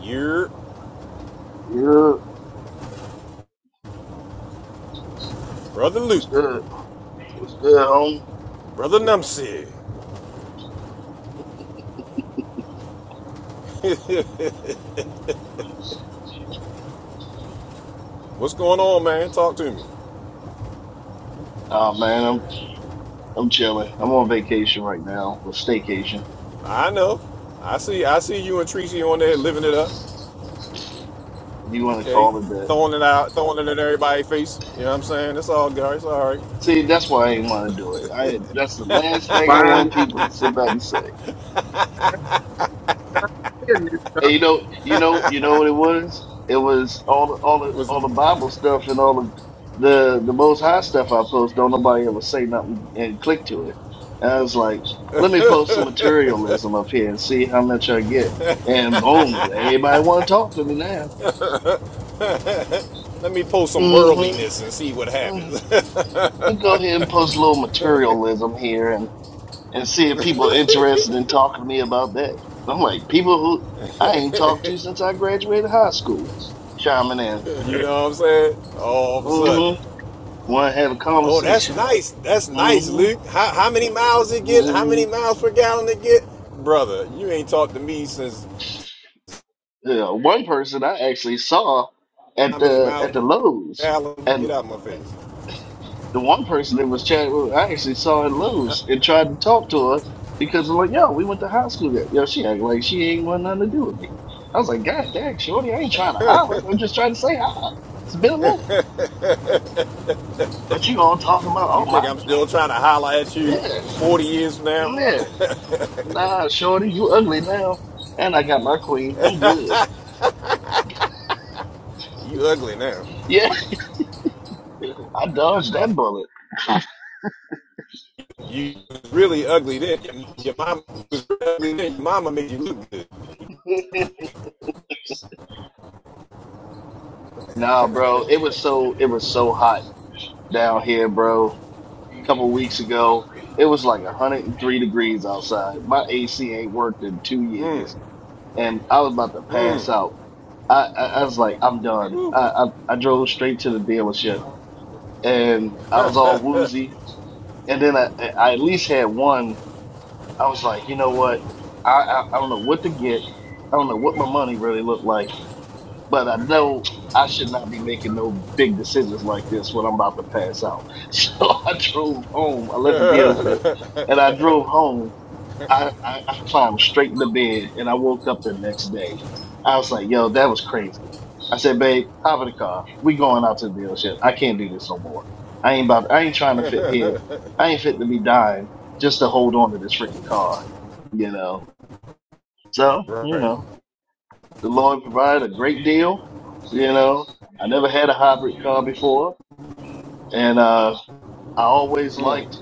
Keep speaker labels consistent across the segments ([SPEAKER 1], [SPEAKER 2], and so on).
[SPEAKER 1] You're
[SPEAKER 2] Yeah,
[SPEAKER 1] Brother Luke,
[SPEAKER 2] what's good? What's good, home?
[SPEAKER 1] Brother Numsy. What's going on, man? Talk to me.
[SPEAKER 2] Oh man, I'm I'm chilling. I'm on vacation right now, or staycation.
[SPEAKER 1] I know. I see I see you and Tracy on there living it up.
[SPEAKER 2] If you want to
[SPEAKER 1] Okay.
[SPEAKER 2] call it that.
[SPEAKER 1] Throwing it out, throwing it in everybody's face. You know what I'm saying? It's all good. It's all right.
[SPEAKER 2] See, that's why I ain't want to do it. I that's the last thing I want
[SPEAKER 3] Buying
[SPEAKER 2] people to sit back and say.
[SPEAKER 3] stuff. He a new
[SPEAKER 2] Hey,
[SPEAKER 3] car.
[SPEAKER 2] you know, you know, you know what it was? It was all the all the
[SPEAKER 1] Was
[SPEAKER 2] all the Bible stuff and all the the the Most High stuff I post. Don't nobody ever say nothing and click to it. And I was like, let me post some materialism up here and see how much I get. And boom, everybody want to talk to me now.
[SPEAKER 1] let me post some
[SPEAKER 2] Mm-hmm.
[SPEAKER 1] worldliness and see what
[SPEAKER 2] Mm-hmm.
[SPEAKER 1] happens.
[SPEAKER 2] Let me go ahead and post a little materialism here and and see if people interested in talking to me about that. I'm like, people who I ain't talked to since I graduated high school chiming in.
[SPEAKER 1] you know what I'm saying? All of a sudden.
[SPEAKER 2] Mm-hmm. One had a
[SPEAKER 1] Oh, that's
[SPEAKER 2] conversation.
[SPEAKER 1] nice. That's nice, Luke.
[SPEAKER 2] Mm-hmm.
[SPEAKER 1] How, how many miles it get? How
[SPEAKER 2] hmm
[SPEAKER 1] many miles per gallon it get? Brother, you ain't talked to me since
[SPEAKER 2] Yeah, one person I actually saw
[SPEAKER 1] how
[SPEAKER 2] at
[SPEAKER 1] many
[SPEAKER 2] the
[SPEAKER 1] miles
[SPEAKER 2] at the
[SPEAKER 1] per
[SPEAKER 2] Lowe's,
[SPEAKER 1] gallon? Get
[SPEAKER 2] and
[SPEAKER 1] out of my face.
[SPEAKER 2] the one person that was chatting with, I actually saw at Lowe's and tried to talk to her because I'm like, yo, we went to high school. together. Yo, she act like she ain't want nothing to do with me. I was like, God dang, shorty, I ain't trying to holler. I'm just trying to say hi. It's been a minute. But you all talking about, oh
[SPEAKER 1] You think
[SPEAKER 2] my,
[SPEAKER 1] I'm
[SPEAKER 2] my
[SPEAKER 1] still trying to holler at you
[SPEAKER 2] yes,
[SPEAKER 1] 40 years from now?
[SPEAKER 2] yes. Nah, shorty, you ugly now. And I got my queen. I'm good.
[SPEAKER 1] You ugly now.
[SPEAKER 2] Yeah. I dodged that bullet.
[SPEAKER 1] You really ugly then. Your, your mama was really ugly then. Your mama made you look good.
[SPEAKER 2] Nah, bro, it was so it was so hot down here, bro. A couple weeks ago, it was like 103 degrees outside. My AC ain't worked in two years, and I was about to pass out. I, I, I was like, I'm done.
[SPEAKER 1] Woo.
[SPEAKER 2] I, I I drove straight to the dealership, and I was all woozy. And then I I at least had one. I was like, you know what? I I, I don't know what to get. I don't know what my money really looked like. but I know I should not be making no big decisions like this when I'm about to pass out. So I drove home. I left the dealership and I drove home. I, I, I climbed straight into bed and I woke up the next day. I was like, yo, that was crazy. I said, babe, hop in the car. We going out to the dealership. I can't do this no more. I ain't about I ain't trying to fit here. I ain't fit to be dying just to hold on to this freaking car. You know. So, you
[SPEAKER 1] Right.
[SPEAKER 2] know, the Lord provided a great deal. You know, I never had a hybrid car before, and uh, I always liked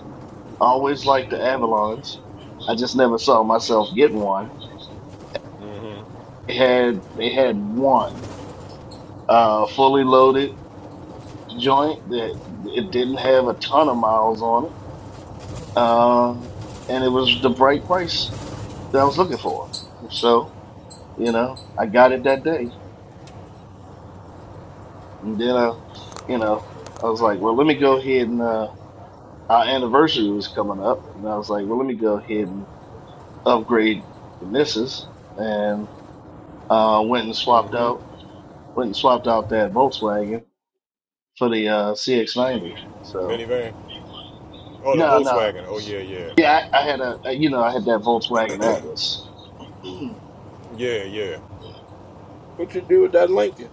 [SPEAKER 2] I always liked the Avalons. I just never saw myself get one. They had they had one uh, fully loaded joint that it didn't have a ton of miles on it, um, and it was the right price that I was looking for. So, you know, I got it that day. And then, uh, you know, I was like, well, let me go ahead and, uh, our anniversary was coming up, and I was like, well, let me go ahead and upgrade the missus, and uh, went and swapped out went and swapped out that Volkswagen for the uh, CX90. So
[SPEAKER 1] Minivan. Oh, the
[SPEAKER 2] no, no,
[SPEAKER 1] Volkswagen. Oh, yeah, yeah.
[SPEAKER 2] yeah, I, I had a you know I had that Volkswagen Atlas.
[SPEAKER 1] Yeah, yeah.
[SPEAKER 3] What you do with that Lincoln?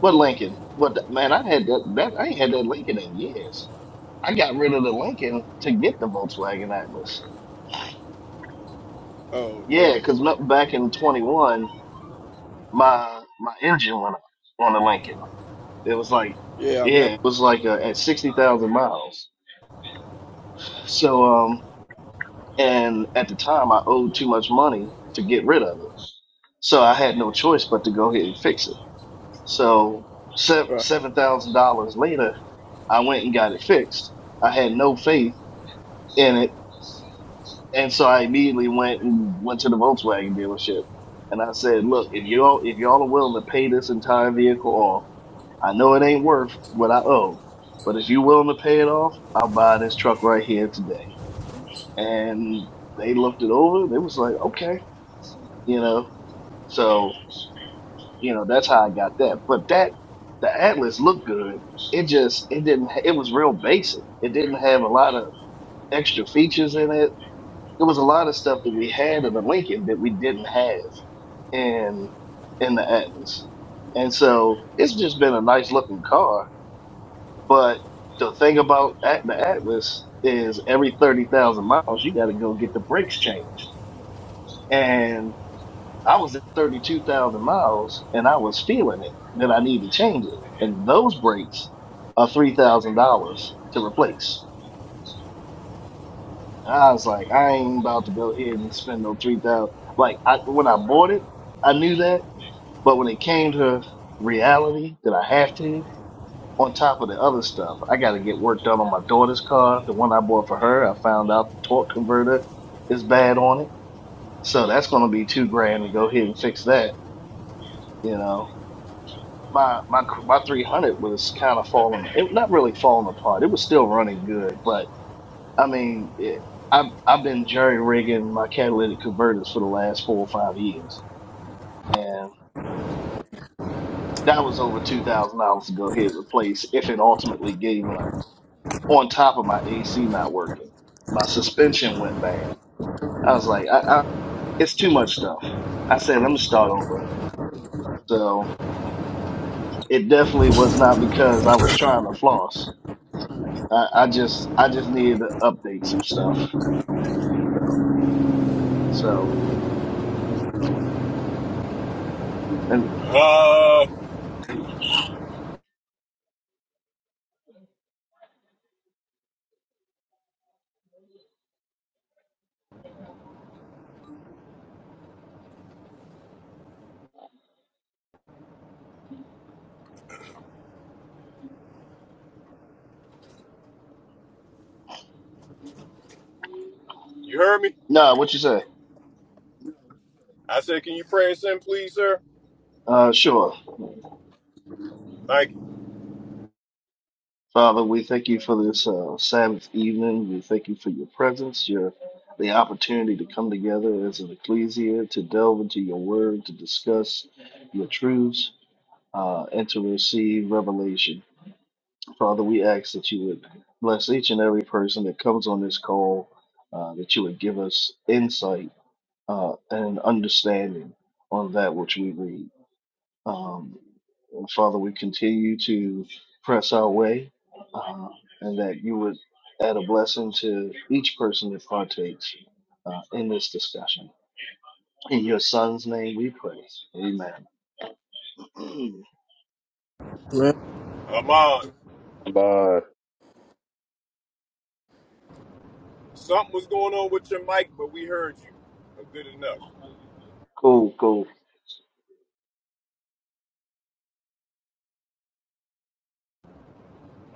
[SPEAKER 2] what Lincoln? What the- man? I had that, that I ain't had that Lincoln in years. I got rid of the Lincoln to get the Volkswagen Atlas.
[SPEAKER 3] Oh,
[SPEAKER 2] Yeah,
[SPEAKER 3] bro.
[SPEAKER 2] because back in 21, my my engine went up on the Lincoln. It was like,
[SPEAKER 3] Yeah, I remember.
[SPEAKER 2] yeah, it was like uh, at 60,000 miles. So, um, and at the time I owed too much money to get rid of it. So I had no choice but to go ahead and fix it. So se-
[SPEAKER 3] Right.
[SPEAKER 2] $7,000 later, I went and got it fixed. I had no faith in it And so I immediately went and went to the Volkswagen dealership, and I said, "Look, if y'all if y'all are willing to pay this entire vehicle off, I know it ain't worth what I owe, but if you are willing to pay it off, I'll buy this truck right here today." And they looked it over. They was like, "Okay, you know." So you know that's how I got that. But that the Atlas looked good. It just it didn't. It was real basic. It didn't have a lot of extra features in it There was a lot of stuff that we had in the Lincoln that we didn't have in in the Atlas, and so it's just been a nice looking car. But the thing about at- the Atlas is every thirty thousand miles you got to go get the brakes changed, and I was at thirty two thousand miles and I was feeling it that I need to change it, and those brakes are three thousand dollars to replace. I was like, I ain't about to go ahead and spend no three thousand. Like I, when I bought it, I knew that, but when it came to reality, that I have to. On top of the other stuff, I got to get work done on my daughter's car. The one I bought for her, I found out the torque converter is bad on it, so that's going to be two grand to go ahead and fix that. You know, my my my three hundred was kind of falling. It not really falling apart. It was still running good, but I mean, it, I've I've been jerry rigging my catalytic converters for the last four or five years, and that was over two thousand dollars to go ahead and replace if it ultimately gave up. On top of my AC not working, my suspension went bad. I was like, I, I, it's too much stuff. I said, let me start over. So it definitely was not because I was trying to floss. I, I just I just needed to update some stuff. So and
[SPEAKER 1] Uh, you heard me?
[SPEAKER 2] no, what you say?
[SPEAKER 1] I said, can you pray and send, please, sir?
[SPEAKER 2] Uh, sure.
[SPEAKER 1] Thank you.
[SPEAKER 2] Father, we thank you for this uh, Sabbath evening. We thank you for your presence, your the opportunity to come together as an ecclesia, to delve into your word, to discuss your truths, uh, and to receive revelation. Father, we ask that you would bless each and every person that comes on this call, uh, that you would give us insight uh, and understanding on that which we read. Um, well, Father, we continue to press our way, uh, and that you would add a blessing to each person that partakes uh, in this discussion. In your son's name we pray. Amen.
[SPEAKER 3] Man,
[SPEAKER 1] Amon,
[SPEAKER 4] Bye.
[SPEAKER 1] something was going on with your mic, but we heard you. Good enough.
[SPEAKER 2] cool, cool.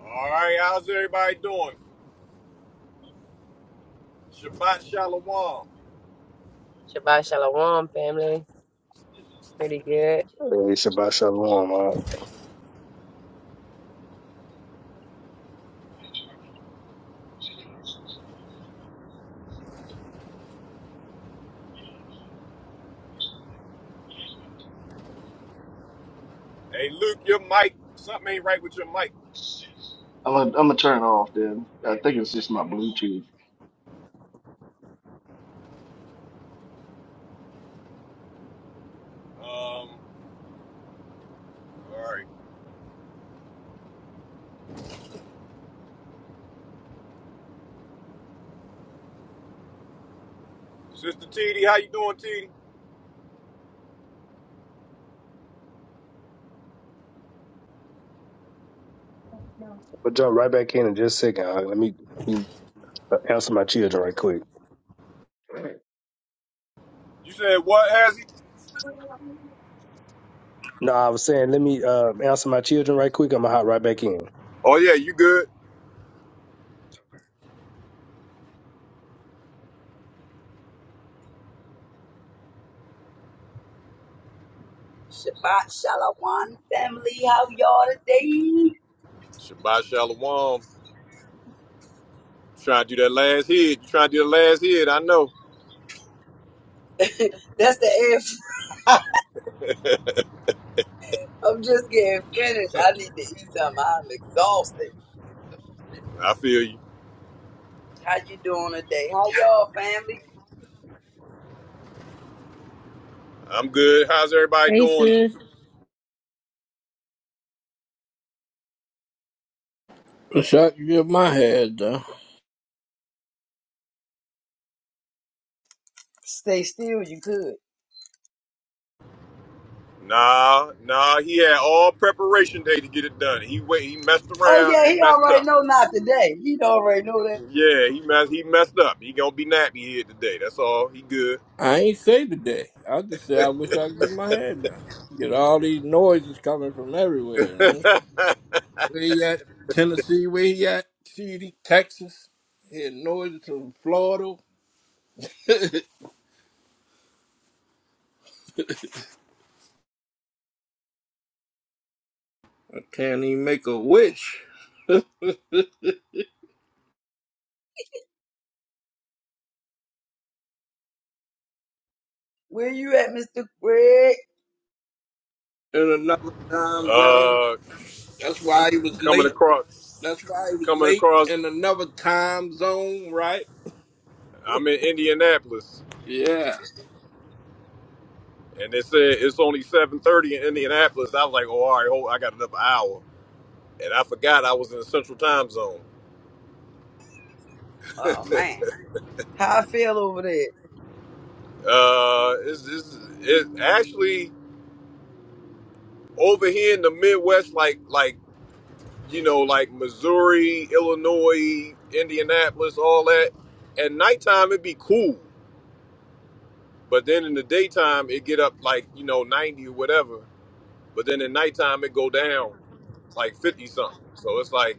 [SPEAKER 1] All right, how's everybody doing? Shabbat Shalom.
[SPEAKER 5] Shabbat Shalom, family. Pretty good.
[SPEAKER 4] Hey, Shabbat Shalom.
[SPEAKER 1] Hey, Luke, your mic, something ain't right with your mic.
[SPEAKER 2] I'm gonna, I'm gonna turn it off then. I think it's just my Bluetooth,
[SPEAKER 1] Um, all right. Sister TD, how you doing, TD?
[SPEAKER 4] Uh, but jump right back in in just a second. Uh, let me, let me uh, answer my children right quick.
[SPEAKER 1] You said what, Azzy?
[SPEAKER 4] No, I was saying, let me uh, answer my children right quick. I'm gonna hop right back in.
[SPEAKER 1] Oh, yeah, you good.
[SPEAKER 6] Shabbat Shalom, family. How y'all today?
[SPEAKER 1] Shabbat Shalom. Trying to do that last hit. You trying to do the last hit, I know.
[SPEAKER 6] That's the end. I'm just getting finished. I need to eat something. I'm exhausted.
[SPEAKER 1] I feel you.
[SPEAKER 6] How you doing today? How y'all, family?
[SPEAKER 1] I'm good. How's everybody
[SPEAKER 7] Hey
[SPEAKER 1] doing?
[SPEAKER 7] sis,
[SPEAKER 3] the shot you give my head though.
[SPEAKER 6] Stay still. You could.
[SPEAKER 1] Nah, nah, he had all preparation day to get it done. He wait, he messed
[SPEAKER 6] Oh
[SPEAKER 1] around
[SPEAKER 6] yeah,
[SPEAKER 1] and
[SPEAKER 6] he
[SPEAKER 1] messed
[SPEAKER 6] already
[SPEAKER 1] up.
[SPEAKER 6] know not today. He already know that.
[SPEAKER 1] Yeah, he messed he messed up. He gonna be nappy here today. That's all. He good.
[SPEAKER 3] I ain't say today. I just say I wish I could give my head down. Get all these noises coming from everywhere. You know?
[SPEAKER 1] uh
[SPEAKER 3] Where he at? Tennessee. Where he at? CD, Texas. Hear noises from Florida. I can't even make a wish.
[SPEAKER 6] Where you at, Mister Greg?
[SPEAKER 3] In another time zone. That's why he was
[SPEAKER 1] coming
[SPEAKER 3] late.
[SPEAKER 1] across
[SPEAKER 3] That's why he was
[SPEAKER 1] coming
[SPEAKER 3] late
[SPEAKER 1] across
[SPEAKER 3] in another time zone, right?
[SPEAKER 1] I'm in Indianapolis,
[SPEAKER 3] Yeah.
[SPEAKER 1] and they said it's only 7:30 in Indianapolis. I was like, oh, all right, hold, I got another hour, and I forgot I was in the Central Time Zone.
[SPEAKER 6] Oh man, how I feel over there?
[SPEAKER 1] Uh, it's, it's, it actually over here in the Midwest, like like you know, like Missouri, Illinois, Indianapolis, all that. At nighttime, it'd be cool, but then in the daytime, it get up like you know 90 or whatever. But then at nighttime, it go down like 50 something. So it's like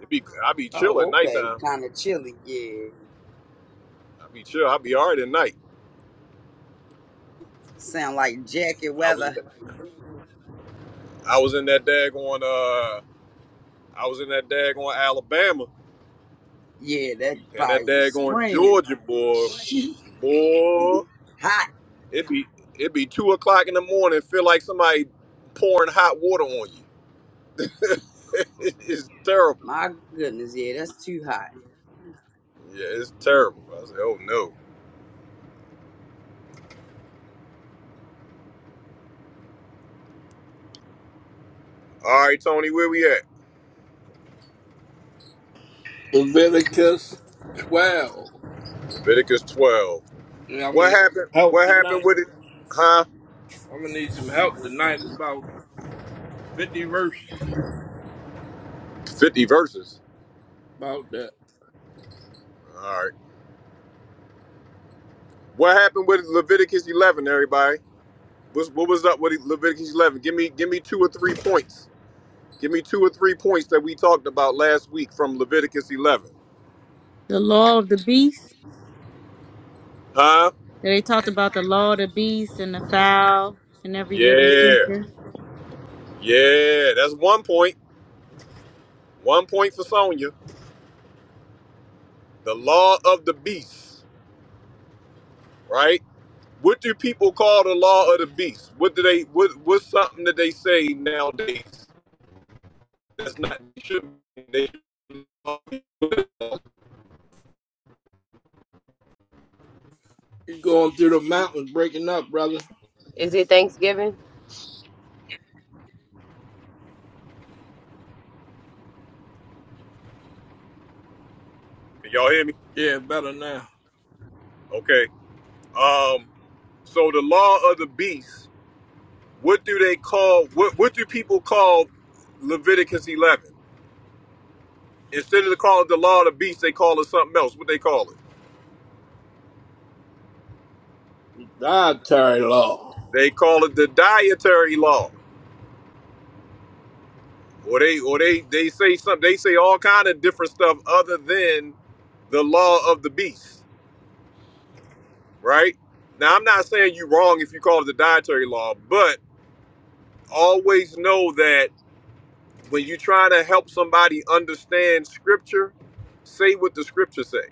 [SPEAKER 1] it be I be chill
[SPEAKER 6] Oh
[SPEAKER 1] at
[SPEAKER 6] okay,
[SPEAKER 1] nighttime.
[SPEAKER 6] kind of chilly. Yeah,
[SPEAKER 1] I mean, sure, I'll be all right at night.
[SPEAKER 6] sound like jacket
[SPEAKER 1] I was,
[SPEAKER 6] weather.
[SPEAKER 1] I was in that daggone, uh, I was in that daggone Alabama
[SPEAKER 6] Yeah, that
[SPEAKER 1] and that
[SPEAKER 6] probably was
[SPEAKER 1] daggone
[SPEAKER 6] screaming.
[SPEAKER 1] Georgia boy, boy.
[SPEAKER 6] Hot.
[SPEAKER 1] It be, it be two o'clock in the morning. Feel like somebody pouring hot water on you. it's terrible.
[SPEAKER 6] My goodness, yeah, that's too high.
[SPEAKER 1] Yeah, it's terrible. I said, oh no. All right, Tony, where we at?
[SPEAKER 3] Leviticus 12.
[SPEAKER 1] Leviticus twelve.
[SPEAKER 3] Yeah, I'm going to
[SPEAKER 1] What
[SPEAKER 3] need
[SPEAKER 1] happened?
[SPEAKER 3] help
[SPEAKER 1] What happened
[SPEAKER 3] tonight.
[SPEAKER 1] with it? Huh?
[SPEAKER 3] I'm going to need some help tonight. It's about 50 verses
[SPEAKER 1] Fifty verses.
[SPEAKER 3] about that.
[SPEAKER 1] All right. What happened with Leviticus eleven? Everybody. What's, what was up with Leviticus 11? Give me give me two or three points. Give me two or three points that we talked about last week from Leviticus 11.
[SPEAKER 7] the law of the beast.
[SPEAKER 1] Huh?
[SPEAKER 7] They talked about the law of the beast and the fowl and every living
[SPEAKER 1] Yeah.
[SPEAKER 7] creature.
[SPEAKER 1] Yeah. That's one point. One point for Sonya. The law of the beast, right? What do people call the law of the beast? What do they what what's something that they say nowadays? That's not should they Y'all
[SPEAKER 3] He's going through the mountains, breaking up, brother.
[SPEAKER 5] Is it Thanksgiving?
[SPEAKER 1] hear me?
[SPEAKER 3] Yeah, better now.
[SPEAKER 1] Okay. Um so the law of the beast What do they call? What what do people call Leviticus 11? Instead of calling it the law of the beast, they call it something else. What they call it?
[SPEAKER 3] The dietary law.
[SPEAKER 1] They call it the dietary law, or they or they they say something. They say all kind of different stuff other than the law of the beast, right? Now I'm not saying you're wrong if you call it the dietary law, but always know that when you're trying to help somebody understand scripture, say what the scripture say.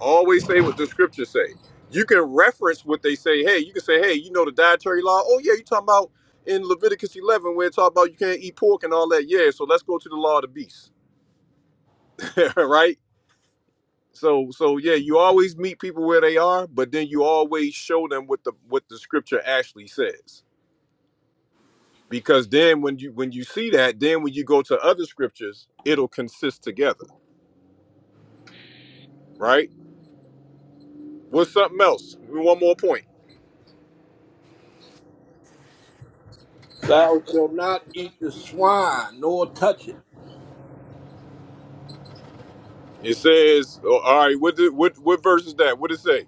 [SPEAKER 1] Always say what the scriptures say. You can reference what they say. Hey, you can say, hey, you know the dietary law? Oh, yeah, you talking about in Leviticus 11 where it talk about you can't eat pork and all that. Yeah, so let's go to the law of the beast, right? So, so yeah, you always meet people where they are, but then you always show them what the what the scripture actually says. Because then when you when you see that, then when you go to other scriptures, it'll consist together, right? What's something else? One more point.
[SPEAKER 3] Thou shalt not eat the swine, nor touch it.
[SPEAKER 1] It says, oh, all right, what, did, what what verse is that? What it say?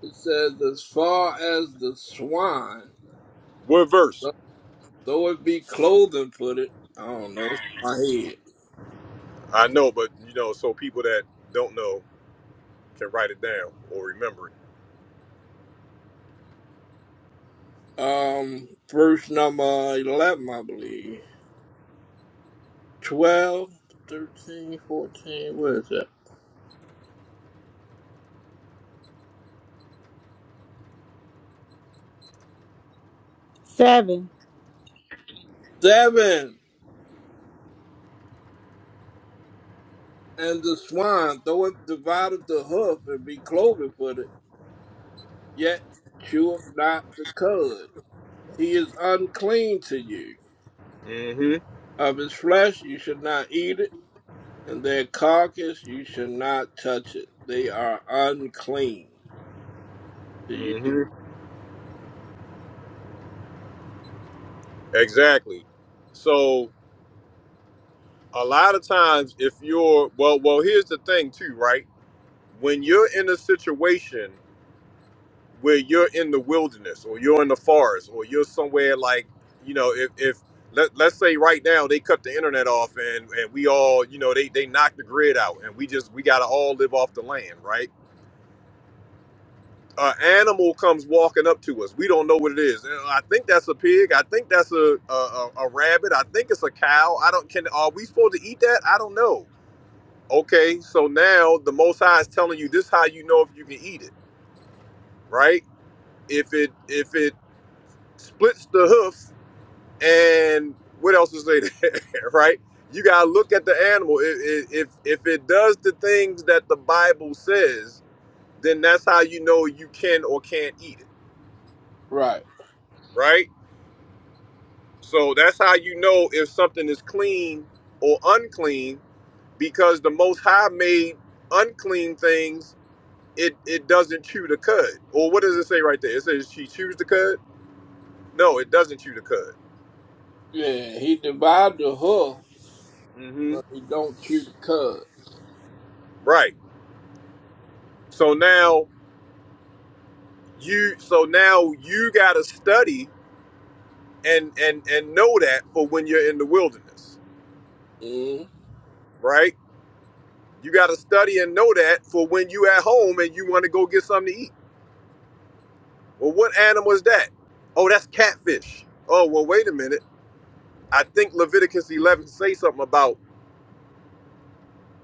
[SPEAKER 3] It says, as far as the swine,
[SPEAKER 1] What verse?
[SPEAKER 3] though it be clothing for it, I don't know, it's in my head.
[SPEAKER 1] I know, but you know, so people that don't know can write it down or remember it.
[SPEAKER 3] Um, verse number 11, I believe. twelve, thirteen, 13, 14, where is that?
[SPEAKER 7] Seven.
[SPEAKER 3] 7. And the swine, though it divideth the hoof and be cloven footed, yet cheweth not the cud. He is unclean to you.
[SPEAKER 1] Mm-hmm.
[SPEAKER 3] Of his flesh you should not eat it, and their carcass you should not touch it. They are unclean to you.
[SPEAKER 1] Mm-hmm. Exactly. So a lot of times, if you're well, well, here's the thing too, right? When you're in a situation where you're in the wilderness or you're in the forest or you're somewhere like, you know, if if let, let's say right now they cut the internet off and and we all, you know, they they knock the grid out and we just we gotta all live off the land, right? an animal comes walking up to us. We don't know what it is. And I think that's a pig. I think that's a, a a a rabbit. I think it's a cow. I don't can are we supposed to eat that? I don't know. Okay, so now the Most High is telling you this: how you know if you can eat it, right? If it if it splits the hoof and what else is there, right? You gotta look at the animal. If if if it does the things that the Bible says, then that's how you know you can or can't eat it,
[SPEAKER 3] Right.
[SPEAKER 1] right? So that's how you know if something is clean or unclean, because the Most High made unclean things. It it doesn't chew the cud. Or what does it say right there? It says she chews the cud. No, it doesn't chew the cud.
[SPEAKER 3] Yeah, he divided the hoof,
[SPEAKER 1] hmm
[SPEAKER 3] but he don't chew the cud.
[SPEAKER 1] Right. So now you so now you gotta study and and and know that for when you're in the wilderness,
[SPEAKER 3] Mm-hmm.
[SPEAKER 1] right? You gotta study and know that for when you at home and you want to go get something to eat Well, what animal is that? Oh, that's catfish. Oh, well, wait a minute. I think Leviticus 11 say something about,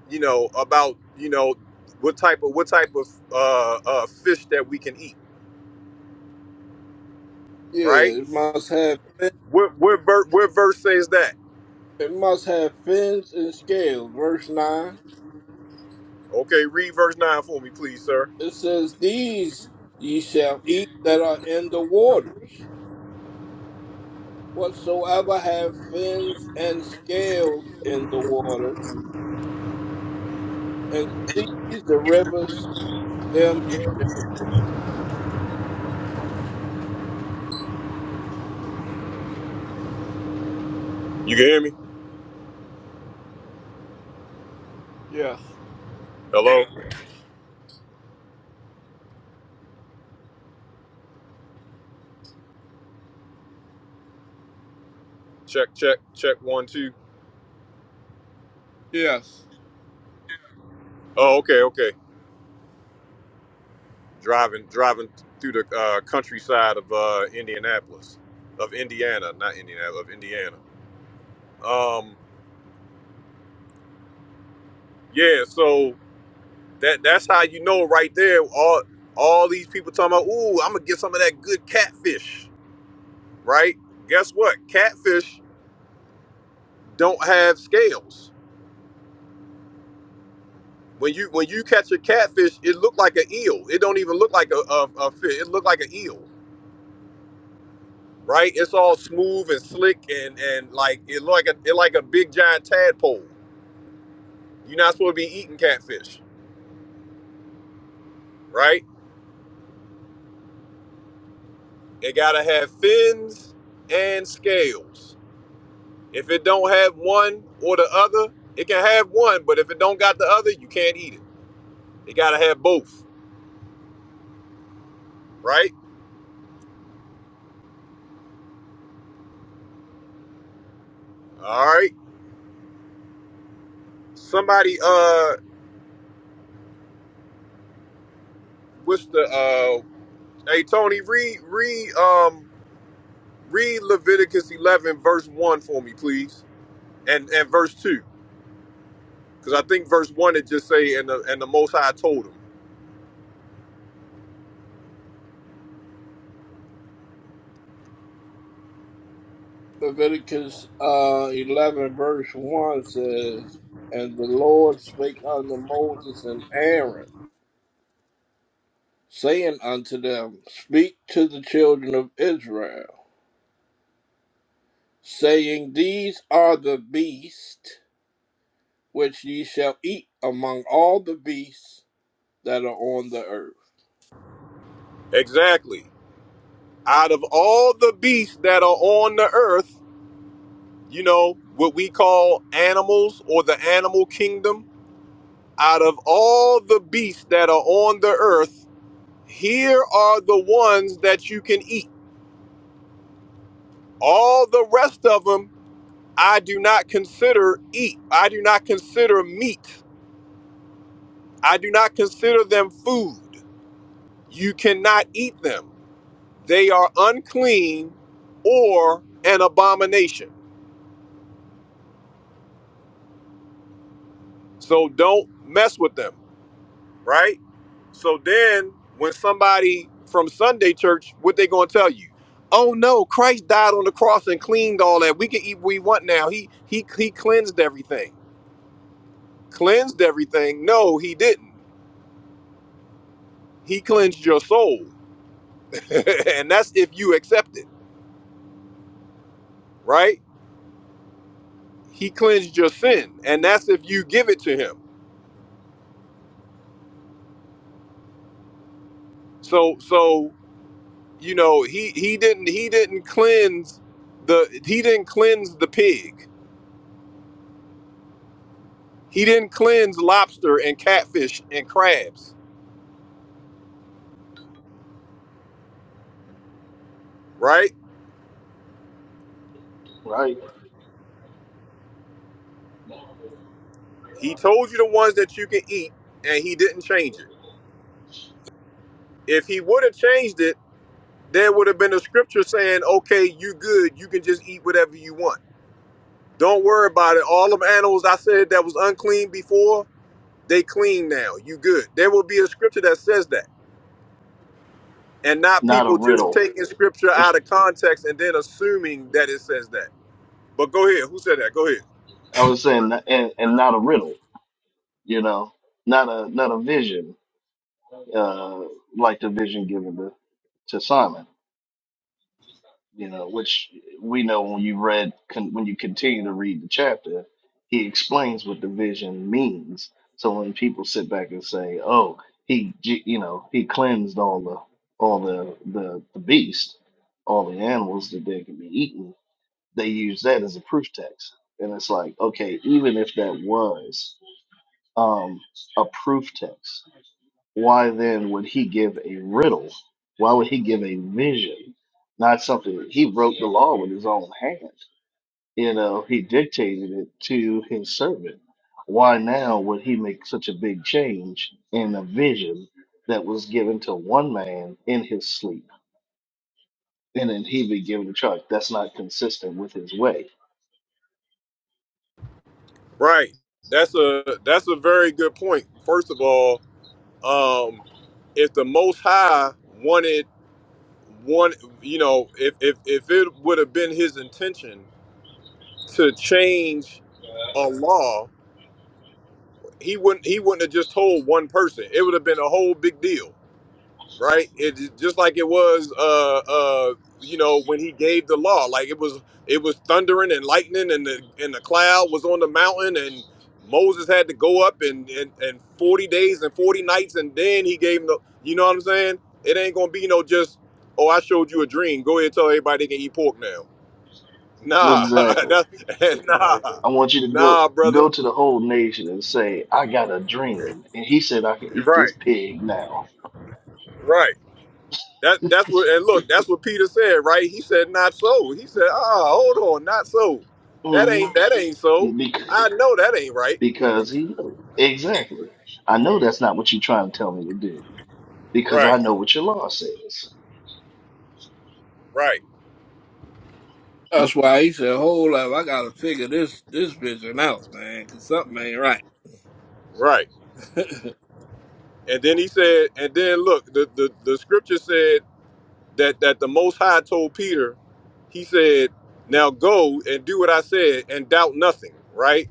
[SPEAKER 1] you know, about, you know, what type of what type of uh, uh, fish that we can eat, right?
[SPEAKER 3] Yeah, it must have fin-
[SPEAKER 1] What what, ver- what verse says that?
[SPEAKER 3] it must have fins and scales. Verse nine.
[SPEAKER 1] Okay, read verse nine for me, please, sir.
[SPEAKER 3] It says, "These ye shall eat that are in the waters. Whatsoever have fins and scales in the waters, and seas, the rivers, them you shall."
[SPEAKER 1] You can hear me?
[SPEAKER 3] Yes,
[SPEAKER 1] Hello. Check check check one two.
[SPEAKER 3] yes.
[SPEAKER 1] Oh, okay okay. Driving driving through the uh, countryside of uh, Indianapolis, of Indiana, not Indiana, of Indiana. Um, yeah. So That that's how you know right there. All all these people talking about, ooh, I'm gonna get some of that good catfish, right? Guess what? Catfish don't have scales. When you when you catch a catfish, it look like an eel. It don't even look like a, a, a fish. It look like an eel, right? It's all smooth and slick and and like it look like a it like a big giant tadpole. You're not supposed to be eating catfish, right? It gotta have fins and scales. If it don't have one or the other, it can have one, but if it don't got the other, you can't eat it. It gotta have both, right? All right. Somebody, uh, what's the uh? Hey Tony, read read um read Leviticus eleven verse one for me, please, and and verse two, because I think verse one it just say and the and the Most High told him
[SPEAKER 3] Leviticus uh, eleven verse one says, "And the Lord spake unto Moses and Aaron." saying unto them, Speak to the children of Israel, saying, These are the beasts which ye shall eat among all the beasts that are on the earth.
[SPEAKER 1] exactly. Out of all the beasts that are on the earth, you know what we call animals or the animal kingdom out of all the beasts that are on the earth, here are the ones that you can eat. All the rest of them, I do not consider eat. I do not consider meat. I do not consider them food. You cannot eat them. They are unclean or an abomination. So don't mess with them. right? So then when somebody from Sunday church, what they gonna tell you? Oh no, Christ died on the cross and cleaned all that. We can eat what we want now. He he he cleansed everything. Cleansed everything. No, he didn't. He cleansed your soul. and that's if you accept it, right? He cleansed your sin. And that's if you give it to him. So so you know, he he didn't he didn't cleanse the he didn't cleanse the pig He didn't cleanse lobster and catfish and crabs, right?
[SPEAKER 2] right?
[SPEAKER 1] He told you the ones that you can eat, and he didn't change it. If he would have changed it, there would have been a scripture saying, "Okay, you good. You can just eat whatever you want. Don't worry about it. All of animals I said that was unclean before, they clean now. You good." There will be a scripture that says that, and not
[SPEAKER 2] Not a
[SPEAKER 1] people just
[SPEAKER 2] riddle.
[SPEAKER 1] taking scripture out of context and then assuming that it says that. But go ahead. Who said that? Go ahead.
[SPEAKER 2] I was saying, not- and, and not a riddle. You know, not a not a vision, uh, like the vision given us. to Simon, you know, which we know when you read con- when you continue to read the chapter, he explains what the vision means. So when people sit back and say, "Oh, he, j- you know, he cleansed all the all the the, the beast, all the animals that they can be eaten," they use that as a proof text, and it's like, okay, even if that was um, a proof text, why then would he give a riddle? Why would he give a vision? Not something that he wrote the law with his own hand. You know, he dictated it to his servant. Why now would he make such a big change in a vision that was given to one man in his sleep? And then he be given a charge. That's not consistent with his way.
[SPEAKER 1] Right. That's a that's a very good point. First of all, um, if the Most High wanted one, you know, if if if it would have been his intention to change a law, he wouldn't he wouldn't have just told one person. It would have been a whole big deal. right? It just like it was, uh, uh, you know, when he gave the law, like it was, it was thundering and lightning, and the and the cloud was on the mountain, and Moses had to go up and and, and forty days and forty nights, and then he gave him the, you know what I'm saying? It ain't gonna be no just, oh, I showed you a dream. Go ahead and tell everybody they can eat pork now. Nah,
[SPEAKER 2] Exactly.
[SPEAKER 1] that, nah,
[SPEAKER 2] I want you to go
[SPEAKER 1] nah,
[SPEAKER 2] go
[SPEAKER 1] brother.
[SPEAKER 2] to the whole nation and say, I got a dream. And he said I can eat this
[SPEAKER 1] Right,
[SPEAKER 2] pig now.
[SPEAKER 1] right. That that's what and look, that's what Peter said, right? He said, "Not so." He said, "Ah, hold on, not so. That ain't
[SPEAKER 2] Mm-hmm.
[SPEAKER 1] that ain't so.
[SPEAKER 2] Because,
[SPEAKER 1] I know that ain't right."
[SPEAKER 2] because he knows. Exactly. I know that's not what you're trying to tell me to do because I
[SPEAKER 1] Right,
[SPEAKER 2] know what your law says.
[SPEAKER 1] right,
[SPEAKER 3] That's why he said, Hold up, I gotta figure this this vision out, man, 'cause something ain't right.
[SPEAKER 1] right. And then he said, and then look, the the, the scripture said that that the Most High told Peter, he said, "Now go and do what I said, and doubt nothing." Right.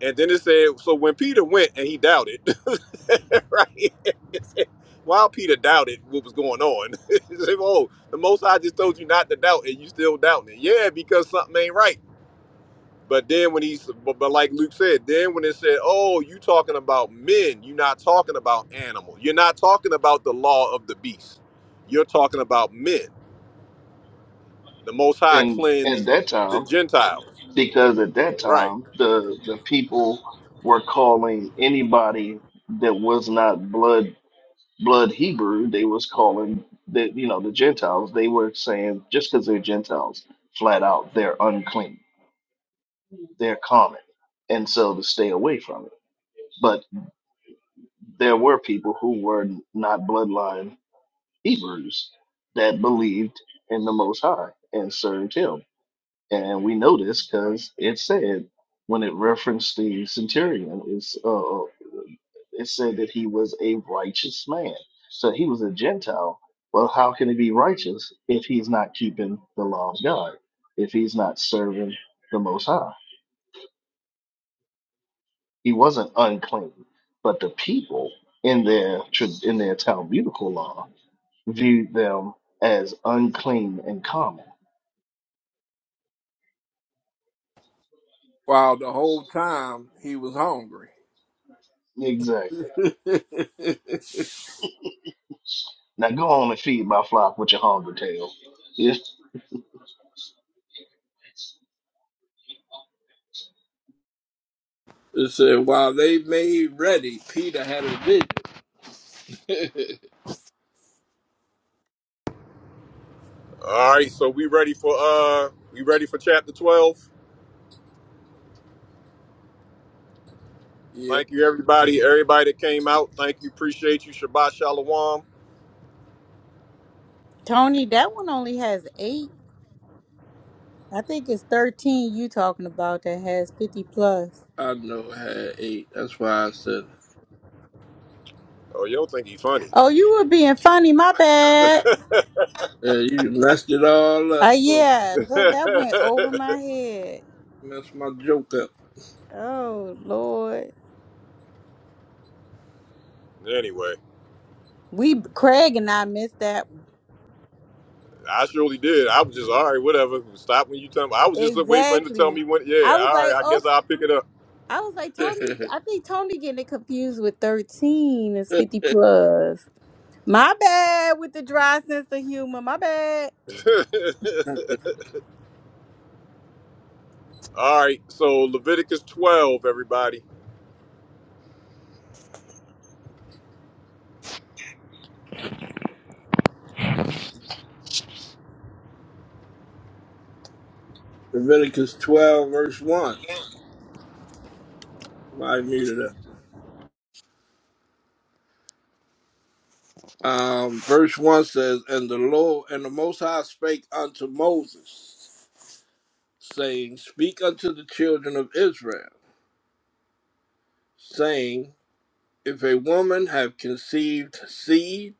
[SPEAKER 1] And then it said, so when Peter went and he doubted, right? While Peter doubted what was going on, he said, "Oh, the Most High just told you not to doubt, and you still doubting it. Yeah, because something ain't right." But then when he's, but, but like Luke said, then when it said, "Oh, you talking about men? You're not talking about animal. You're not talking about the law of the beast. You're talking about men. The Most High
[SPEAKER 2] And at
[SPEAKER 1] cleansed
[SPEAKER 2] that
[SPEAKER 1] the
[SPEAKER 2] time,
[SPEAKER 1] Gentiles,
[SPEAKER 2] because at that
[SPEAKER 1] right?
[SPEAKER 2] time, the, the people were calling anybody that was not blood blood Hebrew, they was calling the you know the Gentiles. They were saying just because they're Gentiles, flat out, they're unclean, they're common, and so to stay away from it. But there were people who were not bloodline Hebrews that believed in the Most High and served Him. And we know this because it said when it referenced the centurion, it's, uh, it said that he was a righteous man. So he was a Gentile. Well, how can he be righteous if he's not keeping the law of God, if he's not serving the Most High? He wasn't unclean, but the people in their tra- in their Talmudical law viewed them as unclean and common.
[SPEAKER 3] while the whole time he was hungry.
[SPEAKER 2] Exactly.
[SPEAKER 3] it
[SPEAKER 2] Now go on and feed my flock with your hunger tail. Yeah.
[SPEAKER 3] said, While they made ready, Peter had a vision.
[SPEAKER 1] All right. So we ready for uh, we ready for chapter twelve?
[SPEAKER 3] yeah,
[SPEAKER 1] Thank you, everybody. Everybody that came out. Thank you. Appreciate you. Shabbat shalom.
[SPEAKER 7] Tony, that one only has eight. I think it's thirteen you talking about that has fifty plus.
[SPEAKER 3] I know I had eight. That's why I said
[SPEAKER 1] Oh, you don't think he funny?
[SPEAKER 7] Oh, you were being funny, my bad.
[SPEAKER 3] Yeah, you messed it all up.
[SPEAKER 7] Uh
[SPEAKER 3] Oh,
[SPEAKER 7] yeah, look, that went over my head.
[SPEAKER 3] messed my joke up.
[SPEAKER 7] Oh Lord.
[SPEAKER 1] anyway,
[SPEAKER 7] We Craig and I missed that one.
[SPEAKER 1] I surely did. I was just all right. Whatever. Stop when you tell me. I was just waiting for him to tell
[SPEAKER 7] Exactly.
[SPEAKER 1] me when. Yeah.
[SPEAKER 7] I was
[SPEAKER 1] All
[SPEAKER 7] like,
[SPEAKER 1] right. I
[SPEAKER 7] oh,
[SPEAKER 1] guess I'll pick it up.
[SPEAKER 7] I was like Tony. I think Tony getting it confused with thirteen is fifty plus. My bad with the dry sense of humor. My bad
[SPEAKER 1] all right. So Leviticus 12, everybody.
[SPEAKER 3] Leviticus 12, verse 1. I muted it. Um, verse 1 says, And the Lord and the Most High spake unto Moses, saying, Speak unto the children of Israel, saying, If a woman have conceived seed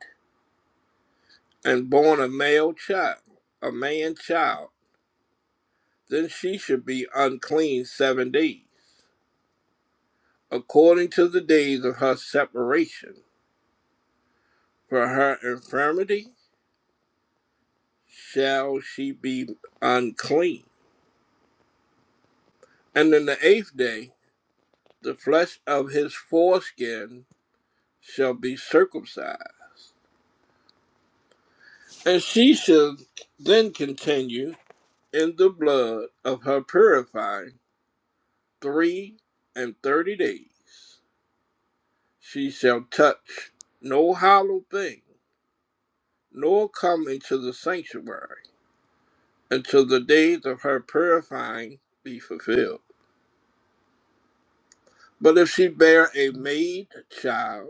[SPEAKER 3] and born a male child, a man child, then she should be unclean seven days. according to the days of her separation. For her infirmity shall she be unclean. And in the eighth day, the flesh of his foreskin shall be circumcised. And she shall then continue in the blood of her purifying three and thirty days. She shall touch no hollow thing, nor come into the sanctuary until the days of her purifying be fulfilled. But if she bear a maid child,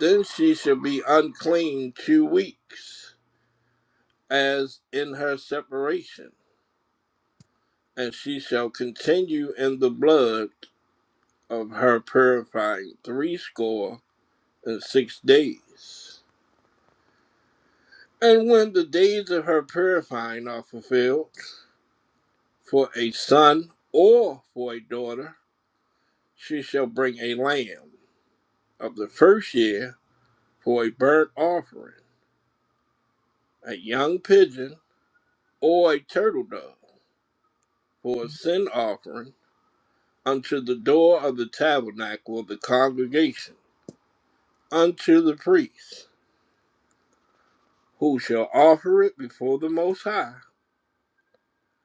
[SPEAKER 3] then she shall be unclean two weeks, as in her separation, and she shall continue in the blood of her purifying threescore and six days. And when the days of her purifying are fulfilled, for a son or for a daughter, she shall bring a lamb of the first year for a burnt offering, a young pigeon, or a turtle dove for a sin offering unto the door of the tabernacle of the congregation, unto the priest, who shall offer it before the Most High,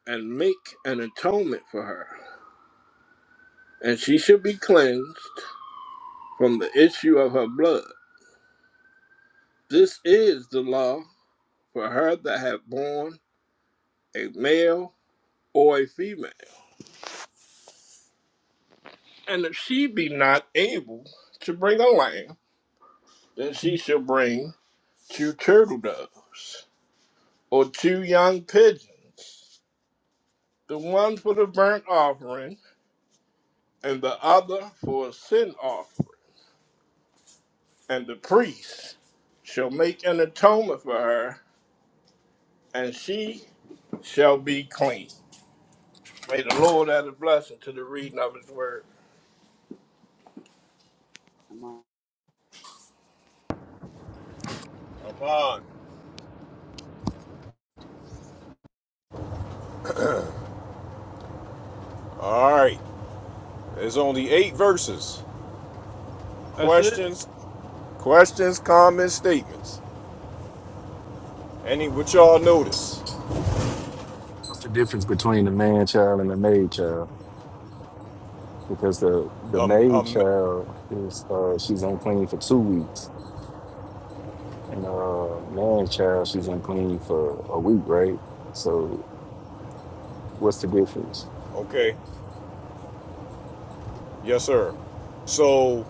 [SPEAKER 3] and make an atonement for her. And she shall be cleansed from the issue of her blood. This is the law for her that hath borne a male or a female. And if she be not able to bring a lamb, Then she shall bring two turtle doves or two young pigeons, the one for the burnt offering and the other for a sin offering. And the priest shall make an atonement for her, and she shall be clean. May the Lord add a blessing to the reading of his word.
[SPEAKER 6] Come on.
[SPEAKER 1] Come on. All right. There's only eight verses.
[SPEAKER 3] That's it.
[SPEAKER 1] Questions, questions, comments, statements. Any what y'all notice?
[SPEAKER 8] What's the difference between the man child and the maid child? Because the the
[SPEAKER 1] Um,
[SPEAKER 8] maid
[SPEAKER 1] um.
[SPEAKER 8] child is uh, she's unclean for two weeks, and uh man child she's unclean for a week, right? So what's the difference?
[SPEAKER 1] Okay. Yes, sir. So,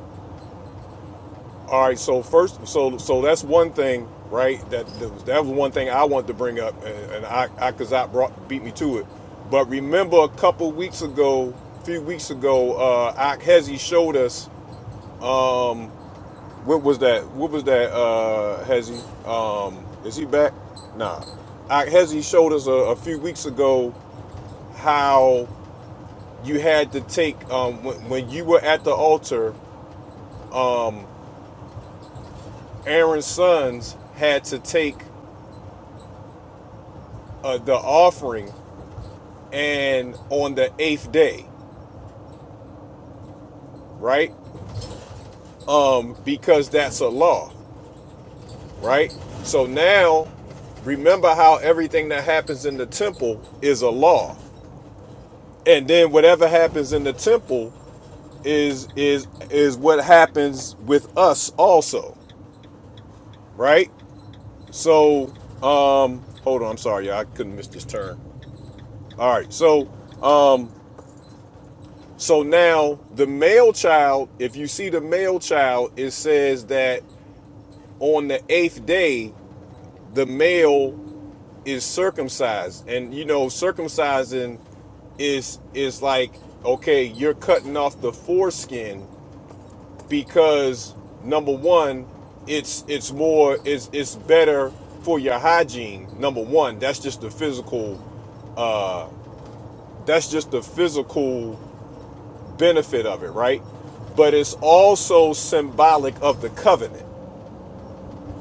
[SPEAKER 1] all right. So first, so so that's one thing, right? That that was, that was one thing I wanted to bring up, and, and I I because I brought beat me to it. But remember, a couple weeks ago, a few weeks ago, uh, Ak Hezi showed us. Um, what was that? What was that? Uh, Hezi, um, is he back? Nah. Ak Hezi showed us a, a few weeks ago how you had to take um, when, when you were at the altar. um, Aaron's sons had to take uh, the offering and on the eighth day, right? Um, because that's a law, right? So now, remember how everything that happens in the temple is a law, and then whatever happens in the temple is is is what happens with us also, right? So, um, hold on, I'm sorry, y'all, I couldn't miss this turn. All right, so um So now the male child, if you see the male child, it says that on the eighth day, the male is circumcised. And you know, circumcising is is like, okay, you're cutting off the foreskin because number one, it's it's more it's it's better for your hygiene. Number one, that's just the physical that's just the physical benefit of it, right? But it's also symbolic of the covenant,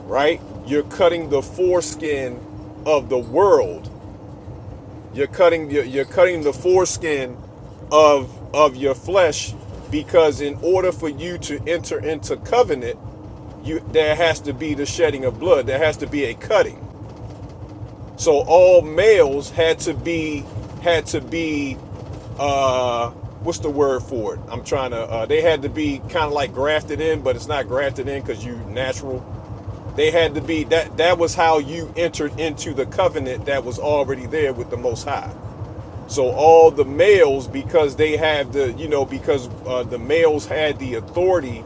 [SPEAKER 1] right? You're cutting the foreskin of the world. You're cutting you're, you're cutting the foreskin of of your flesh because in order for you to enter into covenant, you there has to be the shedding of blood. There has to be a cutting. So all males had to be had to be uh what's the word for it? I'm trying to uh they had to be kind of like grafted in, but it's not grafted in cuz you natural. They had to be that that was how you entered into the covenant that was already there with the most high. So all the males, because they have the, you know, because uh, the males had the authority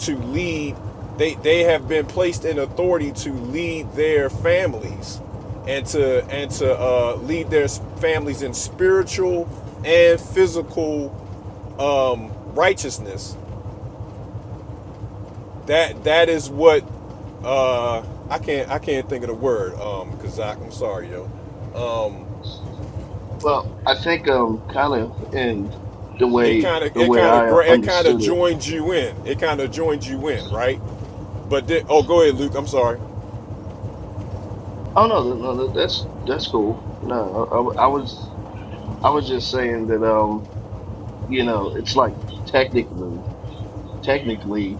[SPEAKER 1] to lead, they they have been placed in authority to lead their families, and to and to uh, lead their families in spiritual and physical um, righteousness. That that is what uh, I can't I can't think of the word um, Kazak. I'm sorry, yo. Um,
[SPEAKER 2] Well, I think um kind of in the
[SPEAKER 1] it
[SPEAKER 2] way
[SPEAKER 1] kind of
[SPEAKER 2] the
[SPEAKER 1] it
[SPEAKER 2] way
[SPEAKER 1] kind of
[SPEAKER 2] I
[SPEAKER 1] it kind of
[SPEAKER 2] understood it.
[SPEAKER 1] joins you in. It kind of joins you in, right? But then, oh, go ahead, Luke. I'm sorry.
[SPEAKER 2] Oh no, no, no no, that's that's cool. No, I, I was I was just saying that um you know it's like technically technically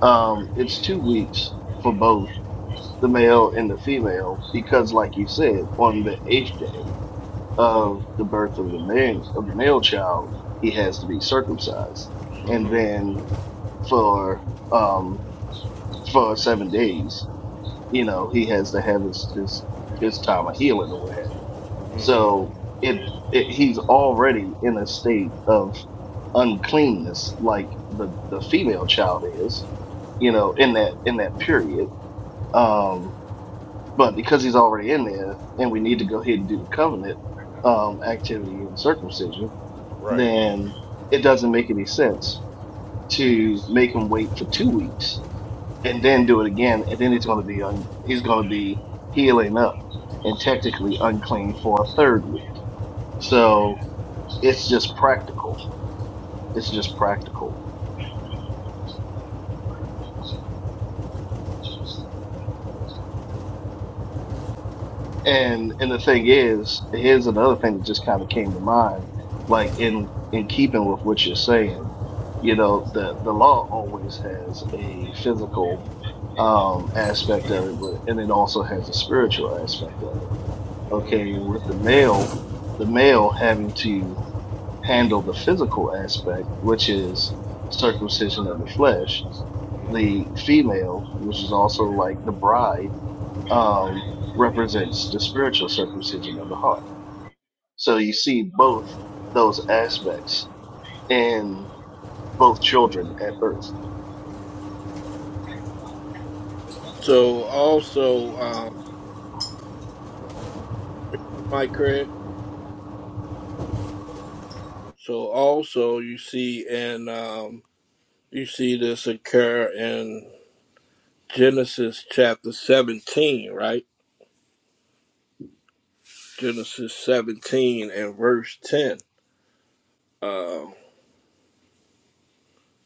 [SPEAKER 2] um it's two weeks for both the male and the female because like you said on the eighth day of
[SPEAKER 1] Mm-hmm.
[SPEAKER 2] the birth of the man of the male child, he has to be circumcised, and
[SPEAKER 1] Mm-hmm.
[SPEAKER 2] then for um for seven days, you know, he has to have his his, his time of healing or what have you. So it, it he's already in a state of uncleanness, like the the female child is, you know, in that in that period. Um, but because he's already in there, and we need to go ahead and do the covenant um activity and circumcision
[SPEAKER 1] Right,
[SPEAKER 2] then it doesn't make any sense to make him wait for two weeks and then do it again, and then he's going to be un- he's going to be healing up and technically unclean for a third week. So it's just practical. It's just practical. And and the thing is, here's another thing that just kind of came to mind, like in in keeping with what you're saying, you know, the the law always has a physical um, aspect of it, but and it also has a spiritual aspect of it. Okay, with the male, the male having to handle the physical aspect, which is circumcision of the flesh. The female, which is also like the bride, um, represents the spiritual circumcision of the heart. So you see both those aspects in both children at birth.
[SPEAKER 3] So also, um, Mike Craig. So also, you see, and um, you see this occur in Genesis chapter 17, right? Genesis 17 and verse 10. Uh,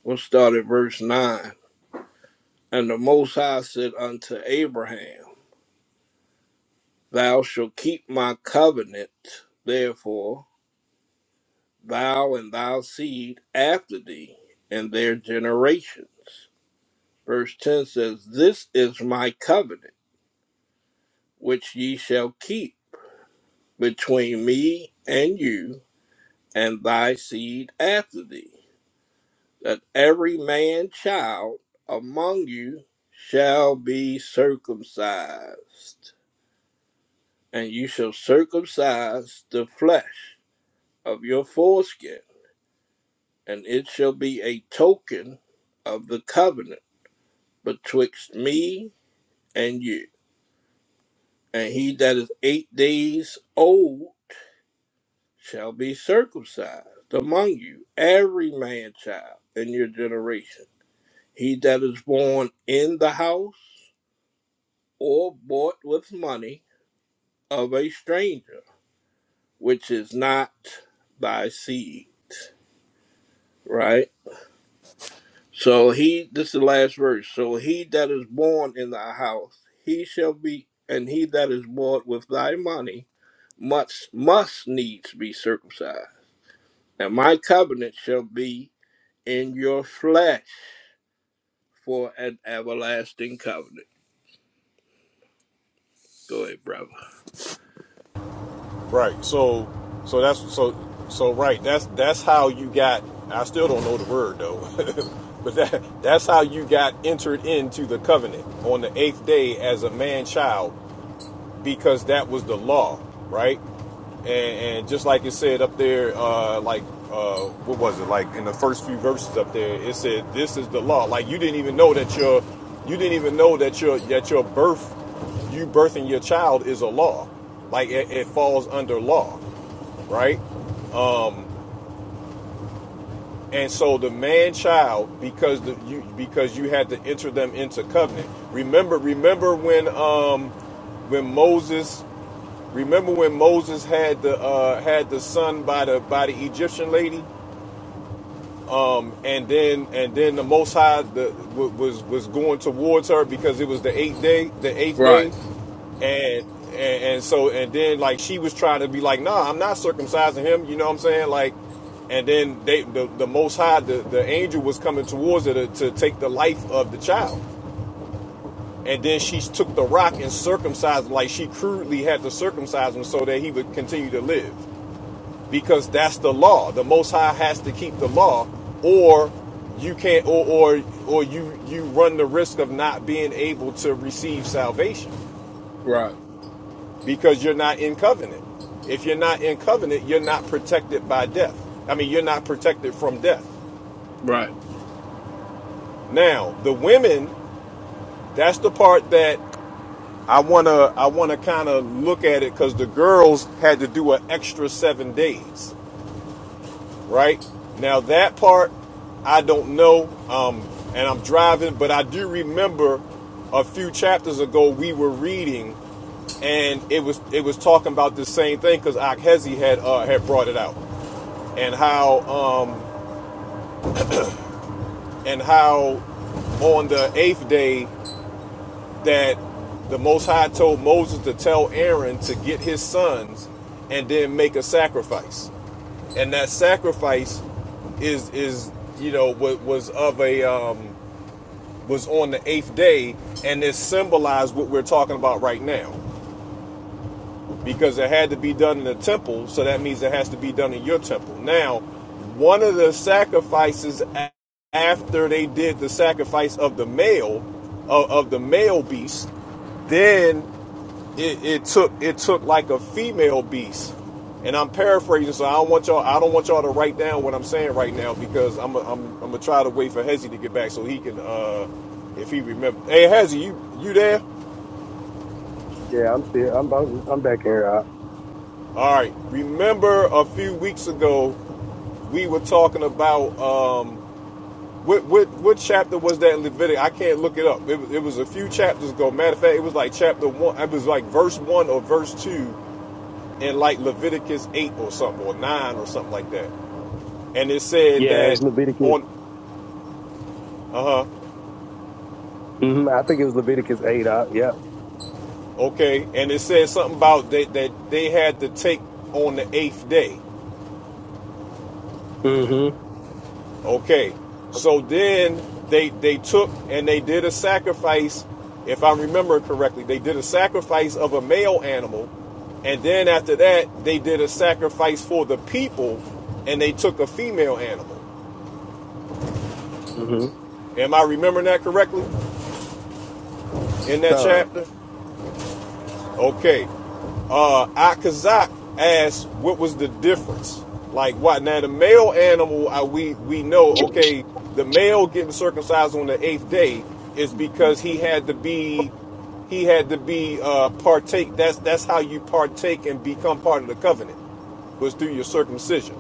[SPEAKER 3] we'll start at verse 9. And the Most High said unto Abraham, Thou shalt keep my covenant, therefore, thou and thy seed after thee, and their generation. Verse 10 says, This is my covenant, which ye shall keep between me and you and thy seed after thee that every man child among you shall be circumcised, and you shall circumcise the flesh of your foreskin, and it shall be a token of the covenant betwixt me and you. And he that is eight days old shall be circumcised among you, every man child in your generation. He that is born in the house or bought with money of a stranger, which is not thy seed. Right? So he, this is the last verse. So he that is born in thy house, he shall be, and he that is bought with thy money must, must needs be circumcised. And my covenant shall be in your flesh for an everlasting covenant. Go ahead, brother.
[SPEAKER 1] right. So, so that's so so right. That's that's how you got. I still don't know the word though, but that that's how you got entered into the covenant on the eighth day as a man child because that was the law, right? And, and just like it said up there, uh, like uh, what was it? Like in the first few verses up there, it said, "This is the law." Like you didn't even know that your, you didn't even know that your that your birth, you birthing your child is a law. Like it, it falls under law, right? And so the man child, because the you because you had to enter them into covenant. Remember, remember when um when Moses Remember when Moses had the uh, had the son by the by the Egyptian lady, um, and then and then the Most High the, wa- was was going towards her because it was the eighth day, the eighth day,
[SPEAKER 3] Right,
[SPEAKER 1] and and, and so and then like she was trying to be like, nah, I'm not circumcising him. You know what I'm saying? Like, and then they the, the Most High the, the angel was coming towards her to, to take the life of the child. And then she took the rock and circumcised him, like she crudely had to circumcise him so that he would continue to live. because that's the law. The Most High has to keep the law, or you can't, or or or you you run the risk of not being able to receive salvation
[SPEAKER 3] right,
[SPEAKER 1] because you're not in covenant. If you're not in covenant, you're not protected by death. I mean, you're not protected from death.
[SPEAKER 3] right.
[SPEAKER 1] Now, the women, that's the part that I wanna I wanna kind of look at it because the girls had to do an extra seven days. right? Now that part I don't know, um, and I'm driving, but I do remember a few chapters ago we were reading, and it was it was talking about the same thing because Akhezi had uh, had brought it out, and how um, and how on the eighth day that the Most High told Moses to tell Aaron to get his sons and then make a sacrifice and that sacrifice is is you know was of a um, was on the eighth day, and it symbolized what we're talking about right now, because it had to be done in the temple, so that means it has to be done in your temple. Now, one of the sacrifices after they did the sacrifice of the male of, of the male beast, then it, it took it took like a female beast and i'm paraphrasing so i don't want y'all i don't want y'all to write down what i'm saying right now because i'm i am i I'm gonna try to wait for hezzy to get back so he can uh if he remember hey hezzy you you there
[SPEAKER 4] Yeah, I'm still, I'm, I'm, I'm back in here. Uh,
[SPEAKER 1] all right remember a few weeks ago we were talking about um what what what chapter was that in Leviticus? I can't look it up. It, was- it was a few chapters ago. Matter of fact, it was like chapter one. It was like verse one or verse two in like Leviticus eight or something or nine or something like that. and it said
[SPEAKER 4] yeah,
[SPEAKER 1] that
[SPEAKER 4] it's Leviticus.
[SPEAKER 1] on uh huh
[SPEAKER 4] hmm I think it was Leviticus eight. Uh, yeah.
[SPEAKER 1] okay and it said something about that that they had to take on the eighth day
[SPEAKER 4] Mm-hmm.
[SPEAKER 1] okay so then they they took and they did a sacrifice if i remember correctly they did a sacrifice of a male animal and then after that they did a sacrifice for the people and they took a female animal
[SPEAKER 4] Mm-hmm.
[SPEAKER 1] am i remembering that correctly in that
[SPEAKER 4] Done.
[SPEAKER 1] chapter Okay. Uh Akazak asked what was the difference? Like what now the male animal I, we we know, okay, the male getting circumcised on the eighth day is because he had to be he had to be uh partake that's that's how you partake and become part of the covenant was through your circumcision,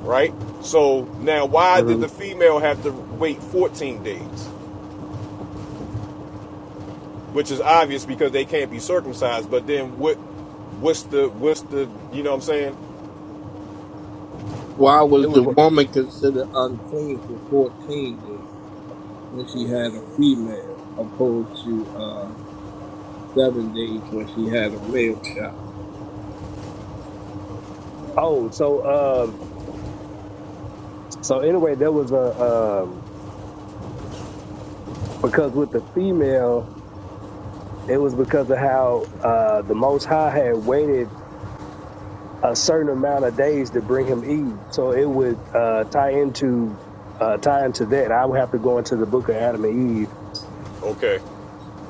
[SPEAKER 1] right? So now why did
[SPEAKER 4] Mm-hmm.
[SPEAKER 1] the female have to wait 14 days? which is obvious because they can't be circumcised. But then what? What's the what's the you know what I'm saying?
[SPEAKER 3] Why
[SPEAKER 4] It
[SPEAKER 3] was the
[SPEAKER 4] was.
[SPEAKER 3] woman considered unclean for 14 days? when she had a female, opposed to uh, seven days when she had a male child.
[SPEAKER 4] Oh, so um, so anyway, there was a um, because with the female. It was because of how uh, the Most High had waited a certain amount of days to bring him Eve. So it would uh, tie into uh, tie into that. I would have to go into the Book of Adam and Eve
[SPEAKER 1] Okay,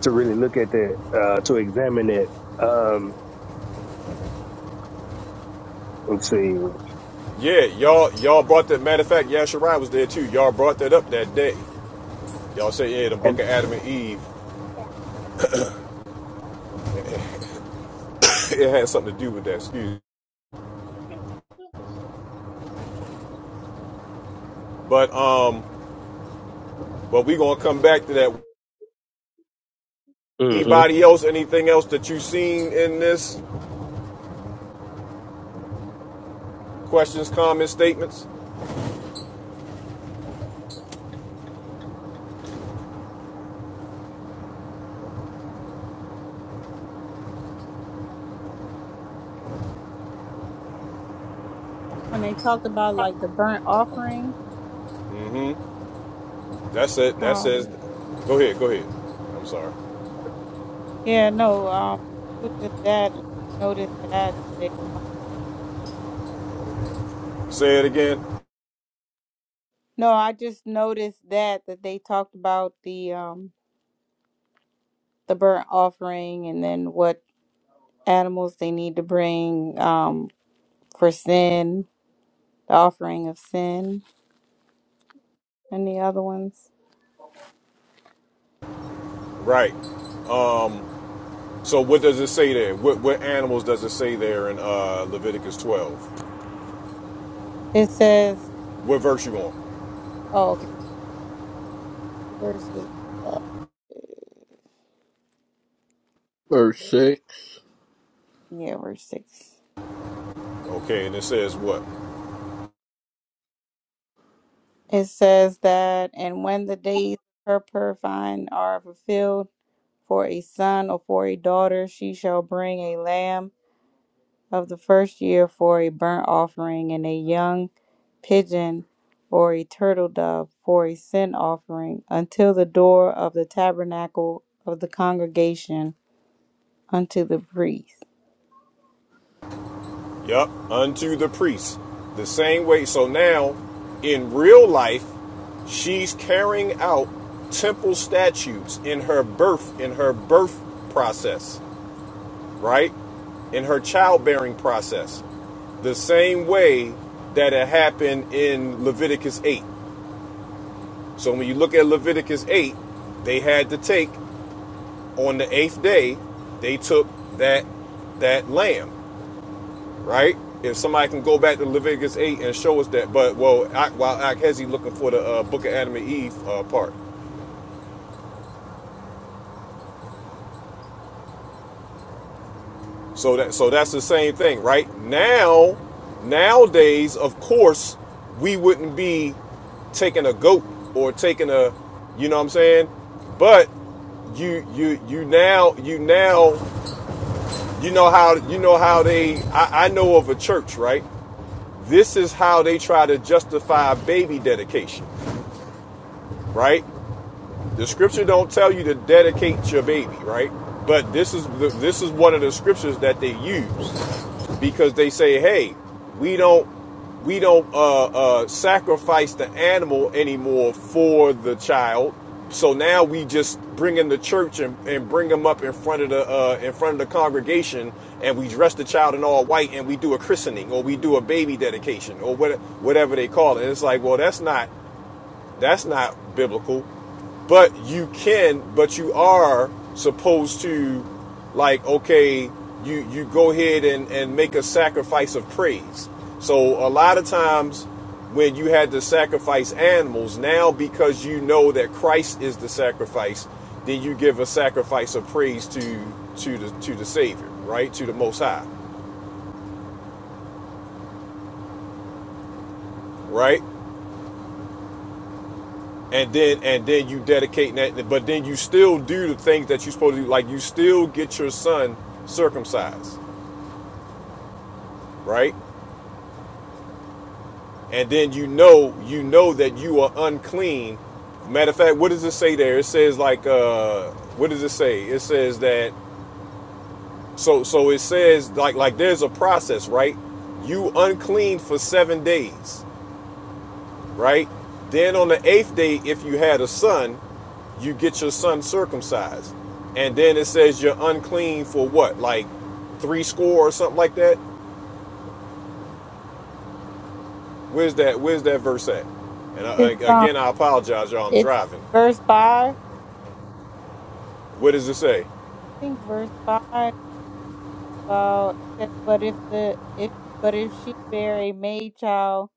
[SPEAKER 4] to really look at that uh, to examine it. Um, let's see,
[SPEAKER 1] yeah, y'all y'all brought that. Matter of fact, Yasharai was there too. Y'all brought that up that day. Y'all say yeah, the Book
[SPEAKER 4] and
[SPEAKER 1] of Adam and Eve. It had something to do with that. Excuse. me. But um, but we gonna come back to that.
[SPEAKER 4] mm-hmm.
[SPEAKER 1] Anybody else? Anything else that you seen in this? Questions, comments, statements.
[SPEAKER 7] when they talked about like the burnt offering.
[SPEAKER 1] That's it. That says.
[SPEAKER 7] Um,
[SPEAKER 1] Go ahead. Go ahead. I'm sorry.
[SPEAKER 7] yeah, no. Um, it was just that. Like, noticed that they.
[SPEAKER 1] Say it again.
[SPEAKER 7] No, I just noticed that that they talked about the um the burnt offering and then what animals they need to bring um for sin, the offering of sin, and the other ones.
[SPEAKER 1] Right. So what does it say there? What what animals does it say there in uh, Leviticus 12?
[SPEAKER 7] It says.
[SPEAKER 1] What verse you on?
[SPEAKER 7] Oh, okay. Verses, uh,
[SPEAKER 3] Verse 6.
[SPEAKER 7] yeah, verse 6.
[SPEAKER 1] Okay, and it says what?
[SPEAKER 7] It says that, and when the days of her purifying are fulfilled for a son or for a daughter, she shall bring a lamb of the first year for a burnt offering, and a young pigeon or a turtle dove for a sin offering, until the door of the tabernacle of the congregation unto the priest.
[SPEAKER 1] Yup, unto the priest. The same way. So now, in real life, she's carrying out temple statutes in her birth, in her birth process, right? In her childbearing process. The same way that it happened in Leviticus 8. So when you look at Leviticus 8, they had to take on the eighth day, they took that that lamb, right? If somebody can go back to Leviticus eight and show us that, but well, I, while Akhezi looking for the uh, Book of Adam and Eve uh, part, so that so that's the same thing, right? Now, nowadays, of course, we wouldn't be taking a goat or taking a, you know what I'm saying, but you you you now you now you know how you know how they I, I know of a church right This is how they try to justify baby dedication, right? The scripture don't tell you to dedicate your baby, right? But this is this is one of the scriptures that they use because they say, "Hey, we don't we don't uh, uh, sacrifice the animal anymore for the child." So now we just bring in the church and, and bring them up in front of the uh, in front of the congregation, and we dress the child in all white, and we do a christening or we do a baby dedication or what, whatever they call it. And it's like, well, that's not that's not biblical but you can, but you are supposed to, like, okay, you you go ahead and and make a sacrifice of praise. So a lot of times when you had to sacrifice animals, now because you know that Christ is the sacrifice, then you give a sacrifice of praise to to the to the Savior, right? To the Most High, right? And then and then you dedicate that, but then you still do the things that you're supposed to do, like you still get your son circumcised right? And then you know, you know that you are unclean. Matter of fact, what does it say there? It says like, uh, what does it say? It says that. So, so it says like, like there's a process, right? You unclean for seven days, right? Then on the eighth day, if you had a son, you get your son circumcised, and then it says you're unclean for what, like three score or something like that. Where's that? Where's that verse at? And I,
[SPEAKER 7] It's, um,
[SPEAKER 1] again, I apologize, y'all. I'm
[SPEAKER 7] it's
[SPEAKER 1] driving.
[SPEAKER 7] verse 5. I
[SPEAKER 1] What does it say?
[SPEAKER 7] think verse 5 law. It says, but if the if but if she bear a maid child,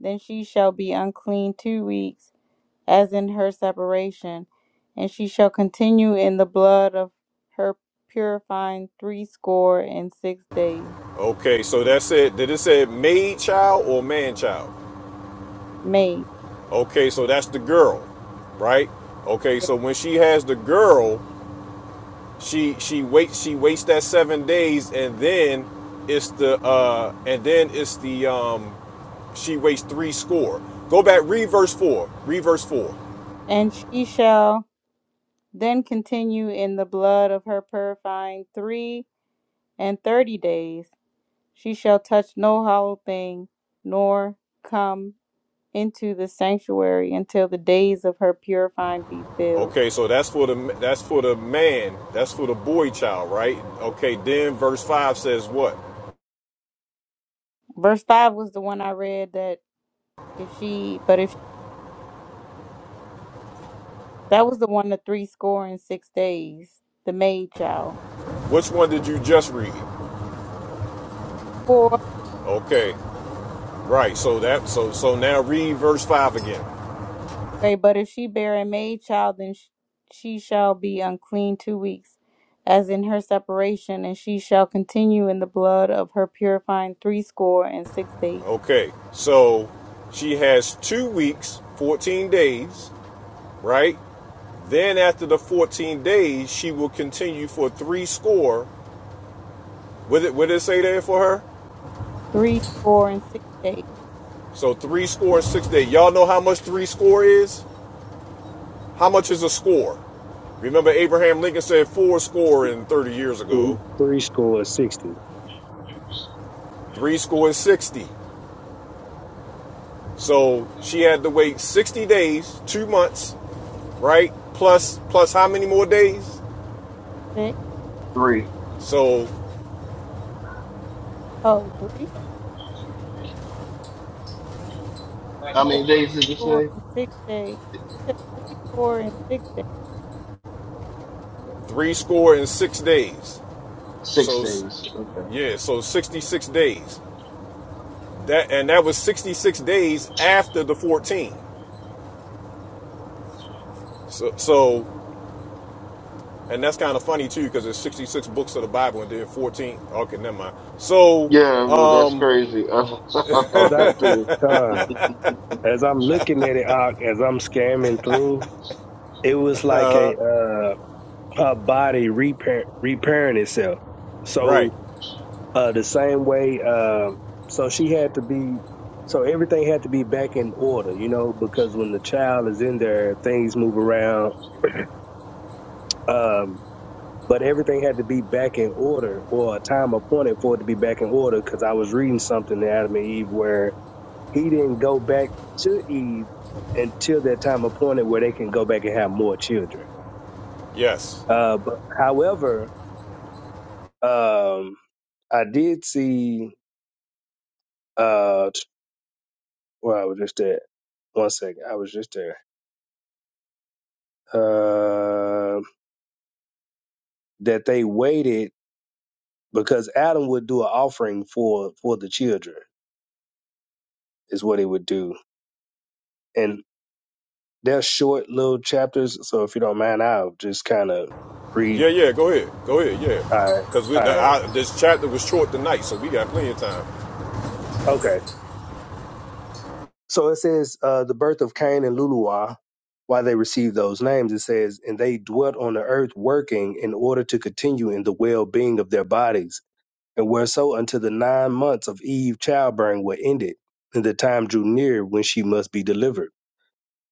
[SPEAKER 7] then she shall be unclean two weeks, as in her separation, and she shall continue in the blood of her purifying threescore and six days.
[SPEAKER 1] Okay, so that's it. did it say maid child or man child?
[SPEAKER 7] Maid,
[SPEAKER 1] Okay, so that's the girl, right? Okay,
[SPEAKER 7] yeah.
[SPEAKER 1] so when she has the girl, she she waits she waits that seven days, and then it's the uh and then it's the um she waits three score. Go back read verse four, Read verse four.
[SPEAKER 7] and she shall then continue in the blood of her purifying three and thirty days. She shall touch no hollow thing, nor come. into the sanctuary until the days of her purifying be filled.
[SPEAKER 1] Okay, so that's for the that's for the man, that's for the boy child, right? Okay, then verse five says what?
[SPEAKER 7] Verse five was the one I read that if she, but if that was the one the three score and six days, the maid child.
[SPEAKER 1] Which one did you just read?
[SPEAKER 7] Four,
[SPEAKER 1] Okay. Right. So that so so now read verse 5 again.
[SPEAKER 7] okay, but if she bear a maid child, then sh- she shall be unclean two weeks, as in her separation, and she shall continue in the blood of her purifying three score and six days.
[SPEAKER 1] Okay. So she has 2 weeks, 14 days, right? Then after the 14 days, she will continue for 3 score. What did, what did it say there for her?
[SPEAKER 7] Three score and six days.
[SPEAKER 1] So 3 score and 6 days. Y'all know how much 3 score is? How much is a score? Remember Abraham Lincoln said 4 score and 30 years ago.
[SPEAKER 4] three score is sixty.
[SPEAKER 1] 3 score and 60. So she had to wait 60 days, 2 months right? Plus, plus how many more days?
[SPEAKER 7] Six,
[SPEAKER 2] Three.
[SPEAKER 1] So
[SPEAKER 7] oh, three.
[SPEAKER 2] How many days did you
[SPEAKER 7] Four
[SPEAKER 2] say?
[SPEAKER 7] and six days. It says three four and six days.
[SPEAKER 1] three score and six days.
[SPEAKER 2] Six
[SPEAKER 1] So
[SPEAKER 2] days. Okay.
[SPEAKER 1] yeah, so 66 days. That and that was 66 days after the 14. So, so and that's kind of funny too because there's 66 books of the Bible and then 14. Okay, never mind. So,
[SPEAKER 2] Yeah, well, that's crazy. I,
[SPEAKER 4] As
[SPEAKER 2] thought that too.
[SPEAKER 4] I uh, as I'm looking at it, uh, as I'm scamming through, it was like a uh, her body repair repairing itself.
[SPEAKER 1] right,
[SPEAKER 4] So Uh, the same way. Uh, so she had to be. So everything had to be back in order, you know, because when the child is in there, things move around. Um, but everything had to be back in order, or a time appointed for it to be back in order. Because I was reading something in Adam and Eve where he didn't go back to Eve until that time appointed where they can go back and have more children.
[SPEAKER 1] yes,
[SPEAKER 4] Uh, but however, um, I did see. Uh, Well, I was just there. one second. I was just there. Um, that they waited because Adam would do an offering for for the children is what he would do, and they're short little chapters. So if you don't mind, I'll just kind of read.
[SPEAKER 1] yeah, yeah. Go ahead, go ahead, yeah.
[SPEAKER 4] All right,
[SPEAKER 1] Because
[SPEAKER 4] all right,
[SPEAKER 1] this chapter was short tonight, so we got plenty of time.
[SPEAKER 4] okay. So it says uh, the birth of Cain and Luluah. Why they received those names, it says, and they dwelt on the earth working in order to continue in the well being of their bodies and whereso unto the nine months of Eve childbearing were ended, and the time drew near when she must be delivered.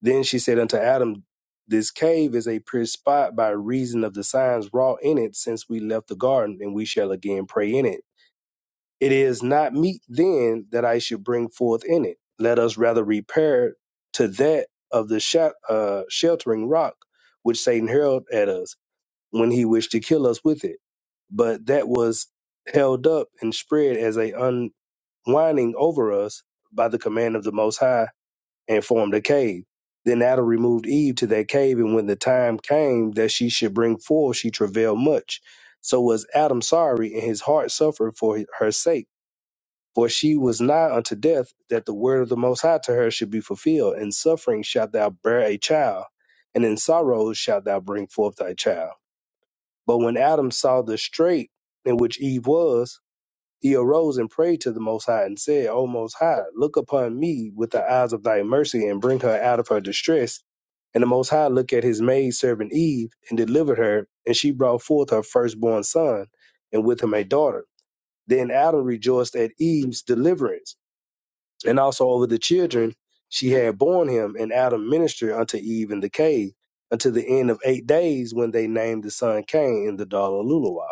[SPEAKER 4] Then she said unto Adam, This cave is a pure spot by reason of the signs wrought in it since we left the garden, and we shall again pray in it. It is not meet then that I should bring forth in it. Let us rather repair to that of the sh- uh, sheltering rock which Satan hurled at us when he wished to kill us with it. But that was held up and spread as a unwinding over us by the command of the Most High and formed a cave. Then Adam removed Eve to that cave, and when the time came that she should bring forth, she travailed much. So was Adam sorry, and his heart suffered for her sake. For she was nigh unto death, that the word of the Most High to her should be fulfilled. In suffering shalt thou bear a child, and in sorrows shalt thou bring forth thy child. But when Adam saw the strait in which Eve was, he arose and prayed to the Most High and said, O Most High, look upon me with the eyes of thy mercy and bring her out of her distress. And the Most High looked at his maid servant Eve and delivered her, and she brought forth her firstborn son, and with him a daughter. Then Adam rejoiced at Eve's deliverance, and also over the children she had borne him. And Adam ministered unto Eve in the cave until the end of eight days, when they named the son Cain and the daughter Luluwa.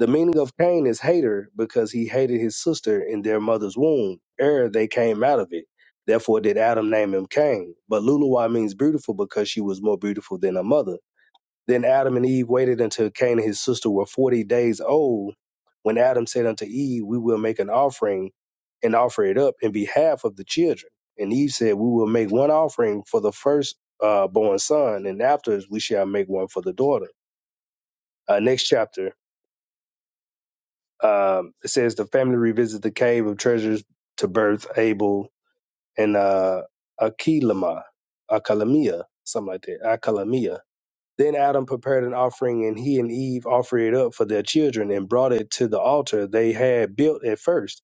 [SPEAKER 4] The meaning of Cain is hater because he hated his sister in their mother's womb ere they came out of it. Therefore did Adam name him Cain. But Luluwa means beautiful because she was more beautiful than her mother. Then Adam and Eve waited until Cain and his sister were 40 days old when Adam said unto Eve, we will make an offering and offer it up in behalf of the children. And Eve said, we will make one offering for the first uh, born son and afterwards we shall make one for the daughter. Uh, next chapter Um, it says the family revisits the cave of treasures to birth Abel and uh, Akilama, Akalamia, something like that, Akalamia. Then Adam prepared an offering, and he and Eve offered it up for their children and brought it to the altar they had built at first.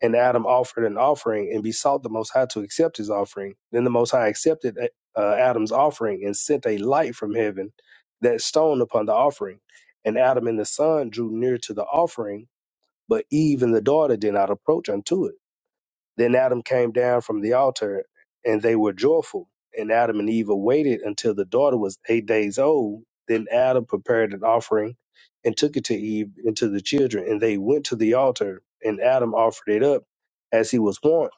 [SPEAKER 4] And Adam offered an offering and besought the Most High to accept his offering. Then the Most High accepted uh, uh, Adam's offering and sent a light from heaven, that stone upon the offering. And Adam and the son drew near to the offering but Eve and the daughter did not approach unto it. Then Adam came down from the altar, and they were joyful. And Adam and Eve waited until the daughter was eight days old. Then Adam prepared an offering and took it to Eve and to the children, and they went to the altar, and Adam offered it up as he was wont,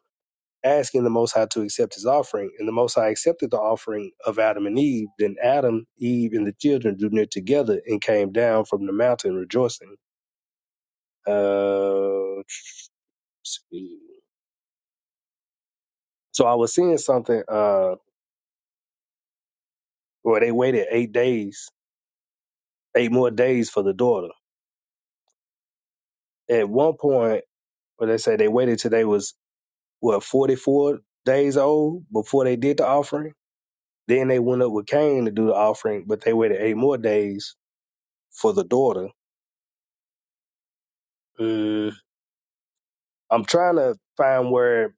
[SPEAKER 4] asking the Most High to accept his offering. And the Most High accepted the offering of Adam and Eve. Then Adam, Eve, and the children drew near together and came down from the mountain rejoicing. Uh, so I was seeing something uh where they waited eight days, eight more days for the daughter. At one point, where they say they waited till they was what, forty four days old before they did the offering. Then they went up with Cain to do the offering, but they waited eight more days for the daughter. Mm. I'm trying to find where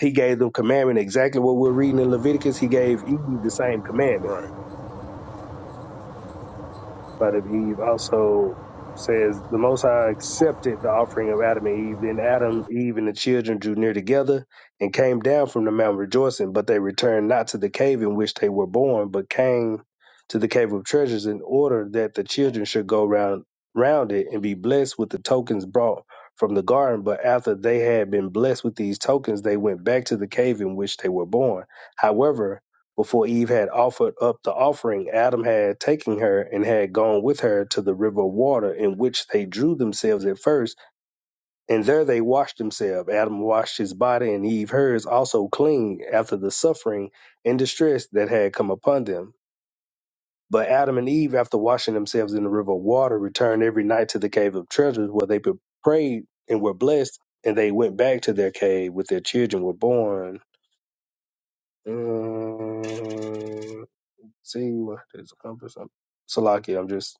[SPEAKER 4] he gave them commandment exactly what we're reading in Leviticus. He gave Eve the same commandment.
[SPEAKER 1] Right.
[SPEAKER 4] But if Eve also says the Most High accepted the offering of Adam and Eve, then Adam, Eve, and the children drew near together and came down from the mountain rejoicing, but they returned not to the cave in which they were born, but came to the cave of treasures in order that the children should go round round it and be blessed with the tokens brought from the garden. But after they had been blessed with these tokens, they went back to the cave in which they were born. However, before Eve had offered up the offering, Adam had taken her and had gone with her to the river of water in which they drew themselves at first, and there they washed themselves. Adam washed his body and Eve hers also clean after the suffering and distress that had come upon them. But Adam and Eve, after washing themselves in the river of water, returned every night to the cave of treasures where they prayed and were blessed, and they went back to their cave with their children were born. Mm. See what is accomplished. I'm Salaki, I'm just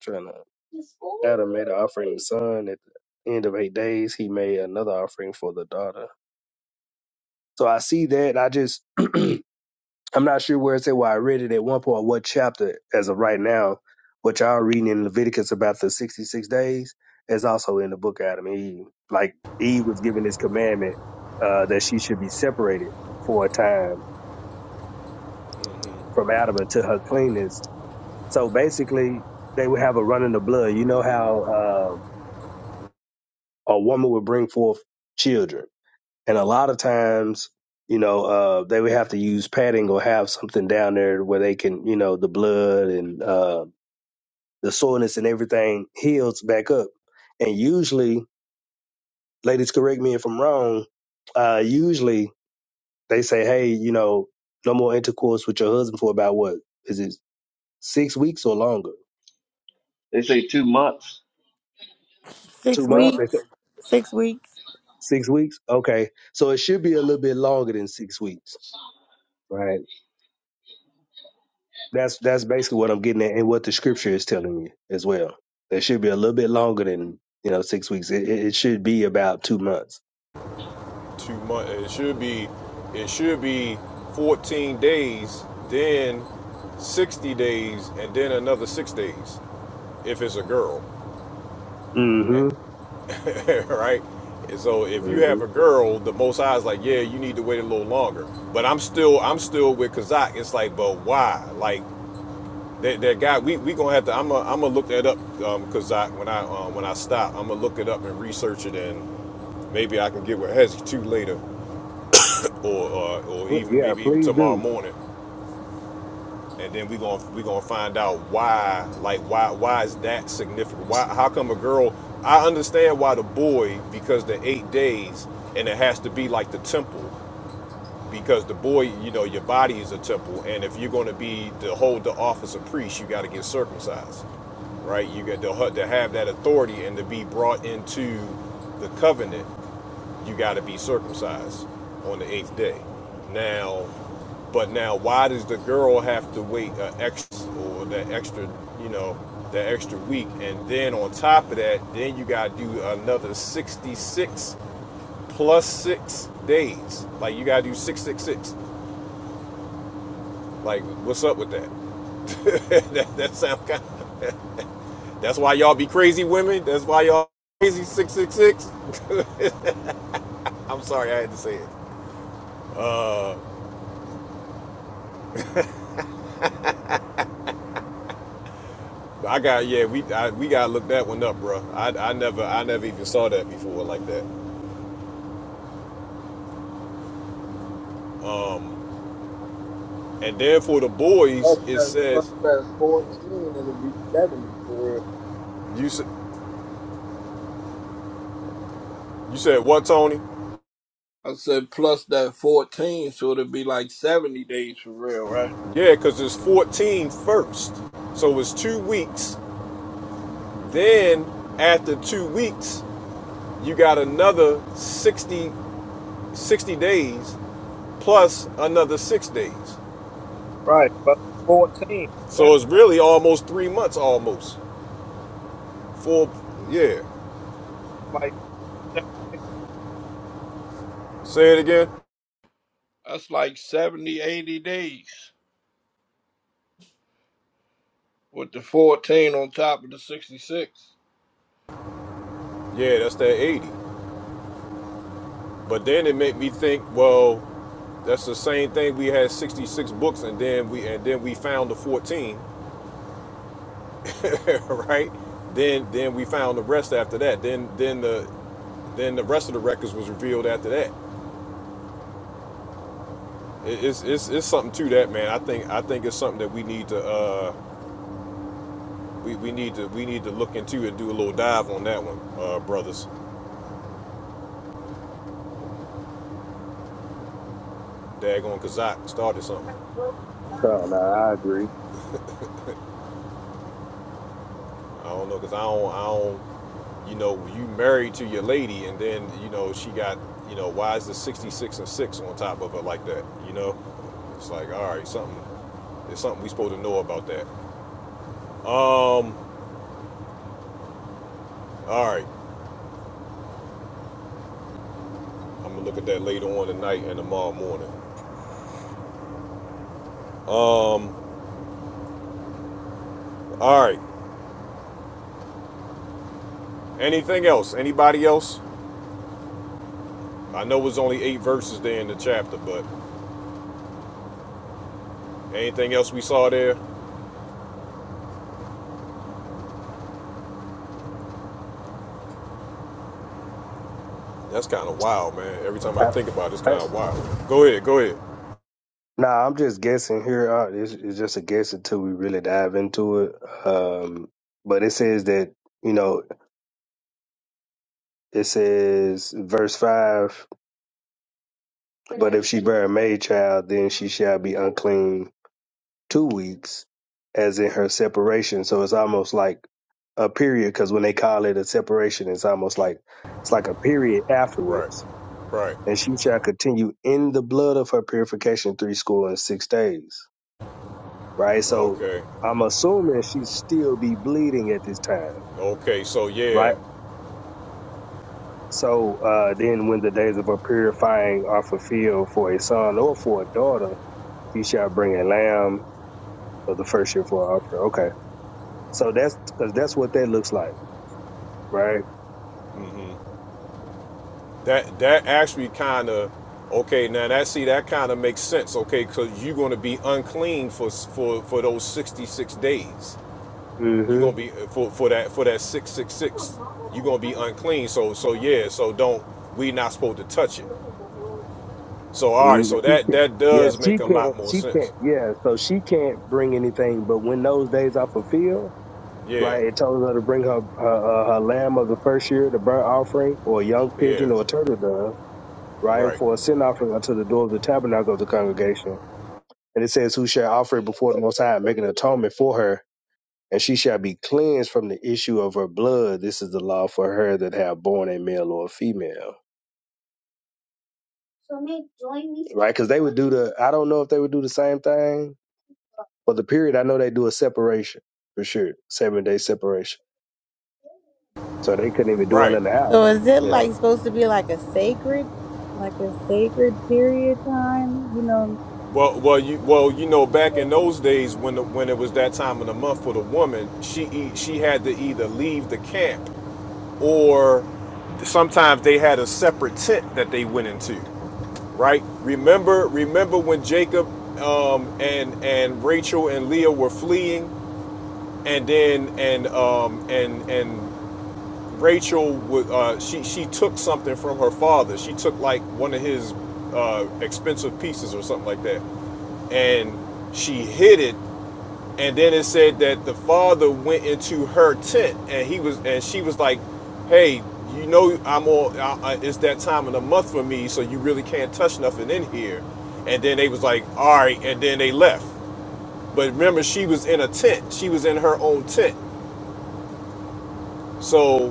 [SPEAKER 4] trying to. Adam made an offering to the son. At the end of eight days, he made another offering for the daughter. So I see that. And I just, I'm not sure where it's at, where I read it at one point, what chapter, as of right now, what y'all reading in Leviticus about the 66 days is also in the book of Adam and Eve. Like Eve was given this commandment uh, that she should be separated for a time from Adam until her cleanness So basically, they would have a run in the blood. You know how uh, a woman would bring forth children, and a lot of times, you know, uh, they would have to use padding or have something down there where they can, you know, the blood and uh, the soreness and everything heals back up. And usually, ladies, correct me if I'm wrong. Uh, usually, they say, "Hey, you know, no more intercourse with your husband for about what is it six weeks or longer?
[SPEAKER 2] They say two months.
[SPEAKER 7] Six
[SPEAKER 4] Two months?"
[SPEAKER 7] weeks. Six weeks.
[SPEAKER 4] Six weeks? Okay. So it should be a little bit longer than six weeks, right? That's that's basically what I'm getting at and what the scripture is telling you as well. It should be a little bit longer than, you know, six weeks. It, it it should be about two months.
[SPEAKER 1] two months. It should be, it should be 14 days, then 60 days, and then another six days if it's a girl,
[SPEAKER 4] Mm-hmm.
[SPEAKER 1] right? And so if you
[SPEAKER 4] hmm
[SPEAKER 1] have a girl, the Most High is like, yeah, you need to wait a little longer. But I'm still, I'm still with Kazak. It's like, but why? Like that, that guy, we we gonna have to. I'm gonna I'm gonna look that up, um, Kazak. When I uh, when I stop, I'm gonna look it up and research it, and maybe I can get with Hezzy too later or, or or even
[SPEAKER 4] Yeah,
[SPEAKER 1] maybe even
[SPEAKER 4] please
[SPEAKER 1] tomorrow
[SPEAKER 4] do.
[SPEAKER 1] morning, and then we gonna we gonna find out why like why why is that significant? Why how come a girl? I understand why the boy because the eight days and it has to be like the temple because the boy you know your body is a temple and if you're gonna be to hold the office of priest you got to get circumcised right? You got to, to have that authority and to be brought into the covenant you got to be circumcised on the eighth day. Now, but now, why does the girl have to wait an extra or that extra, you know, that extra week? And then on top of that, then you got to do another 66 plus six days. Like you got to do 666. Like, what's up with that? that, that sound kind of, that's why y'all be crazy women. That's why y'all crazy 666. I'm sorry, I had to say it. Uh, I got yeah, we I, we gotta look that one up, bro. I I never I never even saw that before like that. And then for the boys,
[SPEAKER 3] Plus
[SPEAKER 1] it
[SPEAKER 3] that, plus
[SPEAKER 1] says
[SPEAKER 3] that 14, it'll be 70 for real.
[SPEAKER 1] you s- you said what, Tony?
[SPEAKER 3] I said plus that 14, so it'll be like 70 days for real, right?
[SPEAKER 1] Yeah, because it's fourteen first first, so it's two weeks. Then after two weeks, you got another 60 60 days plus another six days.
[SPEAKER 3] Right, plus 14,
[SPEAKER 1] So
[SPEAKER 3] that's
[SPEAKER 1] it's really almost three months, almost four. Yeah,
[SPEAKER 3] like
[SPEAKER 1] say it again.
[SPEAKER 3] That's like 70, 80 days with the 14 on top of the 66.
[SPEAKER 1] Yeah, that's that 80. But then it made me think, well, that's the same thing. We had 66 books, and then we and then we found the 14, right? Then then we found the rest after that. Then then the then the rest of the records was revealed after that. It- It's it's, it's something to that, man. I think I think it's something that we need to uh we, we need to we need to look into and do a little dive on that one, uh, brothers. Daggone Kazak started something.
[SPEAKER 4] No, no, I agree.
[SPEAKER 1] I don't know, cause I don't, I don't, you know, you married to your lady, and then you know she got, you know, why is the sixty six and six on top of her like that? You know, it's like, all right, something, there's something we supposed to know about that. Um, all right, I'm gonna look at that later on tonight and tomorrow morning. Um, all right, anything else? Anybody else? I know it was only eight verses there in the chapter, but anything else we saw there? That's kind of wild, man. Every time
[SPEAKER 4] I,
[SPEAKER 1] I think about it, it's
[SPEAKER 4] I,
[SPEAKER 1] kind of wild. Go ahead, go ahead.
[SPEAKER 4] nah, I'm just guessing here. Uh, it's, it's just a guess until we really dive into it. Um, but it says that, you know, it says verse 5 But if she bear a maid child, then she shall be unclean two weeks, as in her separation. So it's almost like a period, because when they call it a separation, it's almost like it's like a period
[SPEAKER 1] Right.
[SPEAKER 4] afterwards.
[SPEAKER 1] Right.
[SPEAKER 4] And she shall continue in the blood of her purification three score and six days. Right. So
[SPEAKER 1] Okay.
[SPEAKER 4] I'm assuming she still be bleeding at this time.
[SPEAKER 1] Okay. So yeah.
[SPEAKER 4] Right. So uh, then, when the days of her purifying are fulfilled for a son or for a daughter, she shall bring a lamb of the first year for our offer. Okay. So that's because that's what that looks like, right?
[SPEAKER 1] hmm That that actually kind of okay. Now that see that kind of makes sense. Okay, because you're going to be unclean for s- for for those 66 days. You're gonna
[SPEAKER 4] Mm-hmm.
[SPEAKER 1] be uh, for for that for that 666. You're gonna be unclean. So so yeah. So don't we not supposed to touch it. So all right.
[SPEAKER 4] mm
[SPEAKER 1] So
[SPEAKER 4] She
[SPEAKER 1] that
[SPEAKER 4] can't-
[SPEAKER 1] that
[SPEAKER 4] Yeah,
[SPEAKER 1] does make
[SPEAKER 4] she
[SPEAKER 1] a lot
[SPEAKER 4] can't.
[SPEAKER 1] more
[SPEAKER 4] She
[SPEAKER 1] sense.
[SPEAKER 4] can't. Yeah, so she can't bring anything. But when those days are fulfilled,
[SPEAKER 1] Yeah.
[SPEAKER 4] right, it tells her to bring her her, uh, her lamb of the first year, the burnt offering, or a young
[SPEAKER 1] Yeah.
[SPEAKER 4] pigeon or a turtle dove, right,
[SPEAKER 1] Right.
[SPEAKER 4] for a sin offering unto the door of the tabernacle of the congregation. And it says, "Who shall offer it before the Most High, and make an atonement for her and she shall be cleansed from the issue of her blood. This is the law for her that have born a male or a female. So may join me. Right? Because they would do the, I don't know if they would do the same thing, but the period, I know they do a separation for sure, seven day separation. So they couldn't even dwell
[SPEAKER 1] Right.
[SPEAKER 4] in the house.
[SPEAKER 7] So is it
[SPEAKER 4] Yeah.
[SPEAKER 7] like supposed to be like a sacred, like a sacred period time? You know,
[SPEAKER 1] Well, well, you well, you know, back in those days when the, when it was that time of the month for the woman, she e- she had to either leave the camp or sometimes they had a separate tent that they went into, right? Remember, remember when Jacob um, and and Rachel and Leah were fleeing, and then and um, and and Rachel uh, she she took something from her father. She took like one of his uh, expensive pieces or something like that, and she hid it. And then it said that the father went into her tent, and he was and she was like, "Hey, you know I'm all. I, I, it's that time of the month for me, so you really can't touch nothing in here." And then they was like, "All right," and then they left. But remember, she was in a tent. She was in her own tent. So,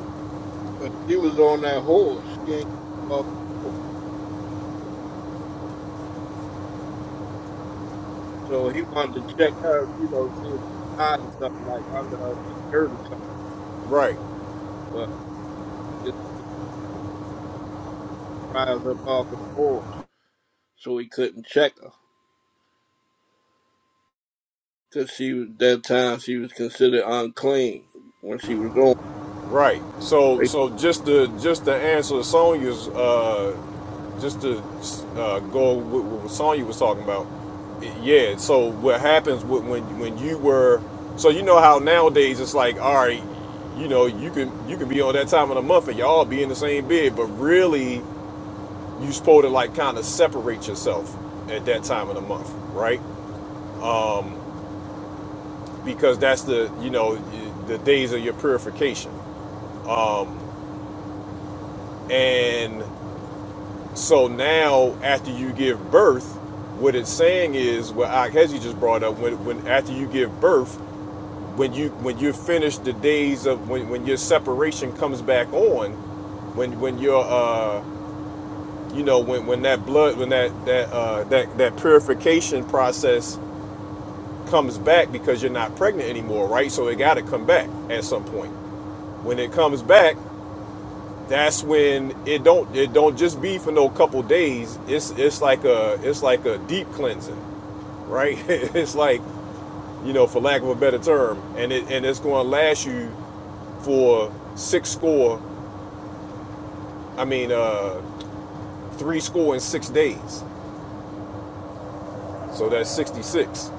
[SPEAKER 3] 'Cause She was on that horse. She ain't come off the horse. So he wanted to check her, you know, see if she hiding something like under her skirt or something,
[SPEAKER 1] right.
[SPEAKER 3] but it, it rise up off of the horse. So he couldn't check her because she was that time she was considered unclean when she was on.
[SPEAKER 1] Right. So
[SPEAKER 3] They
[SPEAKER 1] so just to just to answer Sonya's uh just to uh, go with what Sonya was talking about. Yeah. So what happens wh- when when you were so you know how nowadays it's like all right, you know you can you can be on that time of the month and y'all be in the same bed, but really you supposed to like kind of separate yourself at that time of the month, right? Um, because that's the you know the days of your purification. Um, and So now, after you give birth, what it's saying is what Akhezi just brought up. When, when after you give birth, when you when you're finished the days of when, when your separation comes back on, when when your uh you know when, when that blood when that that uh that that purification process comes back because you're not pregnant anymore, right? So it got to come back at some point. When it comes back, that's when it don't it don't just be for no couple days. It's it's like a it's like a deep cleansing, right? it's like you know, for lack of a better term, and it and it's going to last you for six score. I mean, uh, three score in six days. So that's sixty six,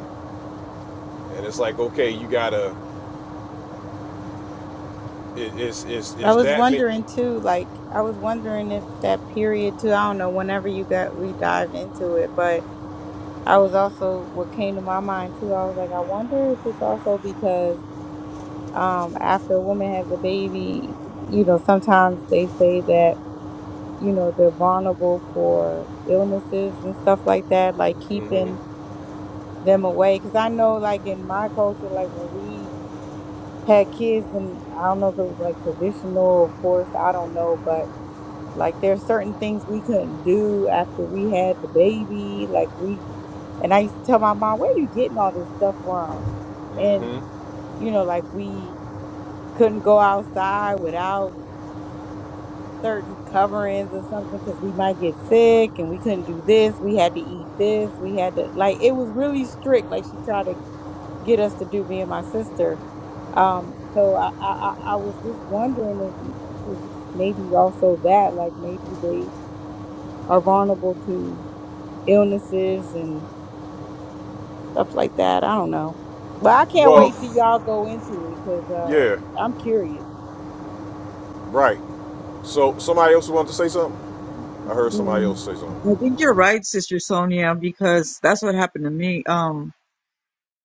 [SPEAKER 1] and it's like okay, you gotta it, it's it's
[SPEAKER 7] I
[SPEAKER 1] it's
[SPEAKER 7] was
[SPEAKER 1] that many.
[SPEAKER 7] wondering too. Like I was wondering if that period too. I don't know. Whenever you got, we dive into it. But I was also what came to my mind too. I was like, I wonder if it's also because um after a woman has a baby, you know, sometimes they say that you know, they're vulnerable for illnesses and stuff like that, like keeping them away. Because I know, like, in my culture, like when we had kids, and I don't know if it was like traditional, of course, I don't know, but like there's certain things we couldn't do after we had the baby. Like, we, and I used to tell my mom, where you getting all this stuff from? And, you know, like we couldn't go outside without. certain coverings or something because we might get sick and we couldn't do this. We had to eat this. We had to like it was really strict. Like she tried to get us to do me and my sister. Um, so I I, I I was just wondering if, if maybe also that like maybe they are vulnerable to illnesses and stuff like that. I don't know, but I can't
[SPEAKER 1] Well,
[SPEAKER 7] wait till y'all go into it because uh,
[SPEAKER 1] yeah,
[SPEAKER 7] I'm curious.
[SPEAKER 1] right. So somebody else wanted to say something. I heard somebody
[SPEAKER 9] Um,
[SPEAKER 1] else say
[SPEAKER 9] I
[SPEAKER 1] something.
[SPEAKER 9] think you're right, Sister Sonia, because that's what happened to me. Um,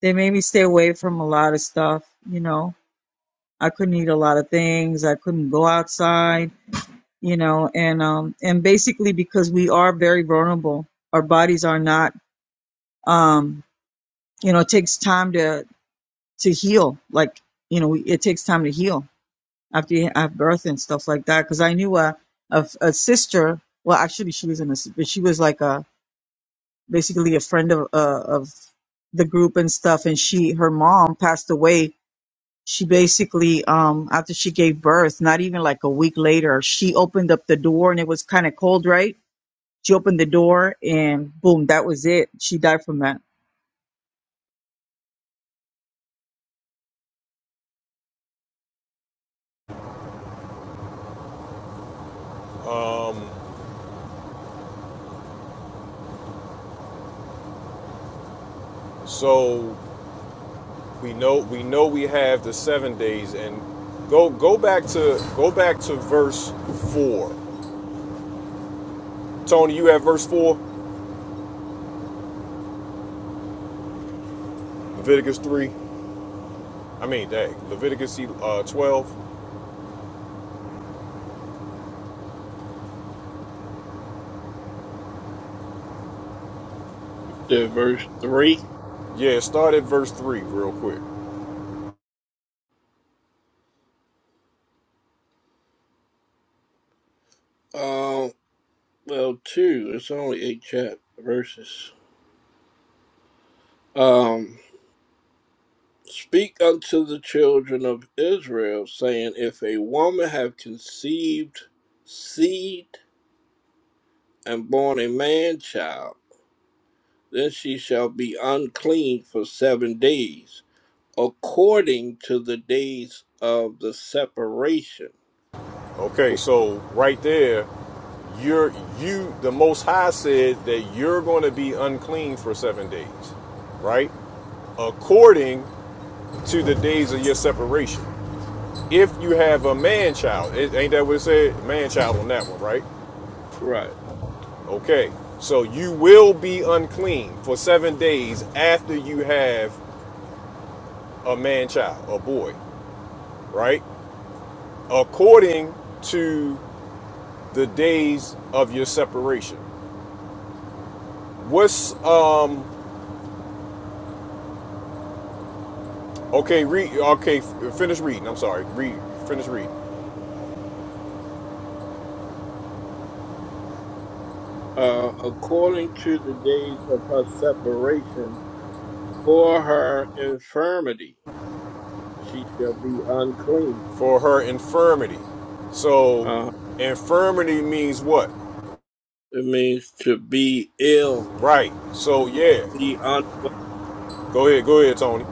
[SPEAKER 9] they made me stay away from a lot of stuff. You know, I couldn't eat a lot of things. I couldn't go outside. You know, and um, and basically because we are very vulnerable, our bodies are not. Um, you know, it takes time to to heal. Like you know, it takes time to heal after you have birth and stuff like that. Because I knew a, a a sister. Well, actually, she was in a, s- but she was like a basically a friend of uh, of the group and stuff and she her mom passed away she basically um after she gave birth not even like a week later she opened up the door and it was kind of cold right she opened the door and boom that was it she died from that
[SPEAKER 1] Um, So We know we know we have the seven days and go go back to go back to verse four. Tony, you have verse four, Leviticus three. I mean, dang, Leviticus uh, twelve.
[SPEAKER 3] said verse three.
[SPEAKER 1] Yeah, start at verse three real quick.
[SPEAKER 3] Um, well, two. It's only eight chap verses. Um. Speak unto the children of Israel, saying, If a woman have conceived seed and born a man child, Then she shall be unclean for seven days, according to the days of the separation.
[SPEAKER 1] Okay, so right there, you're you the Most High said that you're going to be unclean for seven days right? According to the days of your separation. If you have a man child, it, ain't that what it said? Man child on that one, right?
[SPEAKER 3] Right.
[SPEAKER 1] Okay, so you will be unclean for seven days after you have a man child, a boy, right? According to the days of your separation. What's um? Okay, read. Okay, f- finish reading. I'm sorry. Read. Finish reading.
[SPEAKER 3] Uh, according to the days of her separation, for her infirmity, she shall be unclean.
[SPEAKER 1] For her infirmity. So,
[SPEAKER 3] Uh,
[SPEAKER 1] infirmity means what?
[SPEAKER 3] it means to be ill,
[SPEAKER 1] Right. So yeah.
[SPEAKER 3] be unwell,
[SPEAKER 1] Go ahead. Go ahead, Tony.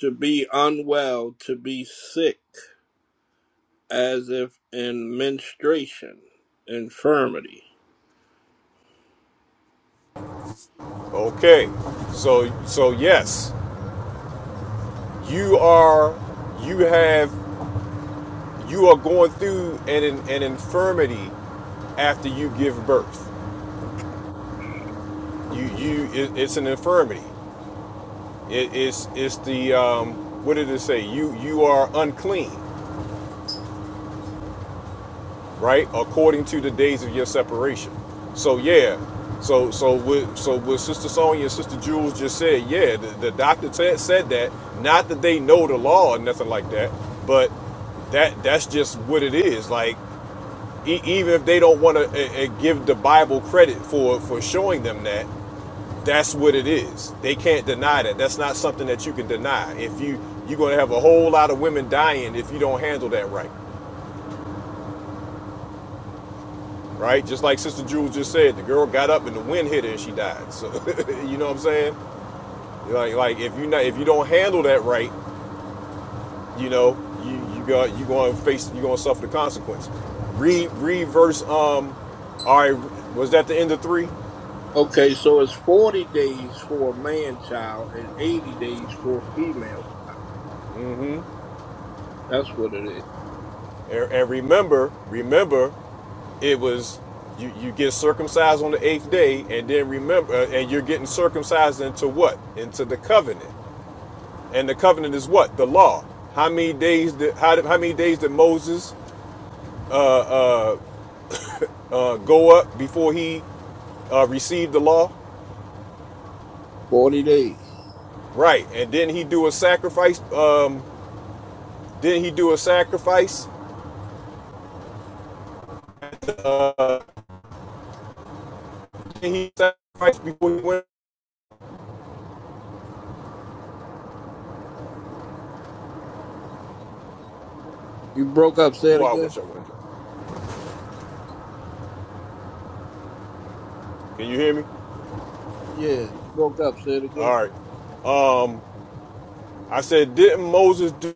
[SPEAKER 3] to be unwell, to be sick, as if in menstruation, infirmity.
[SPEAKER 1] Okay. So so yes. you are you have you are going through an an infirmity after you give birth you you it, it's an infirmity it, it's it's the um what did it say you you are unclean right according to the days of your separation so yeah so so with so with sister sonya and sister jules just said yeah the, the doctor said said that not that they know the law or nothing like that but that that's just what it is. Like E- even if they don't want to uh, give the Bible credit for for showing them that, that's what it is. They can't deny that. That's not something that you can deny. If you you're going to have a whole lot of women dying if you don't handle that right, right? Just like Sister Jules just said, the girl got up and the wind hit her and she died. So you know what I'm saying? Like like if you not if you don't handle that right, you know you you got you going to face you going to suffer the consequence. Read read verse um, all right, was that the end of three?
[SPEAKER 3] Okay, so it's 40 days for a man child and 80 days for a female.
[SPEAKER 1] Mm-hmm.
[SPEAKER 3] That's what it is.
[SPEAKER 1] And, and remember, remember, it was you, you get circumcised on the eighth day, and then remember, uh, and you're getting circumcised into what? Into the covenant. And the covenant is what? The law. How many days did how, did, how many days did Moses uh, uh, uh, go up before he uh, received the law?
[SPEAKER 3] 40 days.
[SPEAKER 1] Right. And didn't he do a sacrifice? Um, didn't he do a sacrifice? Didn't he sacrifice before he went?
[SPEAKER 3] You broke up, say it
[SPEAKER 1] Boy, I
[SPEAKER 3] again?
[SPEAKER 1] wish I went. Can you hear me?
[SPEAKER 3] Yeah, you broke up, say it again?
[SPEAKER 1] All right. Um, I said, didn't Moses do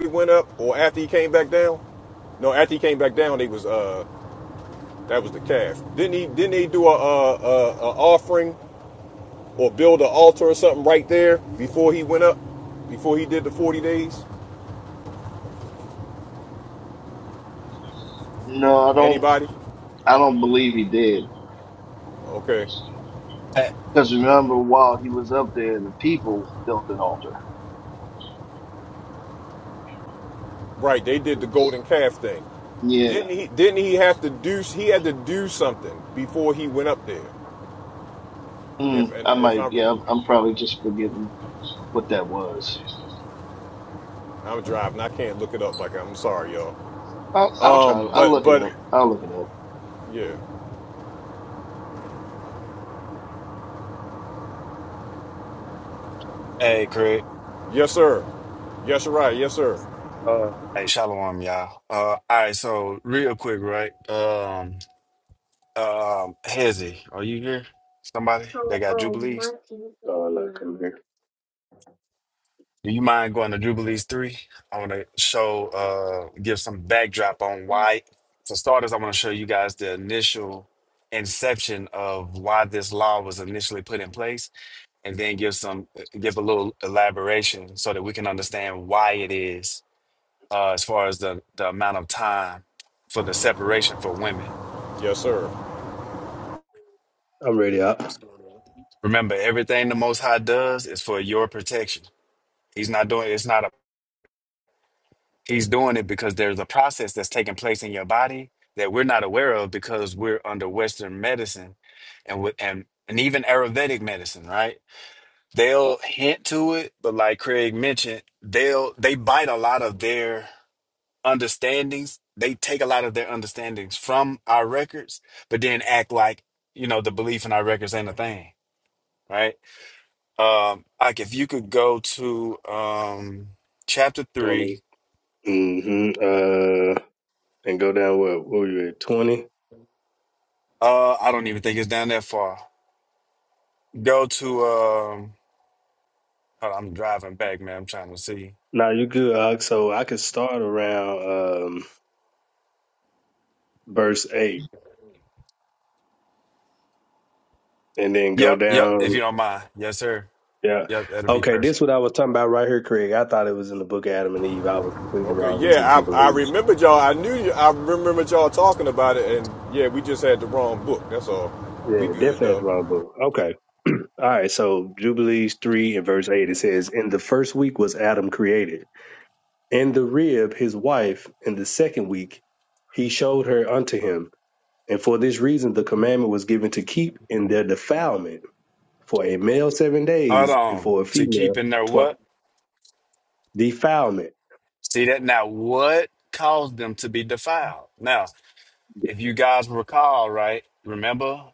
[SPEAKER 1] he went up or after he came back down? No, after he came back down, they was uh that was the calf. Didn't he didn't he do a a, a, a offering or build an altar or something right there before he went up? Before he did the 40 days?
[SPEAKER 2] No, I don't.
[SPEAKER 1] Anybody?
[SPEAKER 2] I don't believe he did.
[SPEAKER 1] Okay.
[SPEAKER 10] Hey,
[SPEAKER 2] Because remember, while he was up there, the people built an altar.
[SPEAKER 1] Right, they did the golden calf thing.
[SPEAKER 2] Yeah,
[SPEAKER 1] Didn't he didn't he have to do he had to do something before he went up there? If
[SPEAKER 2] mm,
[SPEAKER 1] and
[SPEAKER 2] I
[SPEAKER 1] if
[SPEAKER 2] might.
[SPEAKER 1] I'm
[SPEAKER 2] Yeah, I'm, I'm probably just forgetting what that was.
[SPEAKER 1] I'm driving, I can't look it up like I'm sorry, y'all.
[SPEAKER 2] I'll, I'll try.
[SPEAKER 1] Um
[SPEAKER 2] I'll
[SPEAKER 1] but
[SPEAKER 2] look it
[SPEAKER 1] but
[SPEAKER 2] up. I'll look it up.
[SPEAKER 1] yeah.
[SPEAKER 10] hey, Craig.
[SPEAKER 1] Yes, sir. Yes, you're right. Yes, sir.
[SPEAKER 10] Uh, hey, Shalom, y'all. Uh, all right. So, real quick, right? Um, um, Hezzy, are you here? Somebody? They
[SPEAKER 4] Oh,
[SPEAKER 10] got
[SPEAKER 4] oh, my
[SPEAKER 10] Jubilees.
[SPEAKER 4] teeth. Oh, look, come here.
[SPEAKER 10] Do you mind going to Jubilees three? I want to show, uh, give some backdrop on why. For starters, I want to show you guys the initial inception of why this law was initially put in place, and then give some, give a little elaboration so that we can understand why it is. uh, as far as the, the amount of time for the separation for women.
[SPEAKER 1] Yes, sir.
[SPEAKER 4] I'm ready up.
[SPEAKER 10] Remember, everything the Most High does is for your protection. He's not doing it's not a he's doing it because there's a process that's taking place in your body that we're not aware of because we're under Western medicine and with and and even Ayurvedic medicine, right? They'll hint to it, but like Craig mentioned, they'll they bite a lot of their understandings. They take a lot of their understandings from our records, but then act like, you know, the belief in our records ain't a thing, right? Um, like if you could go to um chapter
[SPEAKER 4] You want
[SPEAKER 10] three,
[SPEAKER 4] me? Mm-hmm. Uh, and go down what? What were you at? Twenty?
[SPEAKER 10] uh, I don't even think it's down that far. Go to um hold on, I'm driving back, man. I'm trying to see.
[SPEAKER 4] No, you good. Uh, so I could start around um verse eight. and then go
[SPEAKER 10] Yep, yep, if you
[SPEAKER 4] down.
[SPEAKER 10] don't mind. Yes, sir.
[SPEAKER 4] Yeah.
[SPEAKER 10] Yep, that'll be
[SPEAKER 4] Okay,
[SPEAKER 10] perfect.
[SPEAKER 4] this what I was talking about right here, Craig. I thought it was in the book of Adam and Eve. I was completely
[SPEAKER 1] Okay.
[SPEAKER 4] wrong. It's in
[SPEAKER 1] Yeah, I, I
[SPEAKER 4] Jubilees.
[SPEAKER 1] remembered y'all. I knew you. I remembered y'all talking about it, and yeah, we just had the wrong book. That's all. We
[SPEAKER 4] Yeah,
[SPEAKER 1] good
[SPEAKER 4] definitely had the
[SPEAKER 1] though.
[SPEAKER 4] wrong book. Okay. All right, so Jubilees 3 and verse 8, it says, In the first week was Adam created. In the rib, his wife, in the second week, he showed her unto him. And for this reason, the commandment was given to keep in their defilement for a male seven
[SPEAKER 10] Hold
[SPEAKER 4] days, and
[SPEAKER 10] on.
[SPEAKER 4] for a
[SPEAKER 10] To keep
[SPEAKER 4] female
[SPEAKER 10] in their
[SPEAKER 4] twice.
[SPEAKER 10] what?
[SPEAKER 4] Defilement.
[SPEAKER 10] See that now what caused them to be defiled? Now. If you guys recall, right, remember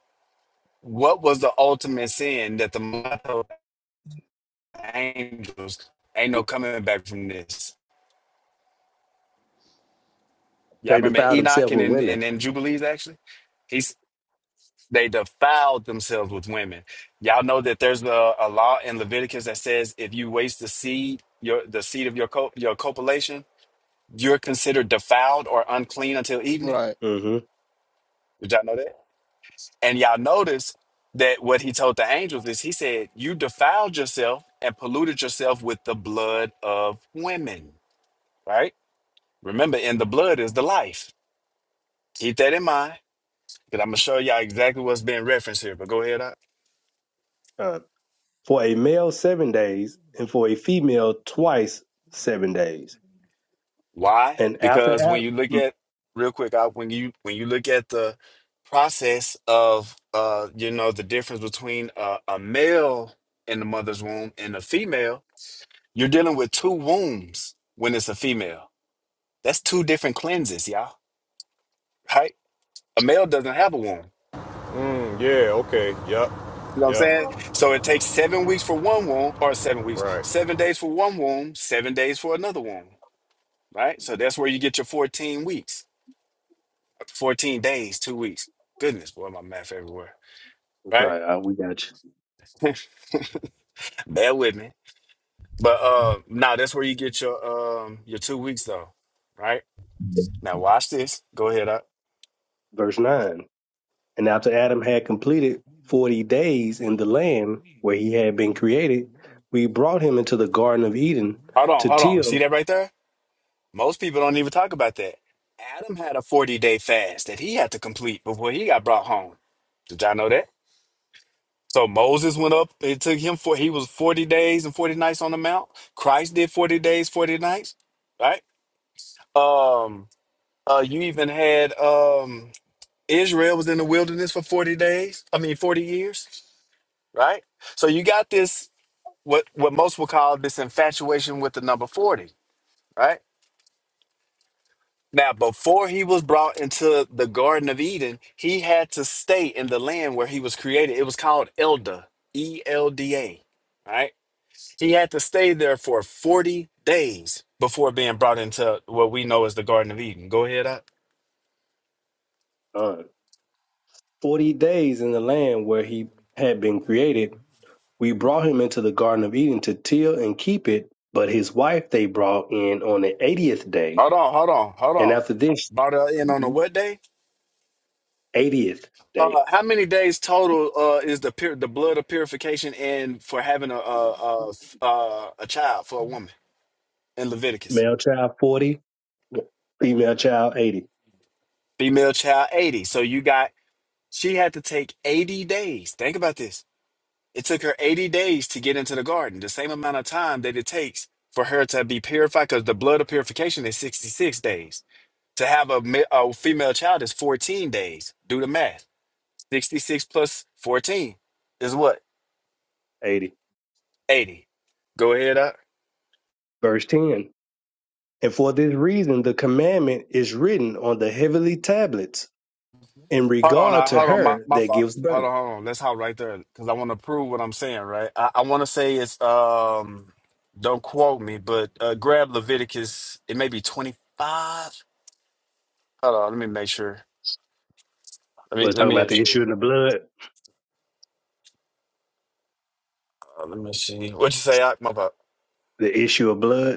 [SPEAKER 10] what was the ultimate sin that the mother told the angels ain't no coming back from this. Y'all
[SPEAKER 4] They
[SPEAKER 10] remember
[SPEAKER 4] defile
[SPEAKER 10] Enoch
[SPEAKER 4] themselves
[SPEAKER 10] and
[SPEAKER 4] with
[SPEAKER 10] in
[SPEAKER 4] women.
[SPEAKER 10] and, in Jubilees actually? He's they defiled themselves with women. Y'all know that there's a, a law in Leviticus that says if you waste the seed, your the seed of your co- your copulation, you're considered defiled or unclean until evening.
[SPEAKER 3] Right.
[SPEAKER 4] hmm
[SPEAKER 10] Did y'all know that? And y'all notice that what he told the angels is he said, You defiled yourself and polluted yourself with the blood of women, right? Remember, in the blood is the life. Keep that in mind because I'm going to show y'all exactly what's being referenced here. But go ahead. Op.
[SPEAKER 4] Uh, for a male, seven days, and for a female, twice seven days.
[SPEAKER 10] Why?
[SPEAKER 4] And after
[SPEAKER 10] Because when
[SPEAKER 4] Adam,
[SPEAKER 10] you look
[SPEAKER 4] mm,
[SPEAKER 10] at, real quick, Op, when you when you look at the process of, uh, you know, the difference between uh, a male in the mother's womb and a female, you're dealing with two wombs when it's a female That's two different cleanses, y'all. Right? A male doesn't have a womb.
[SPEAKER 1] Mm, yeah. Okay. Yep.
[SPEAKER 10] You know what I'm
[SPEAKER 1] Yep.
[SPEAKER 10] saying? So it takes seven weeks for one womb, or seven weeks,
[SPEAKER 1] Right.
[SPEAKER 10] seven days for one womb, seven days for another womb. Right? So that's where you get your 14 weeks, 14 days, two weeks. Goodness, boy, my math everywhere. Right?
[SPEAKER 4] sorry, uh, we got you.
[SPEAKER 10] Bear with me. But uh now that's where you get your um your two weeks though. Right? Now watch this. Go ahead up.
[SPEAKER 4] Verse nine. And after Adam had completed forty days in the land where he had been created, we brought him into the Garden of Eden
[SPEAKER 10] Hold on,
[SPEAKER 4] to
[SPEAKER 10] hold on. See
[SPEAKER 4] till
[SPEAKER 10] that right there? Most people don't even talk about that. Adam had a 40 day fast that he had to complete before he got brought home. Did y'all know that? So Moses went up, it took him for he was 40 days and 40 nights on the mount. Christ did 40 days, 40 nights, right? Um uh you even had um Israel was in the wilderness for 40 days, I mean 40 years, right? So you got this what what most would call this infatuation with the number 40, right? Now, before he was brought into the Garden of Eden, he had to stay in the land where he was created. It was called Elda, E L D A, right? He had to stay there for 40 days before being brought into what we know as the Garden of Eden. Go ahead. Up.
[SPEAKER 4] uh, forty days in the land where he had been created. We brought him into the Garden of Eden to till and keep it. But his wife they brought in on the eightieth day,
[SPEAKER 10] Hold on, hold on, hold
[SPEAKER 4] and
[SPEAKER 10] on.
[SPEAKER 4] after this.
[SPEAKER 10] Brought her in on a what day?
[SPEAKER 4] 80th day.
[SPEAKER 10] Uh, how many days total uh, is the pur- the blood of purification and for having a a, a a a child for a woman in Leviticus?
[SPEAKER 4] Male child 40, female child 80.
[SPEAKER 10] Female child 80. So you got She had to take 80 days. Think about this. It took her 80 days to get into the garden, the same amount of time that it takes for her to be purified, because the blood of purification is 66 days. To have a, ma- a female child is 14 days. Do the math. 66 plus 14 is what?
[SPEAKER 4] eighty,
[SPEAKER 10] 80. Go ahead. Doc.
[SPEAKER 4] verse ten. And for this reason, the commandment is written on the heavenly tablets in
[SPEAKER 10] Hold on,
[SPEAKER 4] regard
[SPEAKER 10] I,
[SPEAKER 4] to
[SPEAKER 10] hold on, my
[SPEAKER 4] her
[SPEAKER 10] my
[SPEAKER 4] that
[SPEAKER 10] fault.
[SPEAKER 4] gives
[SPEAKER 10] Hold
[SPEAKER 4] birth.
[SPEAKER 10] on, hold on. Let's hop right there because I want to prove what I'm saying. Right, I, I want to say it's um, don't quote me, but uh, grab Leviticus. It may be 25. Hold on, let me make sure. Let
[SPEAKER 4] We're
[SPEAKER 10] me let
[SPEAKER 4] talking
[SPEAKER 10] me
[SPEAKER 4] about the
[SPEAKER 10] ensure.
[SPEAKER 4] issue of the blood,
[SPEAKER 10] Uh, let me see. What you say? I, my fault.
[SPEAKER 4] the issue of blood.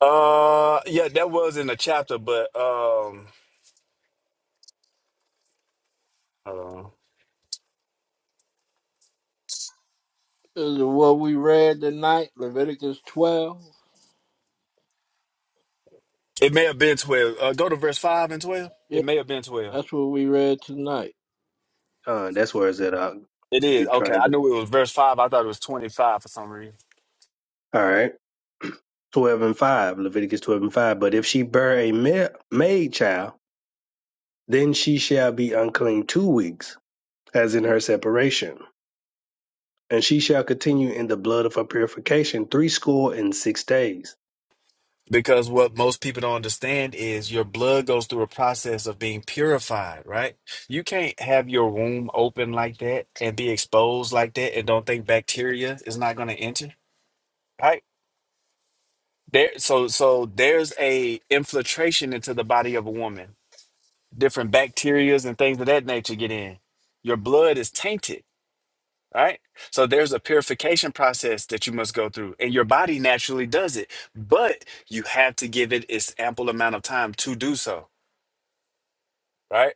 [SPEAKER 10] Uh, yeah, that was in the chapter, but um, hold on.
[SPEAKER 3] Is it what we read tonight? Leviticus 12?
[SPEAKER 10] It may have been 12. Uh, go to verse five and 12. It
[SPEAKER 3] Yeah,
[SPEAKER 10] may have been 12.
[SPEAKER 3] that's what we read tonight.
[SPEAKER 4] Uh, that's where it's at. Uh,
[SPEAKER 10] It
[SPEAKER 4] if you're
[SPEAKER 10] is okay.
[SPEAKER 4] trying to
[SPEAKER 10] I
[SPEAKER 4] get
[SPEAKER 10] knew it was verse five. I thought it was 25 for some reason.
[SPEAKER 4] all right, twelve and five, Leviticus twelve and five. But if she bear a ma- maid child, then she shall be unclean two weeks, as in her separation, and she shall continue in the blood of her purification three score and six days.
[SPEAKER 10] Because what most people don't understand is your blood goes through a process of being purified, right? You can't have your womb open like that and be exposed like that and don't think bacteria is not going to enter, right? There, so so there's a infiltration into the body of a woman. Different bacterias and things of that nature get in. Your blood is tainted, right? So there's a purification process that you must go through, and your body naturally does it, but you have to give it its ample amount of time to do so right?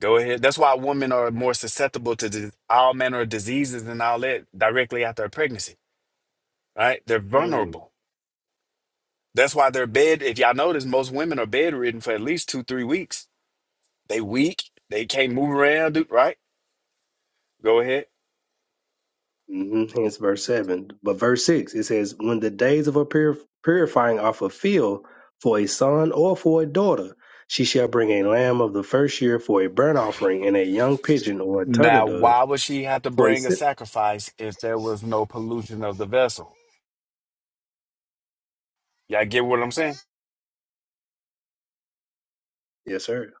[SPEAKER 10] Go ahead. That's why women are more susceptible to dis- all manner of diseases and all that directly after a pregnancy, right? They're
[SPEAKER 4] Hmm.
[SPEAKER 10] vulnerable. That's why they're bed. If y'all notice, most women are bedridden for at least two, three weeks. They weak. They can't move around, do- right? Go ahead.
[SPEAKER 4] hmm Hence verse 7. But verse 6, it says, When the days of her pur- purifying are fulfilled for a son or for a daughter, she shall bring a lamb of the first year for a burnt offering and a young pigeon or a turtle
[SPEAKER 10] Now,
[SPEAKER 4] dove
[SPEAKER 10] why would she have to
[SPEAKER 4] for a
[SPEAKER 10] bring a
[SPEAKER 4] sin.
[SPEAKER 10] sacrifice if there was no pollution of the vessel? Y'all get what I'm saying?
[SPEAKER 4] Yes, sir.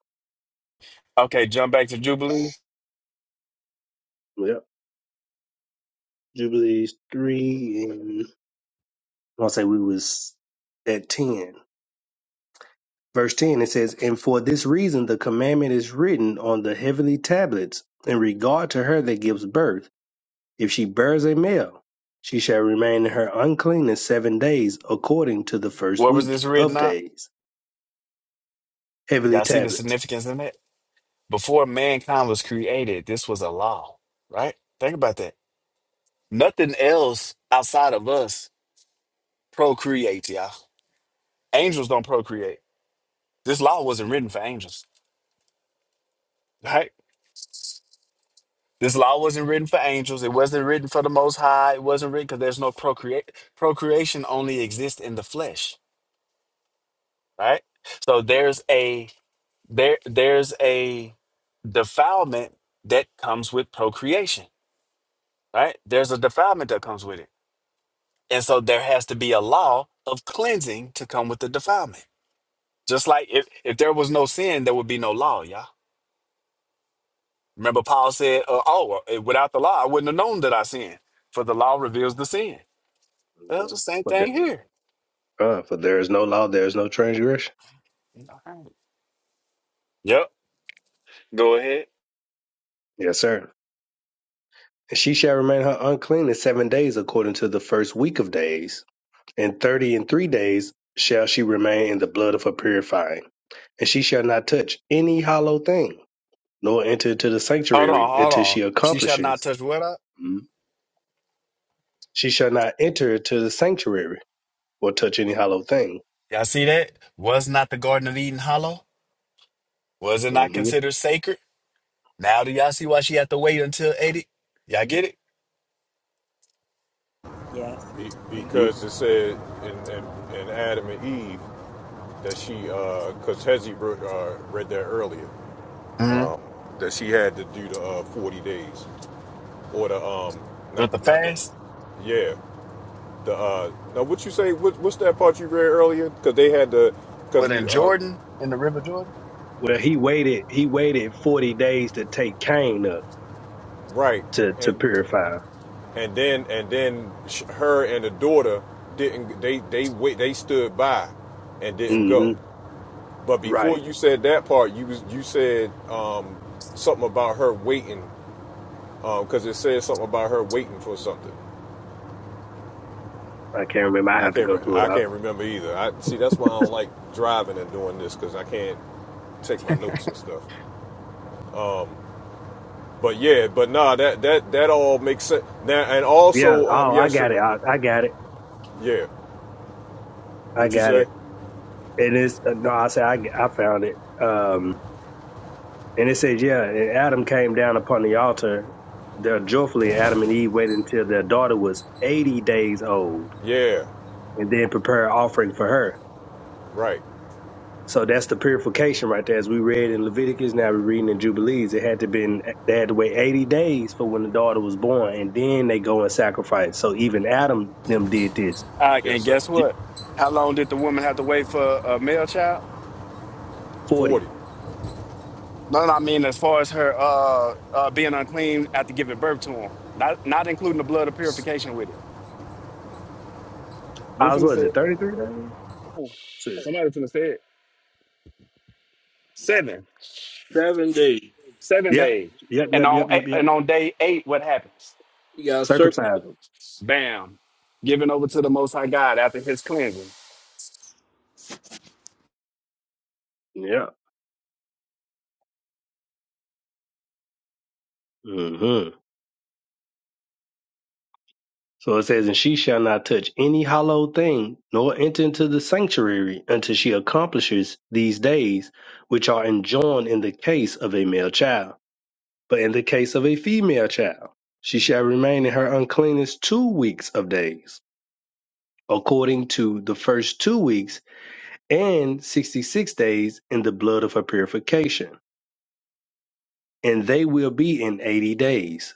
[SPEAKER 10] Okay, jump back to Jubilee.
[SPEAKER 4] Yep. Jubilees 3 and I'll say we was at 10. Verse 10, it says, And for this reason the commandment is written on the heavenly tablets in regard to her that gives birth If she bears a male, she shall remain in her uncleanness seven days, according to the first
[SPEAKER 10] What was
[SPEAKER 4] week
[SPEAKER 10] this
[SPEAKER 4] of
[SPEAKER 10] written out?
[SPEAKER 4] days. Heavily
[SPEAKER 10] Y'all see the
[SPEAKER 4] tablets.
[SPEAKER 10] significance in that? Before mankind was created, this was a law, right? Think about that. Nothing else outside of us procreates, y'all. Angels don't procreate. This law wasn't written for angels, right? This law wasn't written for angels. It wasn't written for the Most High. It wasn't written because there's no procreate. Procreation only exists in the flesh, right? So there's a there there's a defilement that comes with procreation, right? There's a defilement that comes with it And so there has to be a law of cleansing to come with the defilement. Just like if, if there was no sin, there would be no law, y'all. Remember, Paul said, uh, Oh, uh, without the law, I wouldn't have known that I sinned, for the law reveals the sin. Well, the same
[SPEAKER 4] For there,
[SPEAKER 10] thing here.
[SPEAKER 4] uh, for there is no law, there is no transgression.
[SPEAKER 10] Alright. Yep. Go ahead.
[SPEAKER 4] Yes, sir. And she shall remain her uncleanness seven days, according to the first week of days. And thirty and three days shall she remain in the blood of her purifying. And she shall not touch any hollow thing, nor enter into the
[SPEAKER 10] Hold on,
[SPEAKER 4] sanctuary
[SPEAKER 10] hold
[SPEAKER 4] until
[SPEAKER 10] on.
[SPEAKER 4] she
[SPEAKER 10] She shall not
[SPEAKER 4] accomplishes.
[SPEAKER 10] touch what up?
[SPEAKER 4] Mhm. She shall not enter into the sanctuary or touch any hollow thing.
[SPEAKER 10] Y'all see that? Was not the Garden of Eden hollow? Was it not
[SPEAKER 4] hmm
[SPEAKER 10] considered sacred? Now do y'all see why she had to wait until 80? Y'all get it?
[SPEAKER 6] Yes.
[SPEAKER 1] Be,
[SPEAKER 4] hmm
[SPEAKER 1] because it said in, in, in Adam and Eve that she, because uh, Hezzy wrote, uh, read that earlier,
[SPEAKER 10] Mm-hmm.
[SPEAKER 1] that she had to do the uh, forty days or the um,
[SPEAKER 10] With
[SPEAKER 1] not
[SPEAKER 10] the
[SPEAKER 1] the not the,
[SPEAKER 10] fast?
[SPEAKER 1] yeah, The uh, now what you say? What, what's that part you read earlier? Because they had the because
[SPEAKER 10] Within
[SPEAKER 1] we uh,
[SPEAKER 10] Jordan, in the River Jordan?
[SPEAKER 4] Well, he waited. He waited forty days to take Cain up
[SPEAKER 1] right
[SPEAKER 4] to to
[SPEAKER 1] and
[SPEAKER 4] purify.
[SPEAKER 1] and then and then sh- her and the daughter didn't they they wait they stood by and didn't
[SPEAKER 4] hmm
[SPEAKER 1] go. But
[SPEAKER 4] Right.
[SPEAKER 1] before you said that part, you was you said um, something about her waiting because um, it said something about her waiting for something.
[SPEAKER 4] I can't remember. I
[SPEAKER 1] I
[SPEAKER 4] have to
[SPEAKER 1] can't
[SPEAKER 4] go
[SPEAKER 1] re-
[SPEAKER 4] through it.
[SPEAKER 1] I
[SPEAKER 4] I,
[SPEAKER 1] can't remember either. I see that's why I don't like driving and doing this because I can't take my notes and stuff. But yeah, but nah, that that that all makes sense. Now and
[SPEAKER 4] yeah.
[SPEAKER 1] also, um,
[SPEAKER 4] Oh, I
[SPEAKER 1] yes,
[SPEAKER 4] got it. I, I got it.
[SPEAKER 1] Yeah,
[SPEAKER 4] I
[SPEAKER 1] what you
[SPEAKER 4] got
[SPEAKER 1] say?
[SPEAKER 4] it. And it's uh, no. I said I I found it. Um. And it says, yeah. And Adam came down upon the altar. There joyfully Adam and Eve waited until their daughter was eighty days old,
[SPEAKER 1] Yeah,
[SPEAKER 4] and then prepare an offering for her.
[SPEAKER 1] right.
[SPEAKER 4] So that's the purification right there. As we read in Leviticus, now we're reading in Jubilees. It had to been they had to wait eighty days for when the daughter was born, and then they go and sacrifice. So even Adam them did this.
[SPEAKER 10] Uh,
[SPEAKER 1] Yes,
[SPEAKER 10] and
[SPEAKER 1] sir.
[SPEAKER 10] guess what? How long did the woman have to wait for a male child?
[SPEAKER 4] Forty.
[SPEAKER 1] Forty.
[SPEAKER 10] No, no, I mean as far as her uh, uh, being unclean after giving birth to him, not not including the blood of purification with it. You
[SPEAKER 4] I was
[SPEAKER 10] finna
[SPEAKER 4] what is
[SPEAKER 10] say
[SPEAKER 4] it,
[SPEAKER 10] it.
[SPEAKER 4] thirty three days?
[SPEAKER 10] Oh,
[SPEAKER 4] So,
[SPEAKER 10] somebody finna say it. Seven,
[SPEAKER 3] Seven days.
[SPEAKER 10] seven
[SPEAKER 4] yep.
[SPEAKER 10] days,
[SPEAKER 4] Yep,
[SPEAKER 10] and
[SPEAKER 4] yep,
[SPEAKER 10] on
[SPEAKER 4] yep,
[SPEAKER 10] eight,
[SPEAKER 4] yep, yep.
[SPEAKER 10] and on day eight, what happens?
[SPEAKER 3] You got circumcised.
[SPEAKER 4] Circumcise them.
[SPEAKER 10] Bam, given over to the Most High God after His cleansing.
[SPEAKER 4] Yeah. hmm So it says, And she shall not touch any hollow thing, nor enter into the sanctuary until she accomplishes these days which are enjoined in the case of a male child But in the case of a female child, she shall remain in her uncleanness two weeks of days, according to the first two weeks and sixty six days in the blood of her purification, and they will be in eighty days.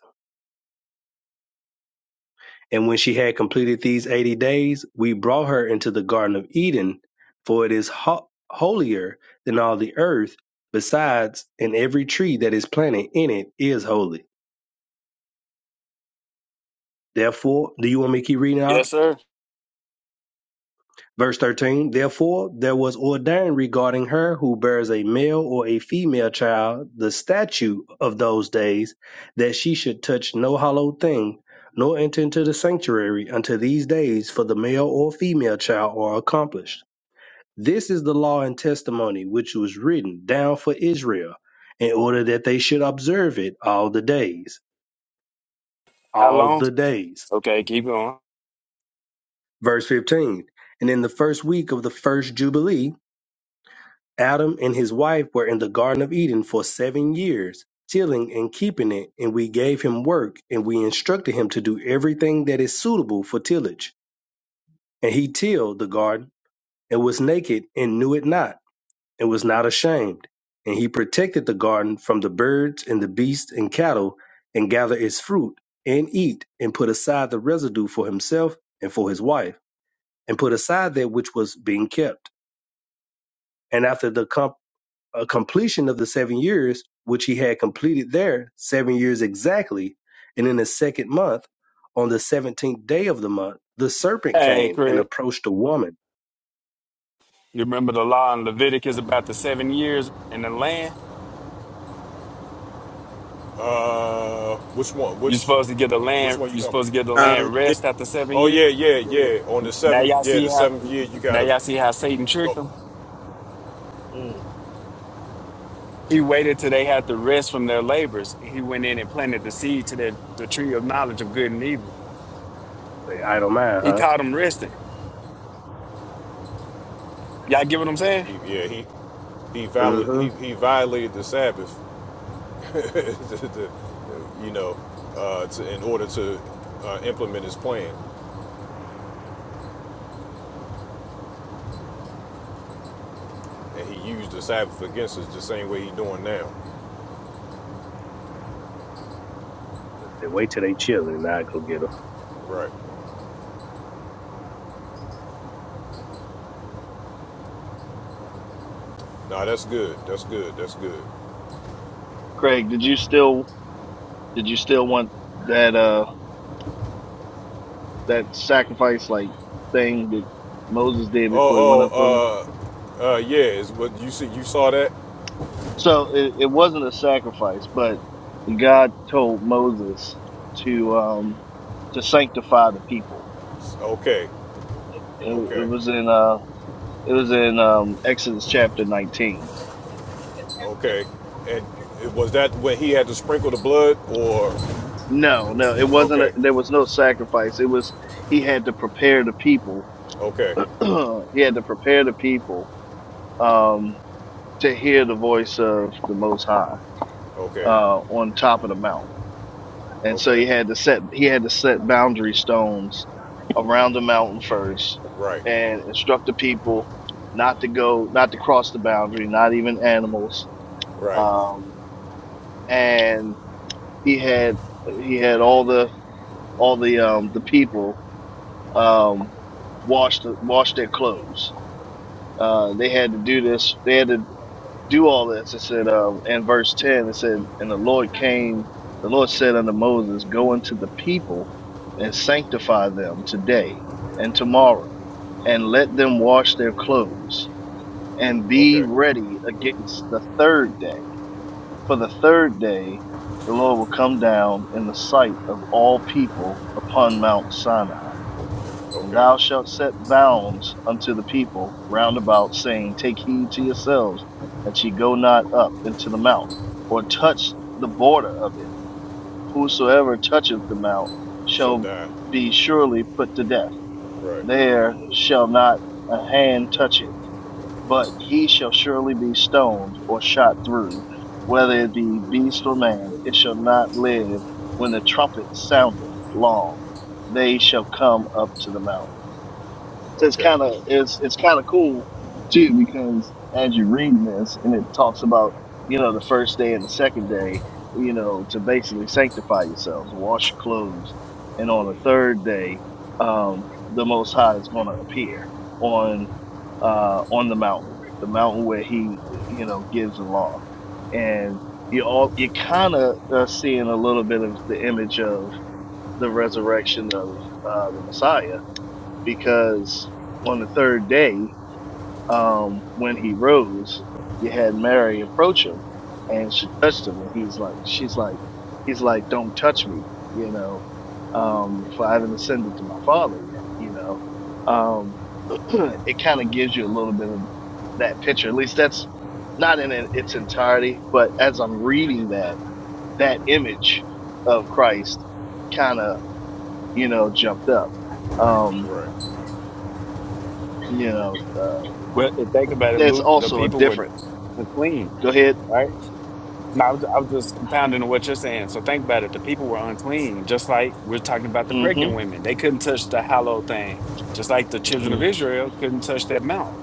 [SPEAKER 4] And when she had completed these eighty days, we brought her into the Garden of Eden, for it is ho- holier than all the earth. Besides, and every tree that is planted in it is holy. Therefore, do you want me to keep reading out?
[SPEAKER 10] Yes, sir.
[SPEAKER 4] Verse 13, therefore there was ordained regarding her who bears a male or a female child the statute of those days that she should touch no hollow thing, nor enter into the sanctuary until these days for the male or female child are accomplished. This is the law and testimony which was written down for Israel, in order that they should observe it all the days,
[SPEAKER 10] How
[SPEAKER 4] all
[SPEAKER 10] long?
[SPEAKER 4] the days.
[SPEAKER 10] Okay, keep going.
[SPEAKER 4] Verse 15, and in the first week of the first Jubilee, Adam and his wife were in the Garden of Eden for seven years, tilling and keeping it, and we gave him work, and we instructed him to do everything that is suitable for tillage. And he tilled the garden, and was naked, and knew it not, and was not ashamed. And he protected the garden from the birds, and the beasts, and cattle, and gathered its fruit, and eat, and put aside the residue for himself and for his wife, and put aside that which was being kept. And after the a completion of the seven years, which he had completed there seven years exactly, and in the second month, on the seventeenth day of the month, the serpent
[SPEAKER 10] Hey,
[SPEAKER 4] came and
[SPEAKER 10] Craig,
[SPEAKER 4] approached the woman.
[SPEAKER 10] you remember the law in Leviticus about the seven years in the land?
[SPEAKER 1] Uh, which one?
[SPEAKER 10] You're
[SPEAKER 1] Which
[SPEAKER 10] supposed to get the
[SPEAKER 1] which
[SPEAKER 10] land.
[SPEAKER 1] one you
[SPEAKER 10] You're
[SPEAKER 1] talking
[SPEAKER 10] supposed to get
[SPEAKER 1] about?
[SPEAKER 10] the land rest after seven
[SPEAKER 1] Oh yeah,
[SPEAKER 10] years.
[SPEAKER 1] yeah,
[SPEAKER 3] Yeah.
[SPEAKER 1] yeah. On the
[SPEAKER 10] Now
[SPEAKER 1] seventh,
[SPEAKER 10] y'all
[SPEAKER 1] yeah,
[SPEAKER 10] see
[SPEAKER 1] the
[SPEAKER 10] how.
[SPEAKER 1] seventh year, you
[SPEAKER 10] Now
[SPEAKER 1] gotta
[SPEAKER 10] y'all see how Satan tricked
[SPEAKER 1] go.
[SPEAKER 10] them.
[SPEAKER 3] Mm.
[SPEAKER 10] He waited till they had to rest from their labors. He went in and planted the seed to the, the tree of knowledge of good and evil.
[SPEAKER 4] Say, I don't mind,
[SPEAKER 10] He
[SPEAKER 4] huh?
[SPEAKER 10] caught them resting. Y'all get what I'm saying?
[SPEAKER 1] He, yeah, he he, viol-
[SPEAKER 4] Mm-hmm.
[SPEAKER 1] he he violated the Sabbath, the, the, you know, uh, to, in order to uh, implement his plan. and he used the Sabbath against us the same way he's doing now.
[SPEAKER 4] I Say, wait till they chill and I go get them.
[SPEAKER 1] Right. Nah, that's good. That's good. That's good.
[SPEAKER 2] Craig, did you still? Did you still want that? Uh, that sacrifice like thing that Moses did before he went
[SPEAKER 1] Oh,
[SPEAKER 2] up on? him?
[SPEAKER 1] oh, uh, uh, yeah. Is what you see? You saw that?
[SPEAKER 2] So it, it wasn't a sacrifice, but God told Moses to um to sanctify the people.
[SPEAKER 1] Okay,
[SPEAKER 2] It, it
[SPEAKER 1] okay,
[SPEAKER 2] was in uh it was in um Exodus chapter 19.
[SPEAKER 1] okay. And it, was that when he had to sprinkle the blood, or
[SPEAKER 2] No, no, it wasn't
[SPEAKER 1] okay,
[SPEAKER 2] a, there was no sacrifice. It was he had to prepare the people.
[SPEAKER 1] okay,
[SPEAKER 2] he had to prepare the people um to hear the voice of the most high
[SPEAKER 1] okay,
[SPEAKER 2] uh on top of the mount. and so
[SPEAKER 1] okay?
[SPEAKER 2] he had to set he had to set boundary stones around the mountain first
[SPEAKER 1] Right,
[SPEAKER 2] and instruct the people not to go not to cross the boundary not even animals
[SPEAKER 1] right.
[SPEAKER 2] um and he had he had all the all the um the people um wash the wash their clothes uh they had to do this they had to do all this. It said um, in verse 10, it said, And the Lord came, the Lord said unto Moses, Go unto the people and sanctify them today and tomorrow, and let them wash their clothes, and be
[SPEAKER 1] Okay,
[SPEAKER 2] ready against the third day. For the third day, the Lord will come down in the sight of all people upon Mount Sinai. And
[SPEAKER 1] okay.
[SPEAKER 2] thou shalt set bounds unto the people round about, saying, Take heed to yourselves that ye go not up into the mount, or touch the border of it. Whosoever toucheth the mount
[SPEAKER 1] Shall
[SPEAKER 2] shall
[SPEAKER 1] die.
[SPEAKER 2] be surely put to death.
[SPEAKER 1] Right.
[SPEAKER 2] There shall not a hand touch it, but he shall surely be stoned or shot through, whether it be beast or man. It shall not live when the trumpet soundeth long. They shall come up to the mount. So it's
[SPEAKER 1] Okay.
[SPEAKER 2] kind of it's it's kind of cool too because as you're reading this and it talks about you know the first day and the second day you know to basically sanctify yourselves wash your clothes and on the third day um, the most high is going to appear on uh, on the mountain the mountain where he you know gives the law and you all you're kind of uh, seeing a little bit of the image of the resurrection of uh, the messiah because on the third day, um, when he rose, you had Mary approach him, and she touched him, and he's like, she's like, he's like, don't touch me, you know, um, for I haven't ascended to my Father yet, you know. Um, it kind of gives you a little bit of that picture. At least that's not in it- its entirety, but as I'm reading that, that image of Christ kind of, you know, jumped up. Um,
[SPEAKER 1] Right.
[SPEAKER 2] you know,
[SPEAKER 10] Well, if think about it,
[SPEAKER 2] There's
[SPEAKER 10] Luke. The
[SPEAKER 2] also a
[SPEAKER 10] people were
[SPEAKER 2] different.
[SPEAKER 10] unclean,
[SPEAKER 2] Go ahead.
[SPEAKER 10] right? Now i was I'm just compounding on what you're saying. So think about it. The people were unclean, just like we're talking about the
[SPEAKER 2] Mm-hmm.
[SPEAKER 10] pregnant women. They couldn't touch the hallowed thing, just like the children of
[SPEAKER 2] Mm-hmm.
[SPEAKER 10] Israel couldn't touch that mount.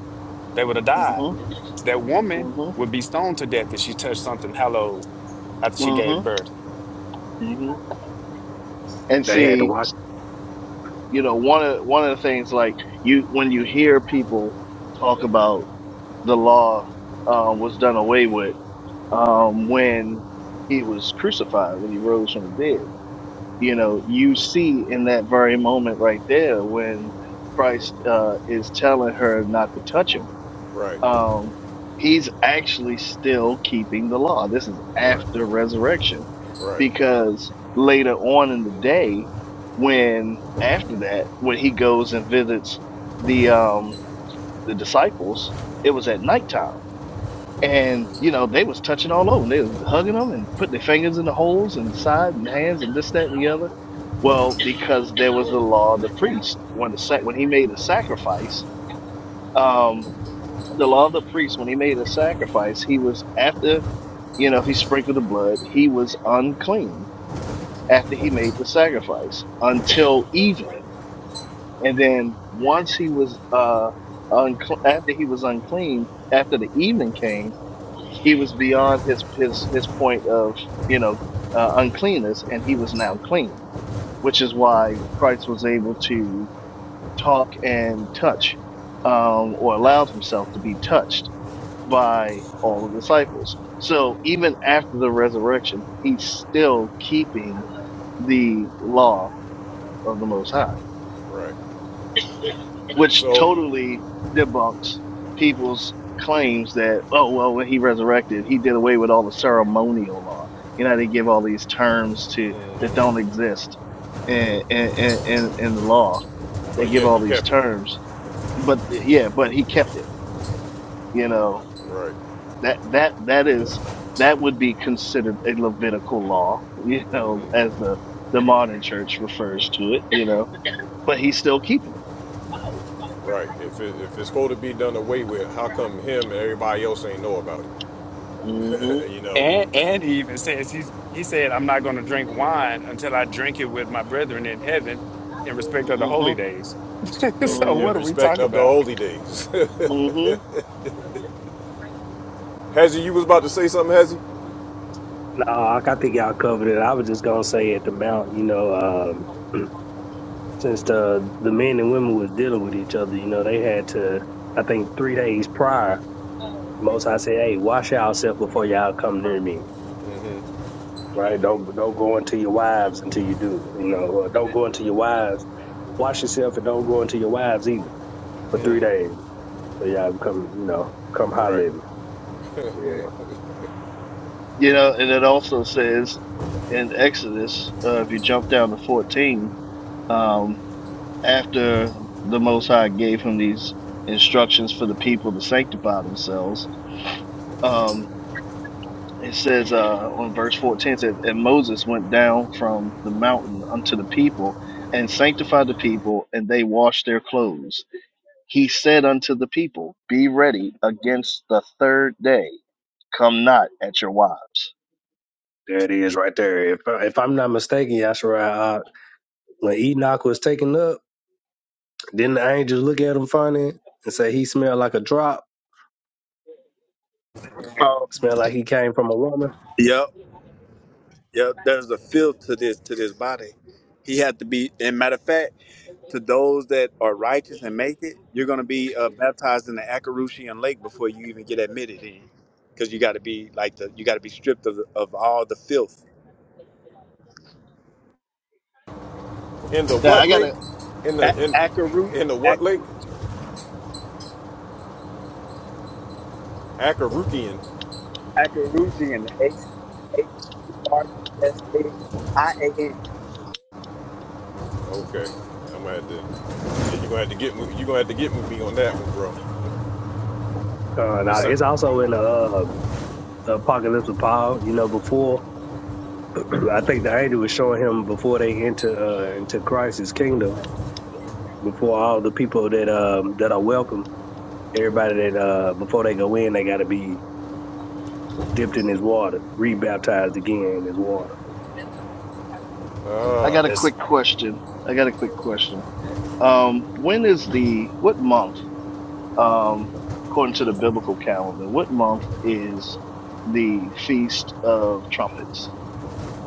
[SPEAKER 10] They would have died.
[SPEAKER 2] Mm-hmm.
[SPEAKER 10] That woman
[SPEAKER 2] Mm-hmm.
[SPEAKER 10] would be stoned to death if she touched something hallowed after she gave
[SPEAKER 2] Mm-hmm.
[SPEAKER 10] birth.
[SPEAKER 2] Mm-hmm. And
[SPEAKER 4] They had to
[SPEAKER 2] see,
[SPEAKER 4] watch.
[SPEAKER 2] you know, one of one of the things like you when you hear people talk about the law uh, was done away with um, when he was crucified, when he rose from the dead. You know, you see in that very moment right there when Christ uh, is telling her not to touch him
[SPEAKER 1] Right.
[SPEAKER 2] Um, he's actually still keeping the law. This is
[SPEAKER 1] Right.
[SPEAKER 2] after resurrection,
[SPEAKER 1] Right.
[SPEAKER 2] because later on in the day, when after that, when he goes and visits the um the disciples, it was at nighttime. And you know they was touching all over. 'em. They was hugging them and putting their fingers in the holes and side and hands and this, that, and the other. Well, because there was the law of the priest when the sac- when he made a sacrifice, um, the law of the priest when he made a sacrifice he was after you know he sprinkled the blood he was unclean after he made the sacrifice until evening and then once he was uh uncle after he was unclean after the evening came he was beyond his his his point of you know uh, uncleanness and he was now clean which is why christ was able to talk and touch um, or allowed himself to be touched by all the disciples. So even after the resurrection, he's still keeping the law of the Most High,
[SPEAKER 1] Right.
[SPEAKER 2] which
[SPEAKER 1] So
[SPEAKER 2] totally debunks people's claims that, oh, well, when he resurrected, he did away with all the ceremonial law. You know, they give all these terms to that don't exist in, in, in, in the law. They
[SPEAKER 1] But
[SPEAKER 2] give
[SPEAKER 1] yet he
[SPEAKER 2] all these
[SPEAKER 1] kept it.
[SPEAKER 2] terms, but yeah, but he kept it, you know.
[SPEAKER 1] Right.
[SPEAKER 2] that that that is that would be considered a Levitical law, you know, as the the modern church refers to it, you know. But he's still keeping it.
[SPEAKER 1] Right. If it, if it's supposed to be done away with, how come him and everybody else ain't know about it?
[SPEAKER 2] Mm-hmm.
[SPEAKER 1] you know,
[SPEAKER 10] And and he even says he's he said, I'm not gonna drink wine until I drink it with my brethren in heaven in respect of the holy
[SPEAKER 2] Mm-hmm.
[SPEAKER 10] days.
[SPEAKER 1] in,
[SPEAKER 10] so
[SPEAKER 1] re- in
[SPEAKER 10] what are we
[SPEAKER 1] respect
[SPEAKER 10] talking
[SPEAKER 1] of the
[SPEAKER 10] about?
[SPEAKER 1] holy days.
[SPEAKER 2] Mm-hmm. Mm-hmm.
[SPEAKER 1] Hezzy, you was about to say something, Hezzy?
[SPEAKER 4] No, I I think y'all covered it. I was just gonna say at the mount, you know, um, since the the men and women was dealing with each other, you know, they had to. I think three days prior, most I said, hey, wash yourself before y'all come near me right? Don't don't go into your wives until you do, you know, or don't go into your wives. Wash yourself and don't go into your wives either for three days. So y'all come, you know, come
[SPEAKER 1] Right.
[SPEAKER 4] holler at me. Yeah,
[SPEAKER 2] You know, and it also says in Exodus, uh, if you jump down to fourteen, um, after the Most High gave him these instructions for the people to sanctify themselves, um, It says uh, on verse 14, it says, And Moses went down from the mountain unto the people and sanctified the people, and they washed their clothes. He said unto the people, Be ready against the third day. Come not at your wives.
[SPEAKER 4] there it is right there. If if I'm not mistaken, Yashara, uh, when Enoch was taken up, didn't the angels look at him funny and say he smelled like a drop, smelled like he came from a woman?
[SPEAKER 10] Yep, yep. There's a filth to this to this body. He had to be. And matter of fact, to those that are righteous and make it, you're going to be uh, baptized in the Akarusian lake before you even get admitted because you got to be like the you got to be stripped of of all the filth.
[SPEAKER 1] In the
[SPEAKER 2] Now,
[SPEAKER 1] what
[SPEAKER 2] I got
[SPEAKER 1] lake?
[SPEAKER 2] a,
[SPEAKER 1] In the
[SPEAKER 10] A-
[SPEAKER 1] in
[SPEAKER 10] Akaru,
[SPEAKER 1] in the what lake?
[SPEAKER 10] Akarusian,
[SPEAKER 1] Akarukian.
[SPEAKER 10] Akarusian, A C H U R E S A I A N.
[SPEAKER 1] Okay. I'm gonna have to. You're gonna have to get me. You're gonna have to get with me on that one, bro.
[SPEAKER 4] Uh, now
[SPEAKER 1] It's not.
[SPEAKER 4] it's also in the um, the Apocalypse of Paul. You know, before I think the angel was showing him before they enter uh, into Christ's kingdom before all the people that um that are welcome, everybody that uh before they go in, they got to be dipped in his water, rebaptized again in his water.
[SPEAKER 2] I
[SPEAKER 1] Ah. uh,
[SPEAKER 2] got a
[SPEAKER 10] That's
[SPEAKER 2] quick question. I got a quick question. Um, when is the, what month, um, according to the biblical calendar, what month is the Feast of Trumpets?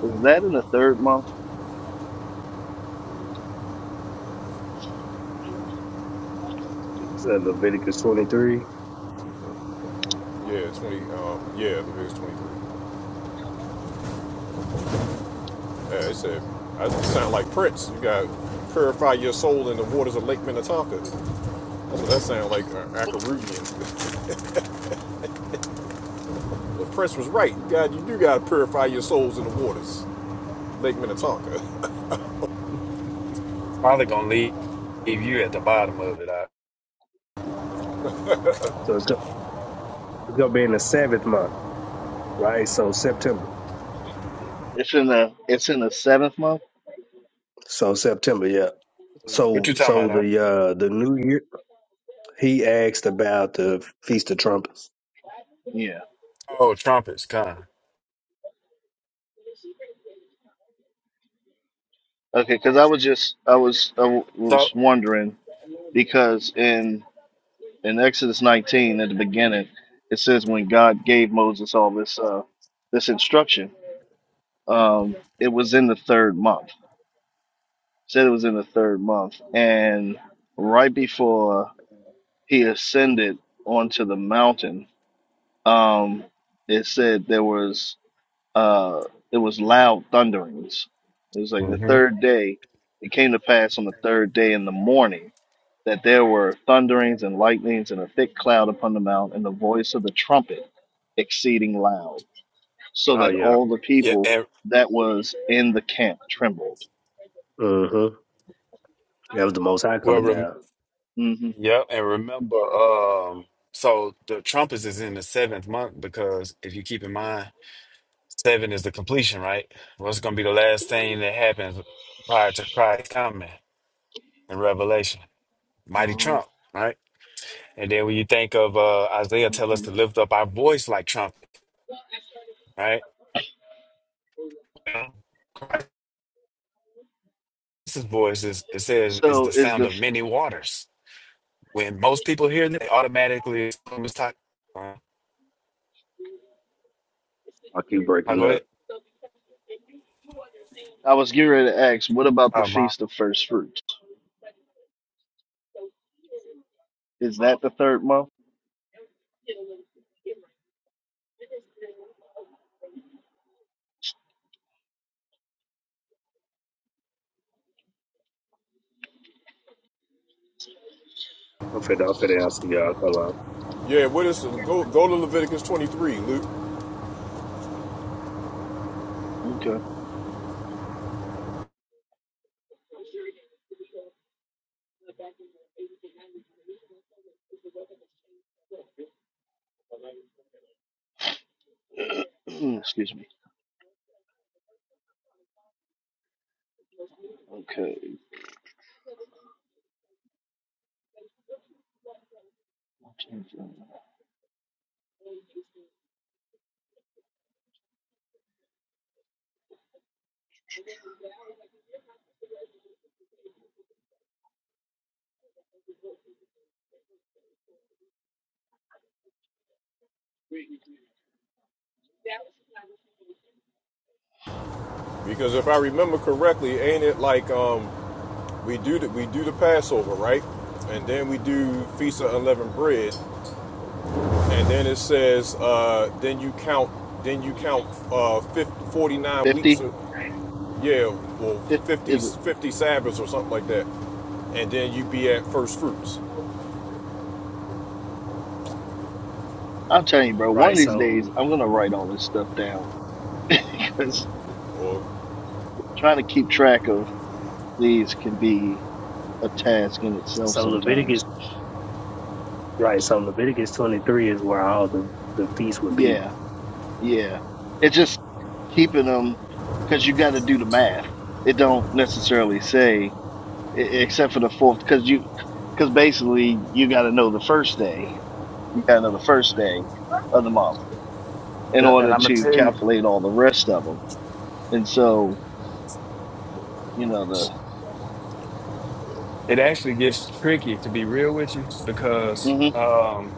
[SPEAKER 2] Is that in the third month?
[SPEAKER 4] So Leviticus twenty three.
[SPEAKER 1] yeah. Twenty. Um. Yeah. Leviticus twenty-three. Yeah, they said, "I sound like Prince. You got to purify your soul in the waters of Lake Minnetonka. That's what that sounds like, uh, Akarugian. But Prince was right. God, you do got to purify your souls in the waters, Lake Minnetonka.
[SPEAKER 10] probably gonna leave leave you at the bottom of it. I,
[SPEAKER 4] So it's gonna, it's gonna be in the seventh month, right? So September.
[SPEAKER 2] It's in the it's in the seventh month.
[SPEAKER 4] So September, yeah.
[SPEAKER 10] what
[SPEAKER 4] So
[SPEAKER 10] you talking
[SPEAKER 4] so
[SPEAKER 10] about? I,
[SPEAKER 4] the uh the new year he asked about the feast of trumpets.
[SPEAKER 2] Yeah.
[SPEAKER 10] oh, trumpets, kind.
[SPEAKER 2] Okay, because I was just I was I w-
[SPEAKER 10] So,
[SPEAKER 2] was wondering because in in Exodus 19 at the beginning it says when God gave Moses all this uh this instruction um it was in the third month said it was in the third month and right before he ascended onto the mountain um it said there was uh, it was loud thunderings. It was like the
[SPEAKER 10] hmm
[SPEAKER 2] third day. It came to pass on the third day in the morning that there were thunderings and lightnings and a thick cloud upon the mount, and the voice of the trumpet exceeding loud, so
[SPEAKER 4] Oh
[SPEAKER 2] that
[SPEAKER 4] yeah.
[SPEAKER 2] all the
[SPEAKER 10] yeah,
[SPEAKER 2] people
[SPEAKER 10] and
[SPEAKER 2] that was in the camp trembled.
[SPEAKER 4] Mm-hmm. That was the most high
[SPEAKER 10] well,
[SPEAKER 4] coming
[SPEAKER 10] rem,
[SPEAKER 4] down.
[SPEAKER 2] hmm
[SPEAKER 10] yeah, and remember, um, so the trumpets is in the seventh month because if you keep in mind. Seven is the completion, right? What's going to be the last thing that happens prior to Christ's coming in Revelation? Mighty
[SPEAKER 2] Uh-huh.
[SPEAKER 10] trump, right? And then when you think of uh, Isaiah, tell us
[SPEAKER 2] hmm
[SPEAKER 10] to lift up our voice like trump, right? Well, Christ's voice is it says is
[SPEAKER 2] So
[SPEAKER 10] the
[SPEAKER 2] is
[SPEAKER 10] sound
[SPEAKER 2] the
[SPEAKER 10] of many waters. When most people hear that, they automatically assume it's talk. Uh,
[SPEAKER 4] I keep
[SPEAKER 10] I
[SPEAKER 4] breaking
[SPEAKER 10] go ahead.
[SPEAKER 4] up.
[SPEAKER 2] I was getting ready to ask, what about the
[SPEAKER 10] Uh, my,
[SPEAKER 2] feast of first fruits? Is that the third month?
[SPEAKER 4] I'm finna I'm finna answer y'all. Hold on.
[SPEAKER 1] yeah, what is go go to Leviticus 23, Luke,
[SPEAKER 2] Okay. Excuse me. Okay. 50?
[SPEAKER 1] because if I remember correctly, ain't it like um we do the, we do the Passover, right? And then we do feast of unleavened bread, and then it says uh then you count then you count uh 49 weeks
[SPEAKER 2] 50
[SPEAKER 1] of, Yeah, well, 50,
[SPEAKER 2] is it?
[SPEAKER 1] 50 Sabbaths or something like that. And then you be at first fruits.
[SPEAKER 2] I'm telling you, bro, one of
[SPEAKER 4] Right,
[SPEAKER 2] these days
[SPEAKER 4] so
[SPEAKER 2] I'm going to write all this stuff down because
[SPEAKER 1] Or,
[SPEAKER 2] trying to keep track of these can be a task in itself
[SPEAKER 4] so Leviticus
[SPEAKER 2] sometimes.
[SPEAKER 4] Right. So Leviticus 23 is where all the, the feasts would be.
[SPEAKER 2] Yeah, yeah. It's just keeping them because you got to do the math. It don't necessarily say, e- except for the fourth, because you, because basically you got to know the first day. You got to know the first day of the month in
[SPEAKER 10] yeah, and
[SPEAKER 2] order
[SPEAKER 10] I'm gonna
[SPEAKER 2] to
[SPEAKER 10] tell you,
[SPEAKER 2] calculate all the rest of them. And so, you know,
[SPEAKER 10] it actually gets tricky to be real with you because.
[SPEAKER 2] Mm-hmm.
[SPEAKER 10] um,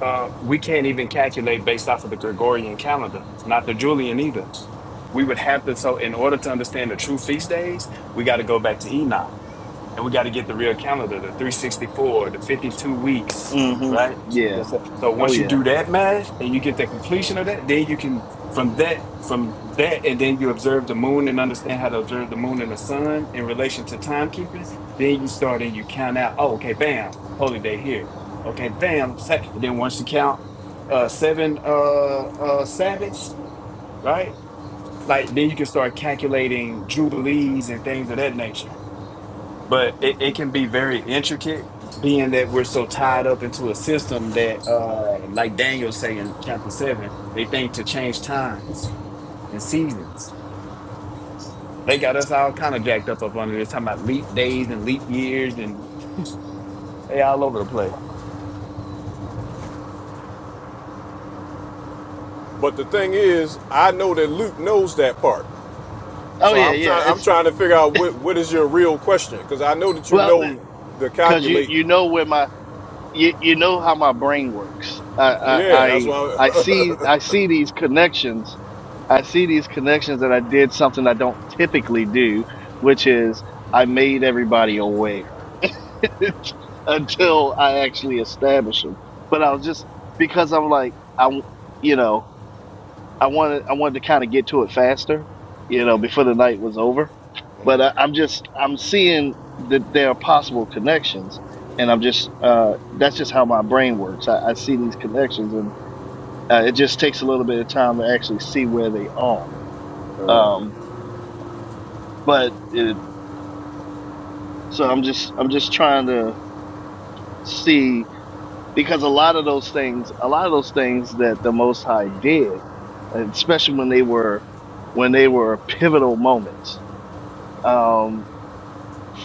[SPEAKER 10] Uh, we can't even calculate based off of the Gregorian calendar, not the Julian either. We would have to, so in order to understand the true feast days, we got to go back to Enoch and we got to get the real calendar, the 364, the 52 weeks,
[SPEAKER 2] Mm-hmm.
[SPEAKER 10] right?
[SPEAKER 2] Yeah.
[SPEAKER 10] That's it. So
[SPEAKER 2] Oh
[SPEAKER 10] once you
[SPEAKER 2] yeah.
[SPEAKER 10] do that math and you get the completion of that, then you can from that from that and then you observe the moon and understand how to observe the moon and the sun in relation to timekeeping. Then you start and you count out. Oh, okay, bam, holy day here. Okay, bam, sa- and then once you count uh seven uh uh Sabbaths, right? Like then you can start calculating jubilees and things of that nature but it, it
[SPEAKER 2] hmm
[SPEAKER 10] can be very intricate being that we're so tied up into a system that uh like daniel say in chapter 7 they think to change times and seasons they got us all kind of jacked up up under this talking about leap days and leap years and they all over the place
[SPEAKER 1] but the thing is, I know that Luke knows that part.
[SPEAKER 2] Oh
[SPEAKER 1] So
[SPEAKER 2] yeah.
[SPEAKER 1] I'm
[SPEAKER 2] Yeah.
[SPEAKER 1] trying. I'm
[SPEAKER 2] It's
[SPEAKER 1] trying to figure out what what is your real question because I know that you
[SPEAKER 2] well,
[SPEAKER 1] know the
[SPEAKER 2] because you
[SPEAKER 1] calculate.
[SPEAKER 2] you know where my you you know how my brain works. I I
[SPEAKER 1] Yeah, that's why.
[SPEAKER 2] I, I see I see these connections. I see these connections that I did something I don't typically do, which is I made everybody aware until I actually established them. But I was just because I'm like I you know I wanted I wanted to kind of get to it faster, you know, before the night was over. But I, I'm just I'm seeing that there are possible connections, and I'm just uh, that's just how my brain works. I, I see these connections, and uh, it just takes a little bit of time to actually see where they are.
[SPEAKER 4] Uh,
[SPEAKER 2] Um, but it, so I'm just I'm just trying to see because a lot of those things, a lot of those things that the Most High did, especially when they were when they were pivotal moments. Um,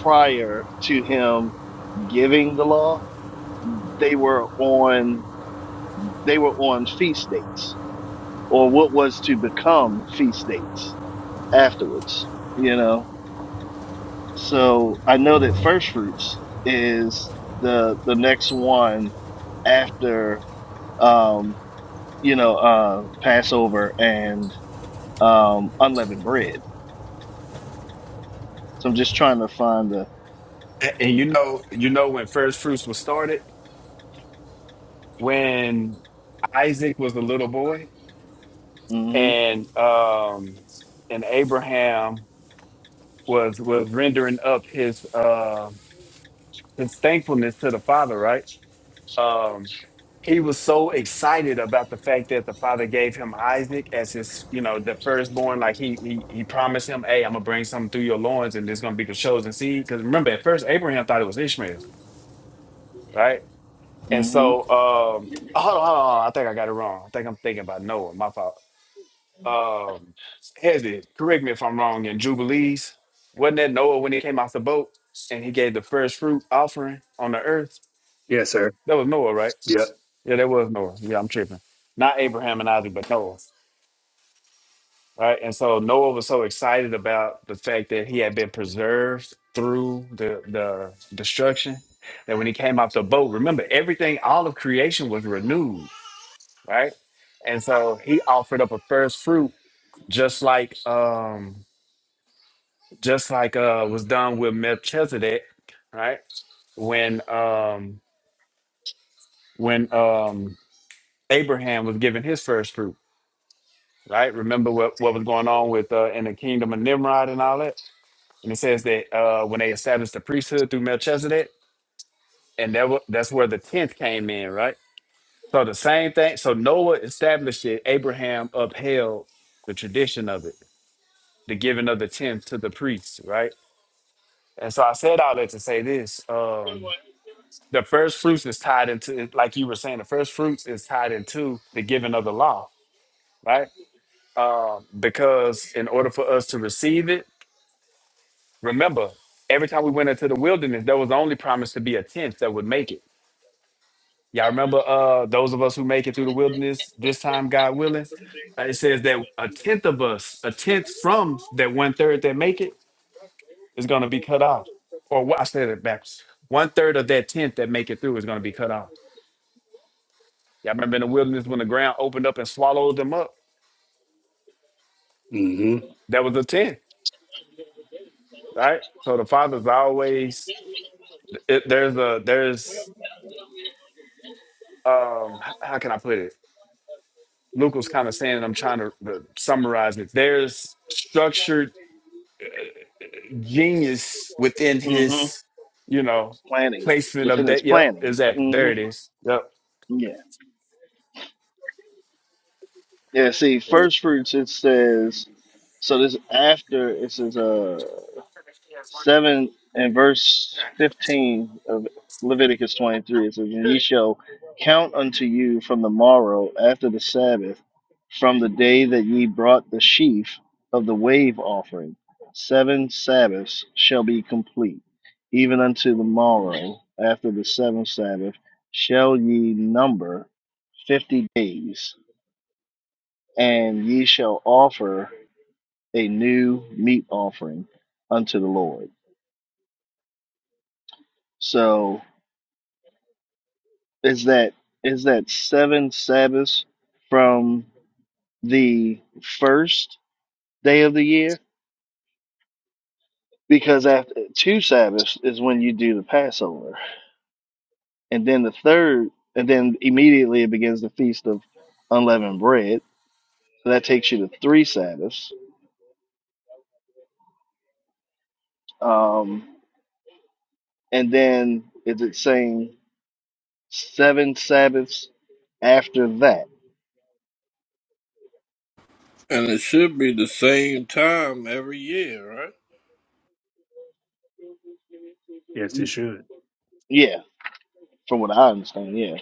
[SPEAKER 2] prior to him giving the law, they were on they were on feast dates or what was to become feast dates afterwards, you know. So I know that first fruits is the the next one after um you know uh Passover and um unleavened bread. So I'm just trying to find the
[SPEAKER 10] and, and you know you know when first fruits was started when isaac was a little boy
[SPEAKER 2] mm mhm
[SPEAKER 10] and um and abraham was was rendering up his uh, his thankfulness to the father, right? Um, he was so excited about the fact that the father gave him Isaac as his, you know, the firstborn. Like he he, he promised him, "Hey, I'm gonna bring something through your loins, and it's gonna be the chosen seed." Because remember, at first Abraham thought it was Ishmael, right? And
[SPEAKER 2] mm mhm
[SPEAKER 10] so, um, oh, hold on, hold on, hold on. I think I got it wrong. I think I'm thinking about Noah. My fault. Um, Hezzy, correct me if I'm wrong. In Jubilees, wasn't that Noah when he came off the boat and he gave the first fruit offering on the earth?
[SPEAKER 4] yes, sir.
[SPEAKER 10] That was Noah, right?
[SPEAKER 4] Yep.
[SPEAKER 10] Yeah, that was Noah. Yeah, I'm tripping. Not Abraham and Isaac, but Noah. Right. And so Noah was so excited about the fact that he had been preserved through the, the destruction that when he came off the boat, remember everything, all of creation was renewed, right? And so he offered up a first fruit, just like um, just like uh was done with Melchizedek, right? When um when um Abraham was given his first fruit. right? Remember what, what was going on with uh, in the kingdom of Nimrod and all that. And it says that uh, when they established the priesthood through Melchizedek, and that wa- that's where the tenth came in, right? So the same thing. So Noah established it. Abraham upheld the tradition of it, the giving of the tenth to the priests, right? And so I said all that to say this: um, the first fruits is tied into, like you were saying, the first fruits is tied into the giving of the law, right? Um, because in order for us to receive it, Remember, every time we went into the wilderness, there was only promised to be a tenth that would make it. Y'all remember uh those of us who make it through the wilderness this time, God willing? Uh, It says that a tenth of us, a tenth from that one third that make it, is gonna be cut off. Or what I said it backwards. One third of that tenth that make it through is gonna be cut off. Y'all remember in the wilderness when the ground opened up and swallowed them up?
[SPEAKER 4] hmm
[SPEAKER 10] That was a tenth, right? So the father's always it, there's a there's um h- how can I put it? Luke was kind of saying, and I'm trying to uh, summarize it. There's structured genius within
[SPEAKER 2] mm mhm
[SPEAKER 10] his, you know,
[SPEAKER 2] planning
[SPEAKER 10] placement of
[SPEAKER 2] within its
[SPEAKER 10] that. Yep,
[SPEAKER 2] planning.
[SPEAKER 10] exactly.
[SPEAKER 2] mm
[SPEAKER 10] There
[SPEAKER 2] Mhm.
[SPEAKER 10] it is. Yep.
[SPEAKER 2] yeah. Yeah, see,
[SPEAKER 4] so,
[SPEAKER 2] first fruits it says so this after it says uh seven and verse fifteen of Leviticus twenty three, it says, And ye shall count unto you from the morrow after the Sabbath, from the day that ye brought the sheaf of the wave offering, seven Sabbaths shall be complete, even unto the morrow after the seventh Sabbath shall ye number fifty days and ye shall offer a new meat offering unto the Lord. So is that is that seven Sabbaths from the first day of the year? Because after two Sabbaths is when you do the Passover, and then the third, and then immediately it begins the feast of unleavened bread. So that takes you to three Sabbaths. Um, and then is it saying seven Sabbaths after that?
[SPEAKER 3] And it should be the same time every year, right?
[SPEAKER 4] yes, it should.
[SPEAKER 2] Yeah, from what I understand, yeah.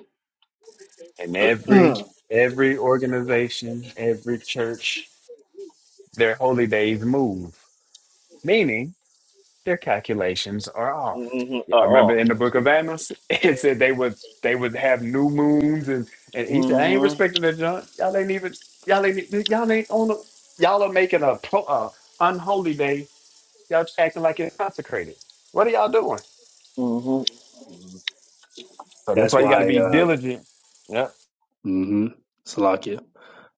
[SPEAKER 10] And every
[SPEAKER 2] mm-hmm.
[SPEAKER 10] every organization, every church, their holy days move. Meaning their calculations are off.
[SPEAKER 2] Uh
[SPEAKER 10] Y'all
[SPEAKER 2] oh.
[SPEAKER 10] remember in the book of Amos, it said they would they would have new moons, and, and he said, "I ain't
[SPEAKER 2] Mm-hmm.
[SPEAKER 10] respecting the junk. Y'all ain't even y'all ain't y'all ain't on the, y'all are making a pro, uh, unholy day. Y'all acting like it's consecrated. What are y'all doing?
[SPEAKER 2] Mm-hmm.
[SPEAKER 4] Mhm.
[SPEAKER 10] So that's
[SPEAKER 4] That's
[SPEAKER 10] why you got to
[SPEAKER 4] why,
[SPEAKER 10] be
[SPEAKER 4] uh,
[SPEAKER 10] diligent. Yep.
[SPEAKER 4] hmm Salakia.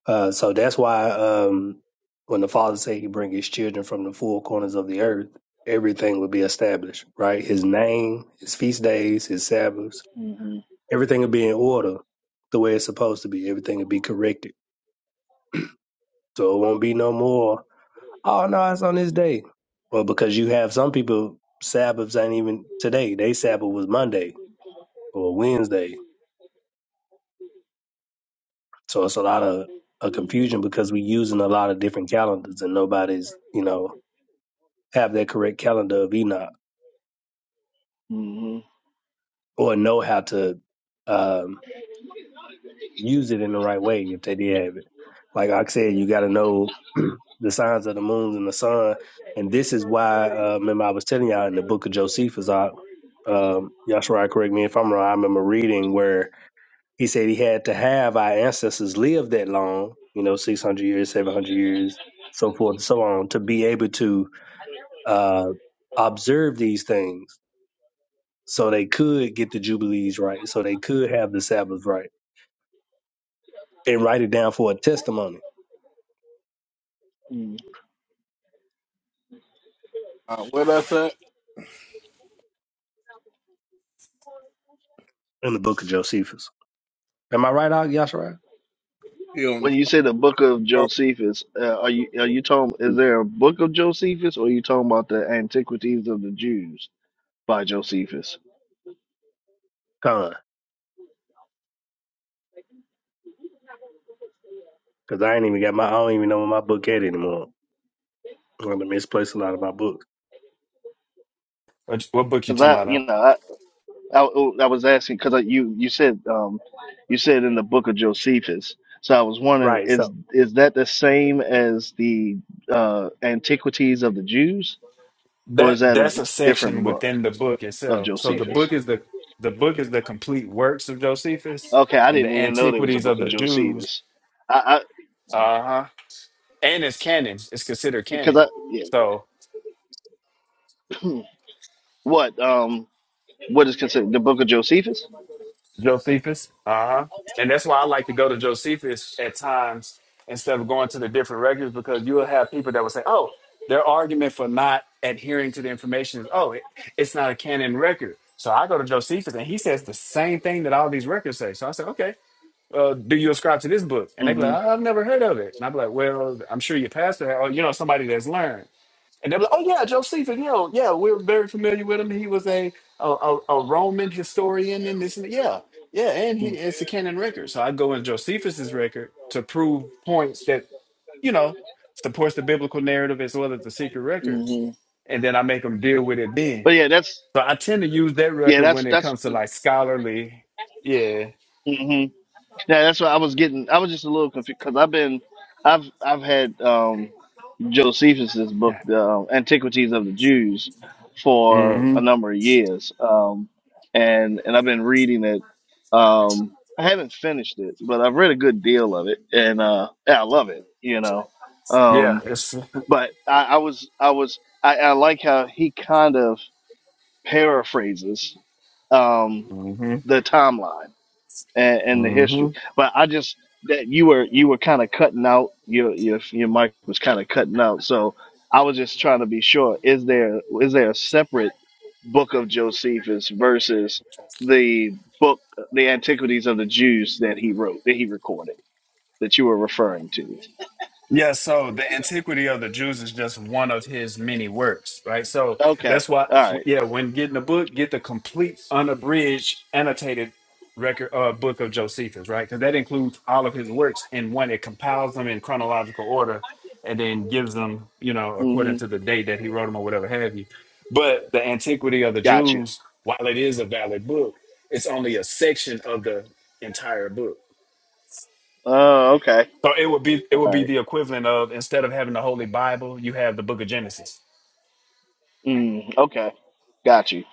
[SPEAKER 4] Uh, so that's why, um, when the father said he bring his children from the four corners of the earth, everything would be established, right? His name, his feast days, his Sabbaths,
[SPEAKER 2] Mm-hmm.
[SPEAKER 4] everything would be in order the way it's supposed to be. Everything would be corrected. So it won't be no more Oh no, it's on this day. Well, because you have some people Sabbaths ain't even today. They Sabbath was Monday or Wednesday. So it's a lot of a confusion because we're using a lot of different calendars and nobody's, you know, have that correct calendar of Enoch
[SPEAKER 2] Mm-hmm.
[SPEAKER 4] or know how to um use it in the right way if they did have it. Like I said, you got to know the signs of the moons and the sun. And this is why, uh, remember, I was telling y'all in the book of Josephus, I, um, y'all should correct me if I'm wrong. I remember reading where he said he had to have our ancestors live that long, you know, 600 years, 700 years, so forth and so on, to be able to uh, observe these things so they could get the Jubilees right, so they could have the Sabbath right and write it down for a testimony
[SPEAKER 3] Uh, where that's at?
[SPEAKER 4] in the book of Josephus. Am I right, Og Yashara?
[SPEAKER 3] You on
[SPEAKER 2] When you say the book of
[SPEAKER 3] the
[SPEAKER 2] Josephus, uh, are you are you talking? Is there a book of Josephus, or are you talking about the antiquities of the Jews by Josephus?
[SPEAKER 4] Con, because I ain't even got my. I don't even know where my book at anymore. I'm gonna misplace a lot of my books.
[SPEAKER 10] What, what book you
[SPEAKER 2] Because
[SPEAKER 10] talking
[SPEAKER 2] I,
[SPEAKER 10] about? uh?
[SPEAKER 2] you know, I I, I was asking because you you said um you said in the book of Josephus, so I was wondering
[SPEAKER 4] Right. So.
[SPEAKER 2] is is that the same as the uh antiquities of the Jews? Or is
[SPEAKER 10] That
[SPEAKER 2] that a
[SPEAKER 10] that's a section
[SPEAKER 2] different book
[SPEAKER 10] within the book
[SPEAKER 2] of
[SPEAKER 10] itself. So the
[SPEAKER 2] Josephus?
[SPEAKER 10] book is the the book is the complete works of Josephus
[SPEAKER 2] Okay, I
[SPEAKER 10] and
[SPEAKER 2] didn't
[SPEAKER 10] the
[SPEAKER 2] even know there was a
[SPEAKER 10] antiquities
[SPEAKER 2] book
[SPEAKER 10] of
[SPEAKER 2] of
[SPEAKER 10] the Jews.
[SPEAKER 2] Josephus. I,
[SPEAKER 10] Uh huh. and it's canon. It's considered
[SPEAKER 2] because
[SPEAKER 10] canon.
[SPEAKER 2] I because
[SPEAKER 10] So
[SPEAKER 2] I yeah. what um what is considered the book of Josephus?
[SPEAKER 10] Josephus, uh huh, and that's why I like to go to Josephus at times instead of going to the different records because you will have people that will say, "Oh, their argument for not adhering to the information is, oh, it, it's not a canon record." So I go to Josephus and he says the same thing that all these records say. So I said, "Okay." Uh, do you ascribe to this book? And they be like,
[SPEAKER 2] Mm-hmm.
[SPEAKER 10] "Oh, I've never heard of it. And i be like, well, I'm sure your pastor, or you know, somebody that's learned. And they're like, oh yeah, Josephus, you know, yeah, we're very familiar with him. He was a a, a, a Roman historian and this and that. yeah, yeah, and he it's a canon record. So I go in Josephus's record to prove points that you know supports the biblical narrative as well as the secret records,
[SPEAKER 2] Mm-hmm.
[SPEAKER 10] and then I make them deal with it then.
[SPEAKER 2] But yeah, that's
[SPEAKER 10] So I tend to use that
[SPEAKER 2] yeah,
[SPEAKER 10] record when
[SPEAKER 2] that's
[SPEAKER 10] it
[SPEAKER 2] that's
[SPEAKER 10] comes to
[SPEAKER 2] the-
[SPEAKER 10] like scholarly, yeah,
[SPEAKER 2] mhm. yeah, that's what I was getting. I was just a little confused because I've been I've I've had um Josephus's book,
[SPEAKER 10] yeah,
[SPEAKER 2] uh, Antiquities of the Jews, for
[SPEAKER 10] hmm
[SPEAKER 2] a number of years, um, and and I've been reading it. Um, I haven't finished it, but I've read a good deal of it, and uh, yeah, I love it. You know,
[SPEAKER 10] yeah,
[SPEAKER 2] um,
[SPEAKER 10] it's,
[SPEAKER 2] but I, I was I was I, I like how he kind of paraphrases um,
[SPEAKER 10] hmm
[SPEAKER 2] the timeline and, and the
[SPEAKER 10] hmm
[SPEAKER 2] history. But I just that you were you were kind of cutting out your your your mic was kind of cutting out. So I was just trying to be sure is there is there a separate book of Josephus versus the book the antiquities of the Jews that he wrote that he recorded that you were referring to.
[SPEAKER 10] Yeah, so the antiquity of the Jews is just one of his many works, right? So
[SPEAKER 2] Okay.
[SPEAKER 10] that's why,
[SPEAKER 2] All right.
[SPEAKER 10] yeah, when getting a book, get the complete, unabridged, annotated record uh, book of Josephus, right? Because that includes all of his works in one. It compiles them in chronological order, and then gives them, you know, according
[SPEAKER 2] Mhm.
[SPEAKER 10] to the date that he wrote them or whatever have you. But the antiquity of the
[SPEAKER 2] Got you.
[SPEAKER 10] Jews, while it is a valid book, it's only a section of the entire book
[SPEAKER 2] Oh, okay.
[SPEAKER 10] so it would be it would
[SPEAKER 2] All
[SPEAKER 10] be
[SPEAKER 2] right.
[SPEAKER 10] the equivalent of instead of having the Holy Bible, you have the Book of Genesis.
[SPEAKER 2] Mm, okay. Got you.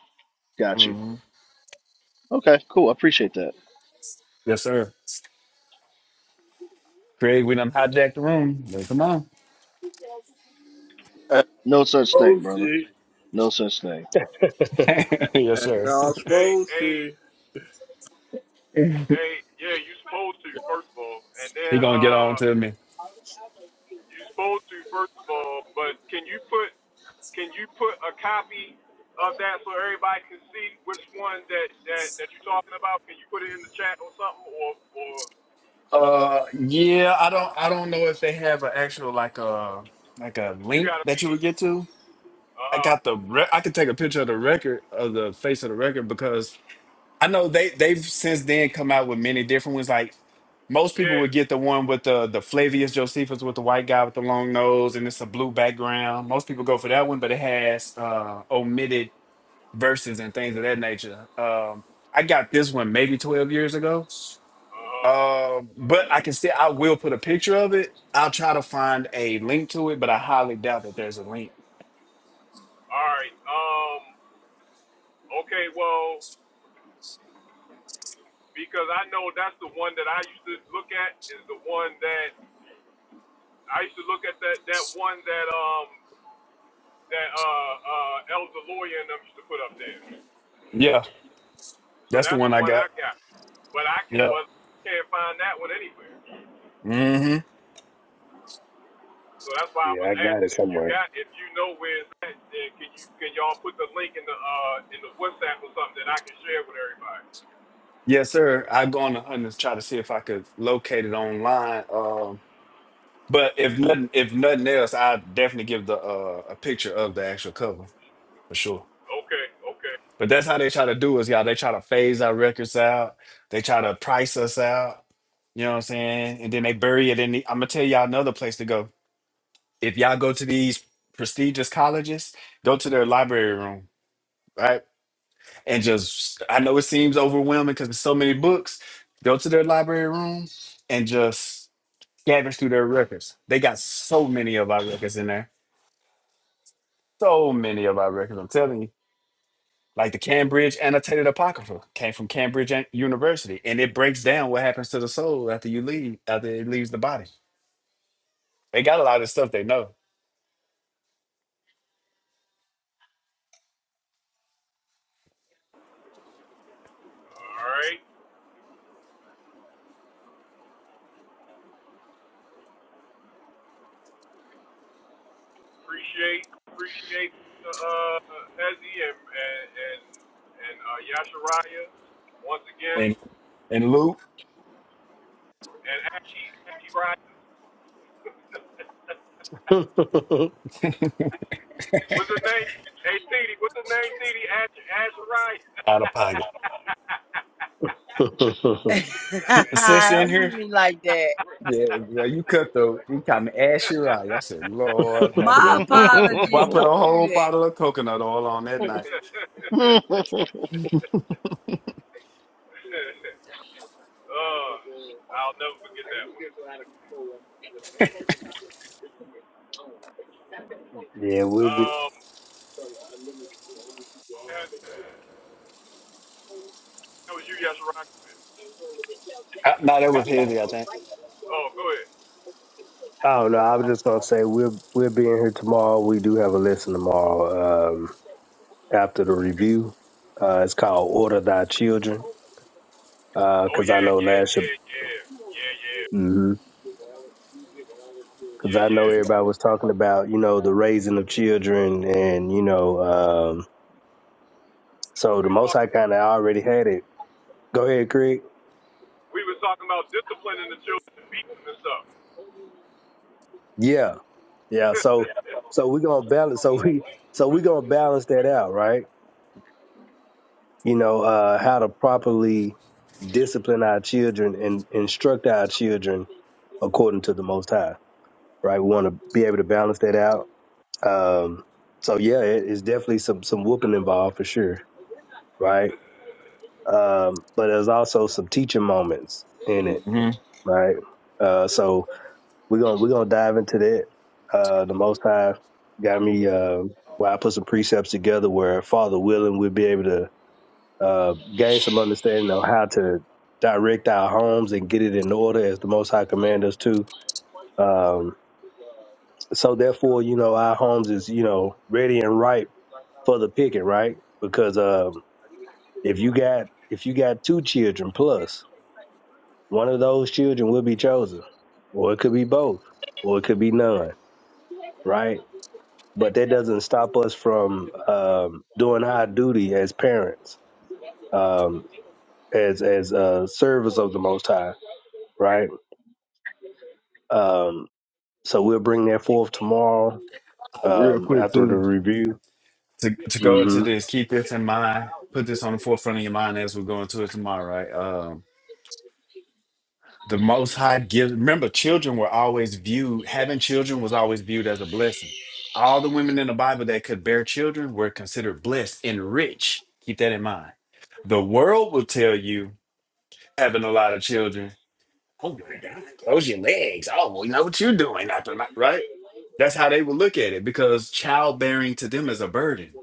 [SPEAKER 2] Got you.
[SPEAKER 10] hmm
[SPEAKER 2] Okay, cool. I appreciate that.
[SPEAKER 10] Yes, sir. Craig, we done hijacked the room. But Come on.
[SPEAKER 3] phone.
[SPEAKER 2] No such thing, brother.
[SPEAKER 3] At
[SPEAKER 2] No such thing.
[SPEAKER 4] yeah,
[SPEAKER 10] yes,
[SPEAKER 3] As
[SPEAKER 10] sir.
[SPEAKER 3] y'all supposed to.
[SPEAKER 10] He gonna get on to me. Uh, yeah. I don't I don't know if they have an actual like a like a link that you would get to. I got the re- I could take a picture of the record of the face of the record because I know they they've since then come out with many different ones. Like Most people would get the one with the the Flavius Josephus with the white guy with the long nose and it's a blue background. Most people go for that one, but it has uh, omitted verses and things of that nature. Um, I got this one maybe 12 years ago, Um, but I can still I will put a picture of it. I'll try to find a link to it, but I highly doubt that there's a link. Yeah, that's the one I got. Yeah. Mm-hmm.
[SPEAKER 4] I got it somewhere.
[SPEAKER 10] Yes, sir. I go on the hunt and try to see if I could locate it online. Um, But if nothing, if nothing else, I definitely give the uh, a picture of the actual cover for sure. But that's how they try to do us, y'all. They try to phase our records out. They try to price us out. You know what I'm saying? And then they bury it in. The, I'm gonna tell y'all another place to go. If y'all go to these prestigious colleges, go to their library room, right? And just I know it seems overwhelming because there's so many books. Go to their library room and just scavenge through their records. They got so many of our records in there So many of our records, I'm telling you, like the Cambridge Annotated Apocrypha came from Cambridge An- University, and it breaks down what happens to the soul after you leave, after it leaves the body. They got a lot of stuff they know. And and Luke
[SPEAKER 4] yeah,
[SPEAKER 10] out of pocket. Sis in
[SPEAKER 6] don't do
[SPEAKER 10] here.
[SPEAKER 6] me like that.
[SPEAKER 10] Yeah, well, you cut though. You caught me ash your eye. I said, Lord have
[SPEAKER 6] My
[SPEAKER 2] yeah,
[SPEAKER 10] mercy. Well, I
[SPEAKER 6] apologies.
[SPEAKER 10] put a
[SPEAKER 6] Don't
[SPEAKER 10] whole
[SPEAKER 6] do that.
[SPEAKER 10] bottle of coconut oil on that night.
[SPEAKER 4] we'll be.
[SPEAKER 10] Uh, No, that was heavy, I think.
[SPEAKER 4] I don't know. I was just gonna say we'll we'll be in here tomorrow. We do have a lesson tomorrow um, after the review. Uh, it's called "Order Thy Children" because I know last year. mm-hmm. because I know everybody was talking about, you know, the raising of children and, you know, um, so the Most High kind of already had it. Go ahead, Craig. Yeah. Yeah. So, so we're going to balance. So we, so we're going to balance that out, right? You know, uh, how to properly discipline our children and instruct our children according to the Most High, right? We want to be able to balance that out. Um, so yeah, it, it's definitely some, some whooping involved for sure. Right um, but there's also some teaching moments in it,
[SPEAKER 10] Mhm.
[SPEAKER 4] right? Uh, so we're gonna we're gonna dive into that. Uh, the Most High got me uh, where I put some precepts together where, Father willing, we'll be able to uh, gain some understanding of how to direct our homes and get it in order as the Most High command us to. Um, so therefore, you know, our homes is you know ready and ripe for the picking, right? Because um, if you got if you got two children plus One of those children will be chosen, or it could be both, or it could be none, right? But that doesn't stop us from um, doing our duty as parents, um, as as uh, servers of the Most High, right? Um, so we'll bring that forth tomorrow
[SPEAKER 10] Like, Real
[SPEAKER 4] um,
[SPEAKER 10] quick
[SPEAKER 4] after the
[SPEAKER 10] too.
[SPEAKER 4] review.
[SPEAKER 10] to to go into
[SPEAKER 4] Mm-hmm.
[SPEAKER 10] this, keep this in mind. Put this on the forefront of your mind as we're going to it tomorrow, right? Um, the Most High gives. Remember, children were always viewed. Having children was always viewed as a blessing. All the women in the Bible that could bear children were considered blessed and rich. Keep that in mind. The world will tell you having a lot of children. Oh my God! Close your legs. Oh, we know what you're doing. After night, right? That's how they would look at it because childbearing to them is a burden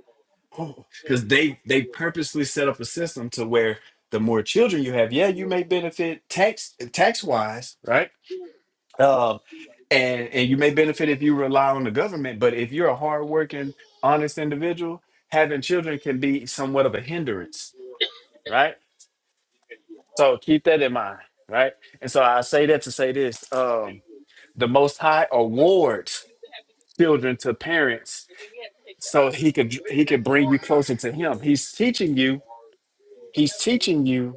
[SPEAKER 10] because they they purposely set up a system to where the more children you have, yeah, you may benefit tax tax wise, right? Um, and and you may benefit if you rely on the government, but if you're a hardworking, honest individual, having children can be somewhat of a hindrance, right? So keep that in mind, right? And so I say that to say this: um, the Most High awards children to parents so he could he could bring you closer to him. He's teaching you. He's teaching you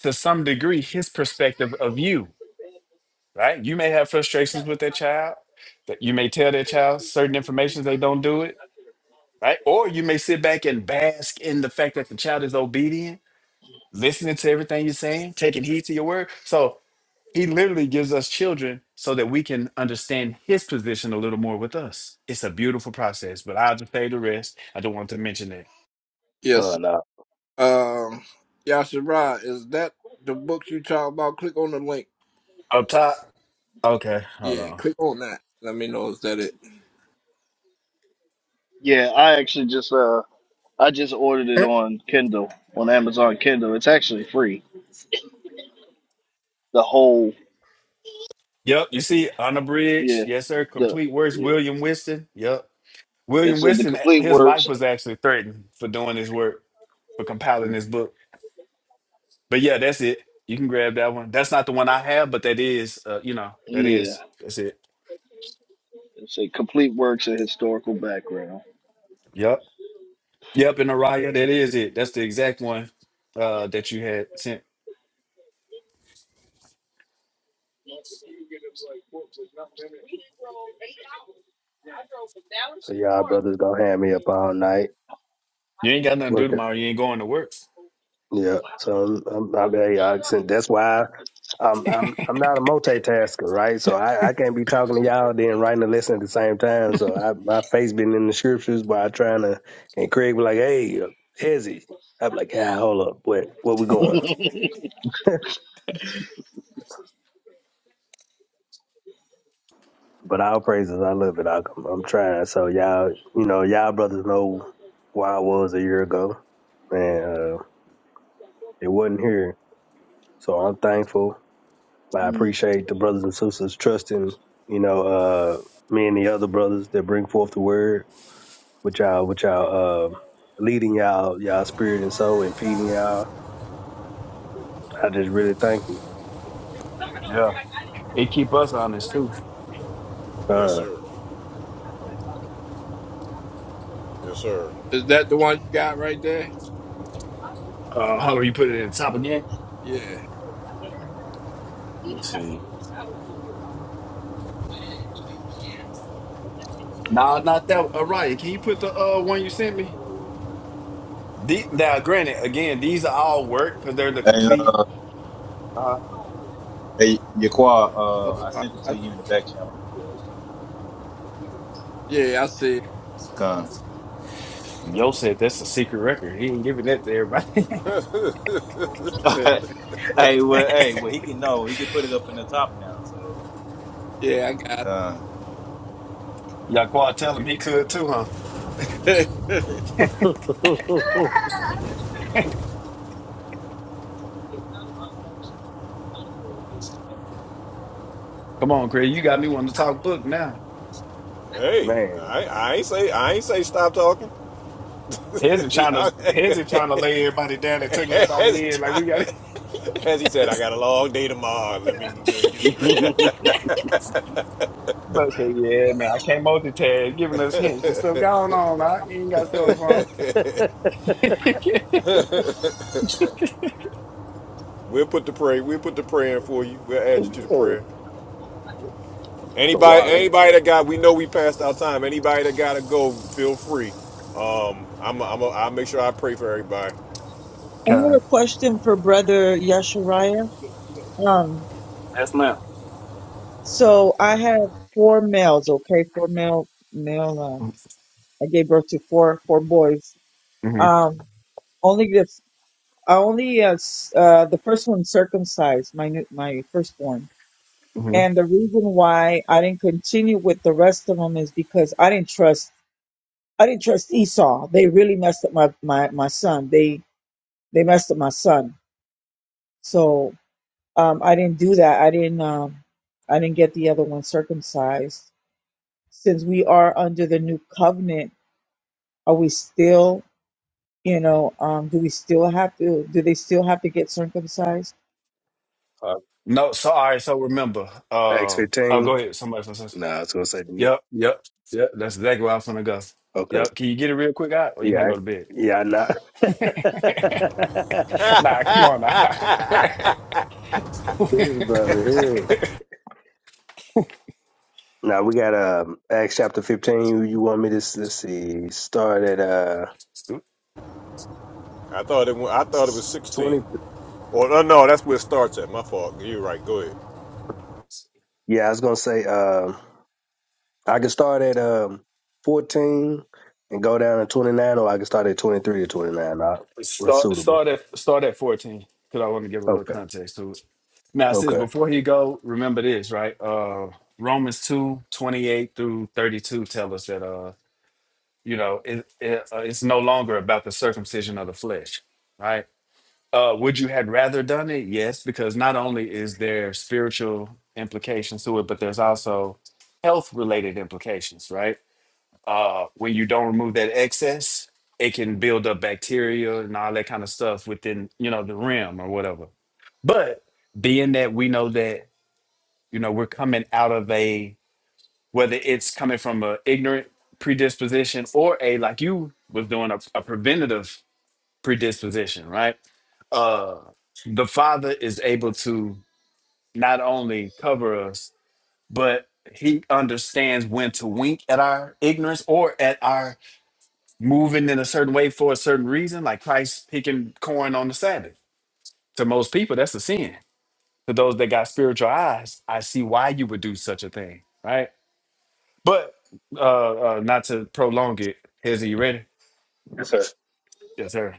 [SPEAKER 10] to some degree his perspective of you, right? You may have frustrations with that child, that you may tell that child certain information they don't do it, right? Or you may sit back and bask in the fact that the child is obedient, listening to everything you're saying, taking heed to your word. So he literally gives us children so that we can understand his position a little more with us. It's a beautiful process, but I'll just say the rest. I don't want to mention it.
[SPEAKER 4] Oh,
[SPEAKER 3] Yes.
[SPEAKER 4] no.
[SPEAKER 3] Um, Yashira, is that the book you talk about? Click on the link.
[SPEAKER 10] Up top. Okay, hold
[SPEAKER 3] Yeah,
[SPEAKER 10] on.
[SPEAKER 3] click on that. Let me know is that it.
[SPEAKER 2] I actually just uh I just ordered it on Kindle, on Amazon Kindle. It's actually free. The whole
[SPEAKER 10] Yep, you see, unabridged.
[SPEAKER 2] yeah,
[SPEAKER 10] Yes, sir.
[SPEAKER 2] the
[SPEAKER 10] Complete works,
[SPEAKER 2] yeah.
[SPEAKER 10] William Winston. Yep. William
[SPEAKER 2] It's uh, the
[SPEAKER 10] Winston,
[SPEAKER 2] complete
[SPEAKER 10] his
[SPEAKER 2] works.
[SPEAKER 10] life was actually threatened for doing his work, for compiling this book. But yeah, that's it. You can grab that one. That's not the one I have, but that is, uh, you know, that
[SPEAKER 2] Yeah,
[SPEAKER 10] is, that's it.
[SPEAKER 2] it's a complete works and historical background.
[SPEAKER 10] Yep. Yep, and Araya, that is it. That's the exact one uh, that you had sent.
[SPEAKER 4] So y'all brothers gonna have me up all night.
[SPEAKER 10] You ain't got nothing to do
[SPEAKER 4] working.
[SPEAKER 10] tomorrow. You ain't going to work.
[SPEAKER 4] Yeah, so I'm, I'm, I'm very accent. That's why I'm I'm I'm not a multitasker, right? So I, I can't be talking to y'all then writing and listening at the same time. So I, my face been in the scriptures while trying to, and Craig be like, "Hey, Ezzy," I'm like, "Yeah, hold up, wait, where we going?" But our praises, I love it. I, I'm I'm trying. So y'all, you know, y'all brothers know where I was a year ago, and uh, it wasn't here. So I'm thankful. I
[SPEAKER 2] Mm.
[SPEAKER 4] appreciate the brothers and sisters trusting, you know, uh, me and the other brothers that bring forth the word, which y'all, which y'all, uh, leading y'all, y'all spirit and soul and feeding y'all. I just really thank you.
[SPEAKER 10] Yeah. It keep us honest too.
[SPEAKER 1] yes,
[SPEAKER 4] Uh,
[SPEAKER 1] sir. Yes, sir.
[SPEAKER 3] Is that the one you got right there?
[SPEAKER 10] Uh, how do you put it at the top again?
[SPEAKER 3] Yeah.
[SPEAKER 10] Let me see. Nah, not that. Araya, can you put the uh, one you sent me? The, now, granted, again, these are all work because they're the
[SPEAKER 11] Hey,
[SPEAKER 10] complete.
[SPEAKER 11] uh,
[SPEAKER 10] Uh,
[SPEAKER 11] hey, Yaqua,
[SPEAKER 3] Oh,
[SPEAKER 11] uh, I
[SPEAKER 3] I,
[SPEAKER 11] sent it
[SPEAKER 3] I,
[SPEAKER 11] to you in the back channel.
[SPEAKER 3] yeah, I see.
[SPEAKER 11] Con.
[SPEAKER 10] Yo said that's a secret record. He ain't giving that to everybody.
[SPEAKER 3] it.
[SPEAKER 11] hey, well, hey, well, he can know. He can put it up in the top now. So,
[SPEAKER 3] yeah, I got
[SPEAKER 11] Con,
[SPEAKER 10] Y'all Yaquad tell him he could too, huh?
[SPEAKER 3] it.
[SPEAKER 10] Come on, Craig. You got me wanting to talk book now.
[SPEAKER 1] Hey,
[SPEAKER 4] man,
[SPEAKER 1] I, I ain't say I ain't say stop talking.
[SPEAKER 10] Heads
[SPEAKER 1] as
[SPEAKER 10] are
[SPEAKER 1] he
[SPEAKER 10] trying to heads are trying to lay everybody down and take everybody in. Like we got
[SPEAKER 1] tried, as he said, I got a long day tomorrow. Let me go and get some
[SPEAKER 10] but say, yeah, man, I can't multitask, giving us hints and stuff. Going on, now. You ain't got to stay on the phone. yeah.
[SPEAKER 1] We'll put the prayer. We'll put the prayer in for you. We'll add you to the prayer.
[SPEAKER 4] the
[SPEAKER 1] Anybody,
[SPEAKER 4] water.
[SPEAKER 1] anybody that got, we know we passed our time. Anybody that gotta go, feel free. Um, I'm, a, I'm, a, I'll make sure I pray for everybody.
[SPEAKER 9] I had a
[SPEAKER 10] Okay.
[SPEAKER 9] question for Brother Yashariah. Um, so I have four males, okay, four male male. Uh, I gave birth to four four boys.
[SPEAKER 10] hmm
[SPEAKER 9] Um, only this. I only uh, s- uh, the first one circumcised my new, my firstborn,
[SPEAKER 10] hmm
[SPEAKER 9] and the reason why I didn't continue with the rest of them is because I didn't trust I didn't trust Esau. They really messed up my my, my son. They they messed up my son. So um, I didn't do that. I didn't um, I didn't get the other one circumcised. Since we are under the new covenant, are we still you know um, do we still have to do they still have to get circumcised?
[SPEAKER 4] Uh,
[SPEAKER 10] No, so all right, so remember, uh, oh
[SPEAKER 4] X15.
[SPEAKER 10] go ahead, somebody else.
[SPEAKER 4] Nah, I was going to say, do you-
[SPEAKER 10] Yep, yep, yep. That's exactly where I was gonna go.
[SPEAKER 4] okay.
[SPEAKER 10] Yep. Can you get it real quick out, or you
[SPEAKER 4] Yeah.
[SPEAKER 10] gonna go to
[SPEAKER 4] I-
[SPEAKER 10] bed?
[SPEAKER 4] Yeah, not.
[SPEAKER 10] nah, come on now.
[SPEAKER 4] this brother here. Now we got um Acts chapter fifteen. You want me to let's see? Start at uh
[SPEAKER 10] Stu-
[SPEAKER 1] I thought it, wa- I thought it was
[SPEAKER 4] Twenty.
[SPEAKER 1] 16. Or no, no, that's where it starts at. My fault. You're right. Go ahead.
[SPEAKER 4] Yeah, I was gonna say um, I could start at um, fourteen and go down to twenty nine, or I could start at twenty three to twenty nine. Uh, what's
[SPEAKER 10] start
[SPEAKER 4] suitable?
[SPEAKER 10] start at start at fourteen because I want to give a little
[SPEAKER 4] Okay.
[SPEAKER 10] context to it. Now, since
[SPEAKER 4] Okay.
[SPEAKER 10] before he go, remember this, right? Uh, Romans 2 28 through thirty two tell us that uh, you know, it, it uh, it's no longer about the circumcision of the flesh, right? Uh, would you had rather done it? Yes, because not only is there spiritual implications to it, but there's also health related implications, right? Uh, when you don't remove that excess, it can build up bacteria and all that kind of stuff within, you know, the rim or whatever. But being that we know that, you know, we're coming out of a whether it's coming from a ignorant predisposition or a like you was doing a, a preventative predisposition, right? Uh, the Father is able to not only cover us, but He understands when to wink at our ignorance or at our moving in a certain way for a certain reason, like Christ picking corn on the Sabbath. To most people, that's a sin. To those that got spiritual eyes, I see why you would do such a thing, right? But uh, uh not to prolong it, is he ready?
[SPEAKER 4] Yes, sir.
[SPEAKER 10] Yes, sir.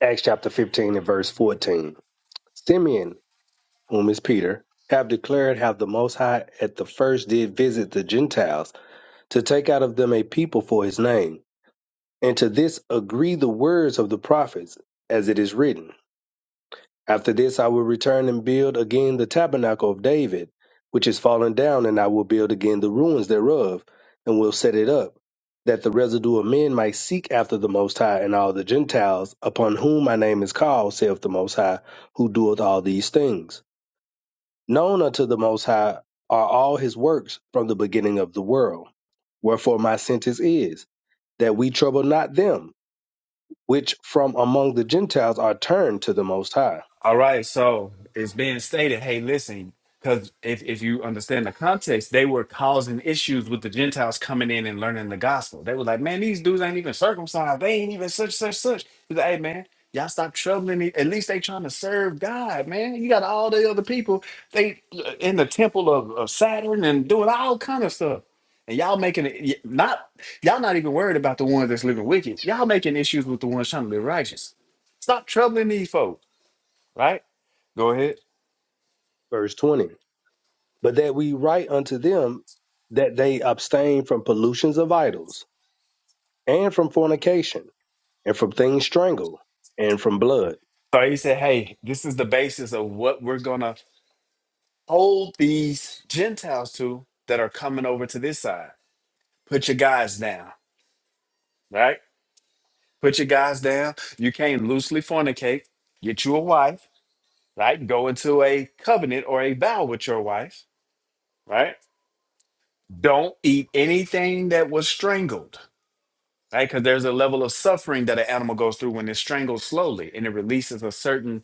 [SPEAKER 4] Acts chapter fifteen and verse fourteen. Simeon, whom is Peter, have declared how the Most High at the first did visit the Gentiles to take out of them a people for His name, and to this agree the words of the prophets, as it is written. After this, I will return and build again the tabernacle of David, which is fallen down, and I will build again the ruins thereof, and will set it up, that the residue of men might seek after the Most High and all the Gentiles, upon whom my name is called, saith the Most High, who doeth all these things. Known unto the Most High are all his works from the beginning of the world. Wherefore my sentence is, that we trouble not them, which from among the Gentiles are turned to the Most High.
[SPEAKER 10] All right, so it's being stated, hey, listen, because if, if you understand the context, they were causing issues with the Gentiles coming in and learning the gospel. They were like, man, these dudes ain't even circumcised. They ain't even such, such, such. He's like, hey, man, y'all stop troubling me. At least they trying to serve God, man. You got all the other people, they uh, in the temple of, of Saturn and doing all kind of stuff. And y'all making it y- not y'all not even worried about the ones that's living wicked. Y'all making issues with the ones trying to live righteous. Stop troubling these folks right? Go ahead.
[SPEAKER 4] Verse 20. but that we write unto them that they abstain from pollutions of idols, and from fornication, and from things strangled, and from blood.
[SPEAKER 10] So he said, hey, this is the basis of what we're going to hold these Gentiles to that are coming over to this side. Put your guys down, right? Put your guys down. You can't loosely fornicate, get you a wife, right? Go into a covenant or a vow with your wife, right? Don't eat anything that was strangled, right? Because there's a level of suffering that an animal goes through when it's strangled slowly and it releases a certain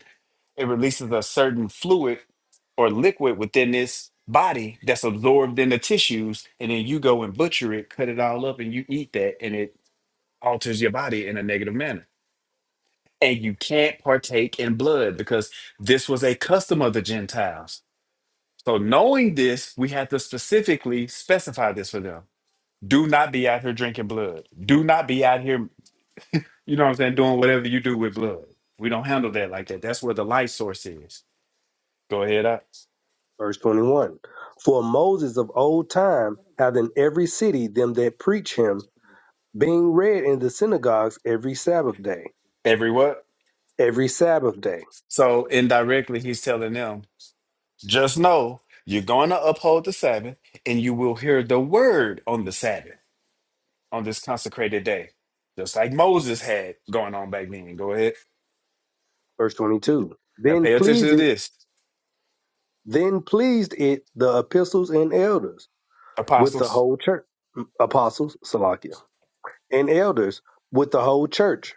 [SPEAKER 10] it releases a certain fluid or liquid within this body that's absorbed in the tissues and then you go and butcher it cut it all up and you eat that and it alters your body in a negative manner and you can't partake in blood because this was a custom of the gentiles so knowing this we had to specifically specify this for them do not be out here drinking blood do not be out here you know what i'm saying doing whatever you do with blood we don't handle that like that that's where the life source is go ahead up
[SPEAKER 4] Verse 21. For Moses of old time hath in every city them that preach him, being read in the synagogues every Sabbath day.
[SPEAKER 10] every what
[SPEAKER 4] Every Sabbath day.
[SPEAKER 10] So indirectly, he's telling them, just know you're going to uphold the Sabbath and you will hear the word on the Sabbath, on this consecrated day, just like Moses had going on back then. Go ahead.
[SPEAKER 4] Verse 22.
[SPEAKER 10] Now
[SPEAKER 4] Then
[SPEAKER 10] pay attention
[SPEAKER 4] pleased
[SPEAKER 10] to
[SPEAKER 4] it,
[SPEAKER 10] this,
[SPEAKER 4] then pleased it the epistles and elders with the
[SPEAKER 10] apostles.
[SPEAKER 4] whole church. Apostles, Salakia and elders with the whole church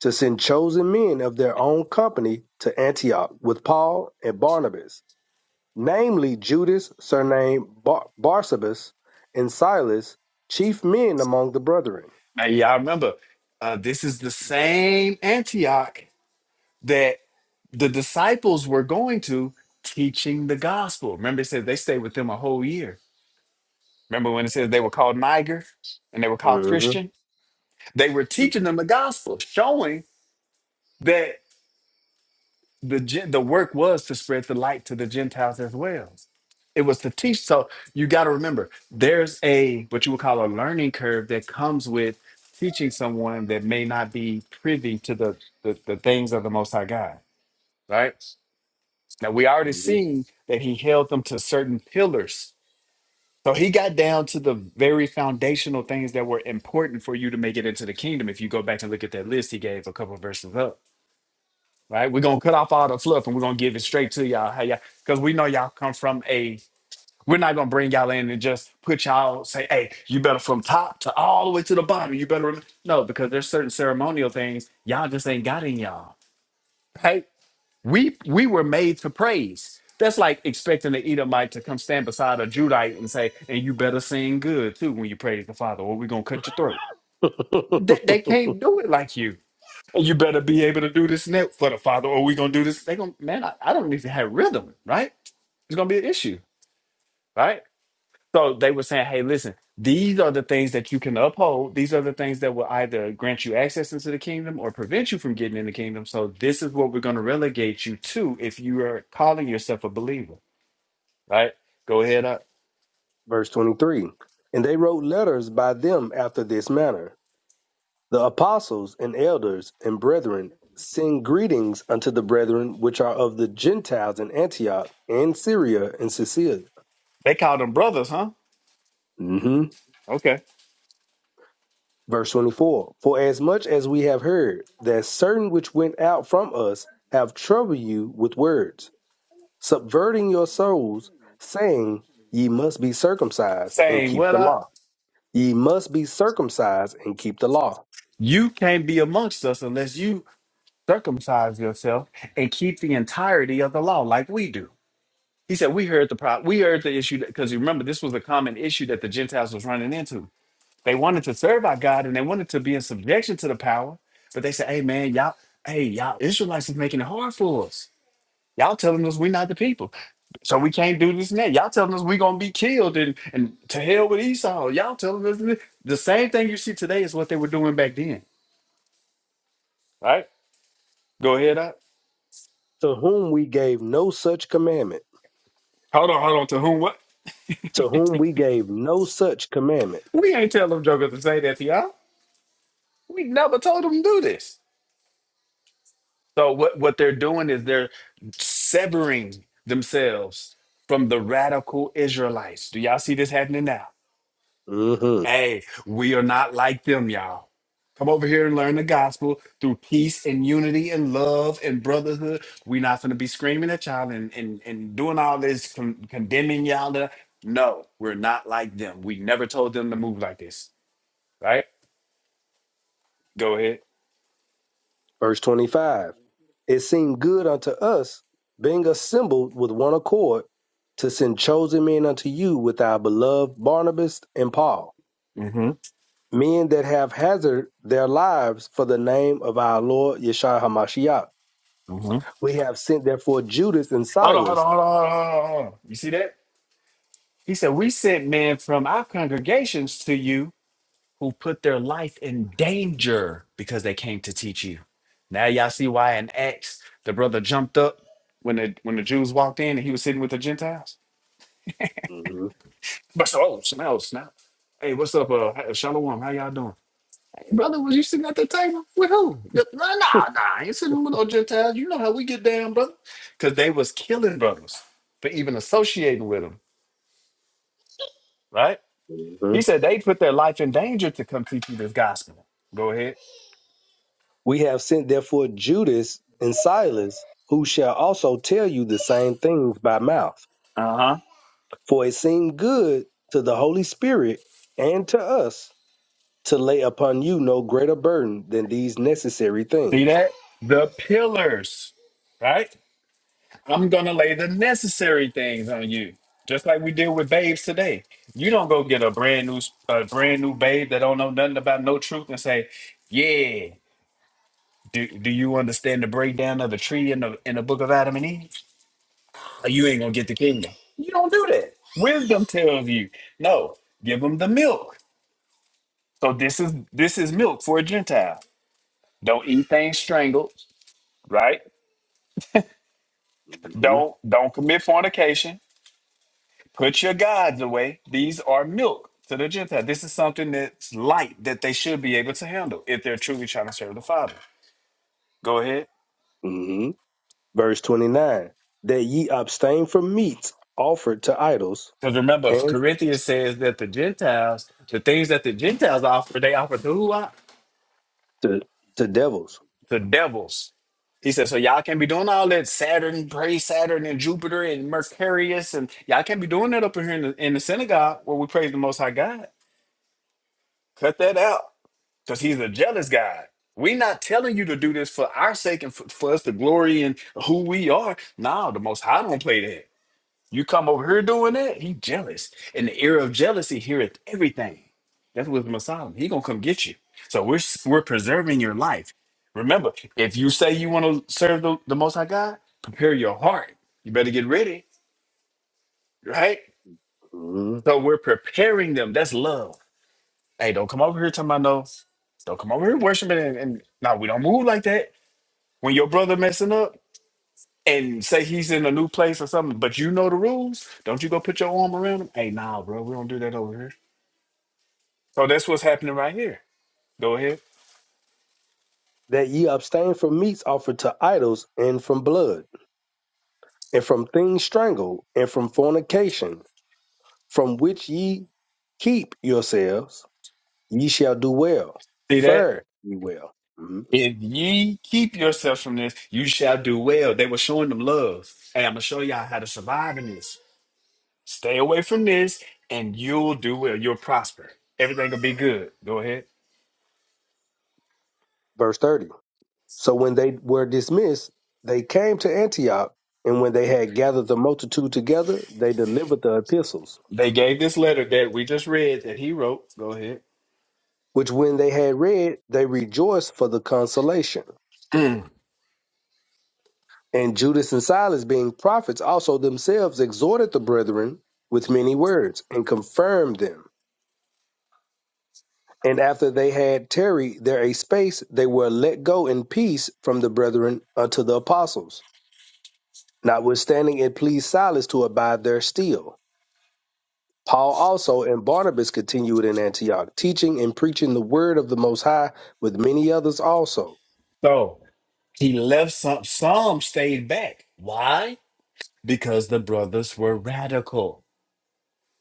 [SPEAKER 4] to send chosen men of their own company to Antioch with Paul and Barnabas, namely Judas, surnamed Bar- Barsabas, and Silas, chief men among the brethren.
[SPEAKER 10] Now, y'all remember, uh, this is the same Antioch that the disciples were going to teaching the gospel. Remember, it says they stayed with them a whole year. Remember when it says they were called Niger and they were called
[SPEAKER 4] hmm
[SPEAKER 10] Christian? They were teaching them the gospel, showing that the gen- the work was to spread the light to the Gentiles as well. It was to teach. So you got to remember, there's a what you would call a learning curve that comes with teaching someone that may not be privy to the the, the things of the Most High God. Right now, we already seen that he held them to certain pillars. So he got down to the very foundational things that were important for you to make it into the kingdom. If you go back and look at that list he gave a couple of verses up right? We're gonna cut off all the fluff and we're gonna give it straight to y'all. Hey, y'all, because we know y'all come from a. We're not gonna bring y'all in and just put y'all say, hey, you better from top to all the way to the bottom. You better rem-" no, because there's certain ceremonial things y'all just ain't got in y'all, right? We we were made to praise. That's like expecting the Edomite to come stand beside a Judite and say, and you better sing good too when you praise the Father, or we're gonna cut your throat. They, they can't do it like you you better be able to do this now for the father, or we gonna do this. They gonna man, I, I don't even have rhythm, right? It's gonna be an issue, right? So they were saying, hey, listen, these are the things that you can uphold. These are the things that will either grant you access into the kingdom or prevent you from getting in the kingdom. So this is what we're gonna relegate you to if you are calling yourself a believer, right? Go ahead up.
[SPEAKER 4] Verse 23 And they wrote letters by them after this manner The apostles and elders and brethren send greetings unto the brethren which are of the Gentiles in Antioch and Syria and Sicilia.
[SPEAKER 10] They call them brothers, huh?
[SPEAKER 4] hmm
[SPEAKER 10] Okay.
[SPEAKER 4] Verse 24 For as much as we have heard that certain which went out from us have troubled you with words, subverting your souls, saying, Ye must be circumcised and
[SPEAKER 10] Saying
[SPEAKER 4] keep
[SPEAKER 10] what
[SPEAKER 4] the
[SPEAKER 10] up?
[SPEAKER 4] law. Ye must be circumcised and keep the law.
[SPEAKER 10] You can't be amongst us unless you circumcise yourself and keep the entirety of the law like we do. He said, We heard the pro- we heard the issue because you remember this was a common issue that the Gentiles was running into. They wanted to serve our God and they wanted to be in subjection to the power, but they said, Hey man, y'all, hey, y'all Israelites is making it hard for us. Y'all telling us we're not the people. So we can't do this and that. Y'all telling us we're gonna be killed and, and to hell with Esau. Y'all telling us this. the same thing you see today is what they were doing back then. Right? Go ahead up.
[SPEAKER 4] To whom we gave no such commandment.
[SPEAKER 10] Hold on, hold on. To whom what?
[SPEAKER 4] To whom we gave no such commandment
[SPEAKER 10] We ain't tell them jokers to say that to y'all. We never told them to do this. So what, what they're doing is they're severing themselves from the radical Israelites. Do y'all see this happening now?
[SPEAKER 4] hmm
[SPEAKER 10] Hey, we are not like them, y'all. Come over here and learn the gospel through peace and unity and love and brotherhood. We're not going to be screaming at y'all and, and, and doing all this, con- condemning y'all. To, no, we're not like them. We never told them to move like this, right? Go ahead.
[SPEAKER 4] Verse 25. It seemed good unto us, being assembled with one accord, to send chosen men unto you with our beloved Barnabas and Paul,
[SPEAKER 10] Mm-hmm.
[SPEAKER 4] men that have hazarded their lives for the name of our Lord Yeshua HaMashiach. We have sent therefore Judas and
[SPEAKER 10] Hold on, hold on,
[SPEAKER 4] Silas.
[SPEAKER 10] hold on, hold on, hold on. You see that? He said, We sent men from our congregations to you who put their life in danger because they came to teach you. Now y'all see why in Acts the brother jumped up when the when the Jews walked in and he was sitting with the Gentiles.
[SPEAKER 4] Mhm.
[SPEAKER 10] But so oh smell, snap. Hey, what's up, uh hey, Shalom? How y'all doing? Hey, brother, was you sitting at the table? With who? No, nah, nah, nah, I ain't sitting with no Gentiles. You know how we get down, brother. Cause they was killing brothers for even associating with them, right? He
[SPEAKER 4] Mhm.
[SPEAKER 10] said they put their life in danger to come teach you this gospel. Go ahead.
[SPEAKER 4] We have sent therefore Judas and Silas, who shall also tell you the same things by mouth
[SPEAKER 10] Uh huh.
[SPEAKER 4] For it seemed good to the Holy Spirit and to us to lay upon you no greater burden than these necessary
[SPEAKER 10] See
[SPEAKER 4] things.
[SPEAKER 10] that? The pillars, right? I'm going to lay the necessary things on you, just like we did with babes today. You don't go get a brand new, a brand new babe that don't know nothing about no truth and say, "Yeah, do, do you understand the breakdown of the tree in the in the book of Adam and Eve? Or You ain't gonna get the kingdom. You don't do that. Wisdom tells you, no, give them the milk. So this is this is milk for a Gentile. Don't eat things strangled, right?
[SPEAKER 4] hmm
[SPEAKER 10] Don't don't commit fornication. Put your gods away. These are milk to the Gentile. This is something that's light that they should be able to handle if they're truly trying to serve the Father. Go ahead.
[SPEAKER 4] hmm Verse 29 That ye abstain from meats offered to idols
[SPEAKER 10] Because remember, if
[SPEAKER 4] and
[SPEAKER 10] Corinthians says that the Gentiles, the things that the Gentiles offer, they offer to who? I?
[SPEAKER 4] to, to devils.
[SPEAKER 10] The devils. He says, so y'all can't be doing all that Saturn, praise Saturn and Jupiter and Mercurius, and y'all can't be doing that up in here in the, in the synagogue where we praise the Most High God. Cut that out. because he's a jealous God. We're not telling you to do this for our sake and for, for us to glory in who we are. No, the Most High don't play that. You come over here doing that, he jealous. In the era of jealousy, heareth everything. That's with Messiah. He gonna come get you. So we're s- we're preserving your life. Remember, if you say you want to serve the, the Most High God, prepare your heart. You better get ready, right?
[SPEAKER 4] Mhm.
[SPEAKER 10] So we're preparing them. That's love. Hey, don't come over here talking about no. Don't come over here worshiping and, and no, we don't move like that. When your brother messing up and say he's in a new place or something, but you know the rules, don't you go put your arm around him? Hey, nah, bro, we don't do that over here. So that's what's happening right here. Go ahead.
[SPEAKER 4] That ye abstain from meats offered to idols and from blood, and from things strangled, and from fornication, from which ye keep yourselves, ye shall do well.
[SPEAKER 10] See that?
[SPEAKER 4] Fare ye well. Mm-hmm.
[SPEAKER 10] If ye keep yourselves from this, you shall do well. They were showing them love. Hey, I'm gonna show y'all how to survive in this. Stay away from this, and you'll do well. You'll prosper. Everything will be good. Go ahead.
[SPEAKER 4] verse 30. So when they were dismissed, they came to Antioch, and when they had gathered the multitude together, they delivered the epistles,
[SPEAKER 10] They gave this letter that we just read that he wrote. Go ahead.
[SPEAKER 4] which when they had read, they rejoiced for the consolation.
[SPEAKER 10] Mm.
[SPEAKER 4] And Judas and Silas, being prophets, also themselves exhorted the brethren with many words, and confirmed them. And after they had tarried there a space, they were let go in peace from the brethren unto the apostles. Notwithstanding, it pleased Silas to abide there still. Paul also and Barnabas continued in Antioch, teaching and preaching the word of the Most High with many others also.
[SPEAKER 10] So He left some, some stayed back. Why? Because the brothers were radical.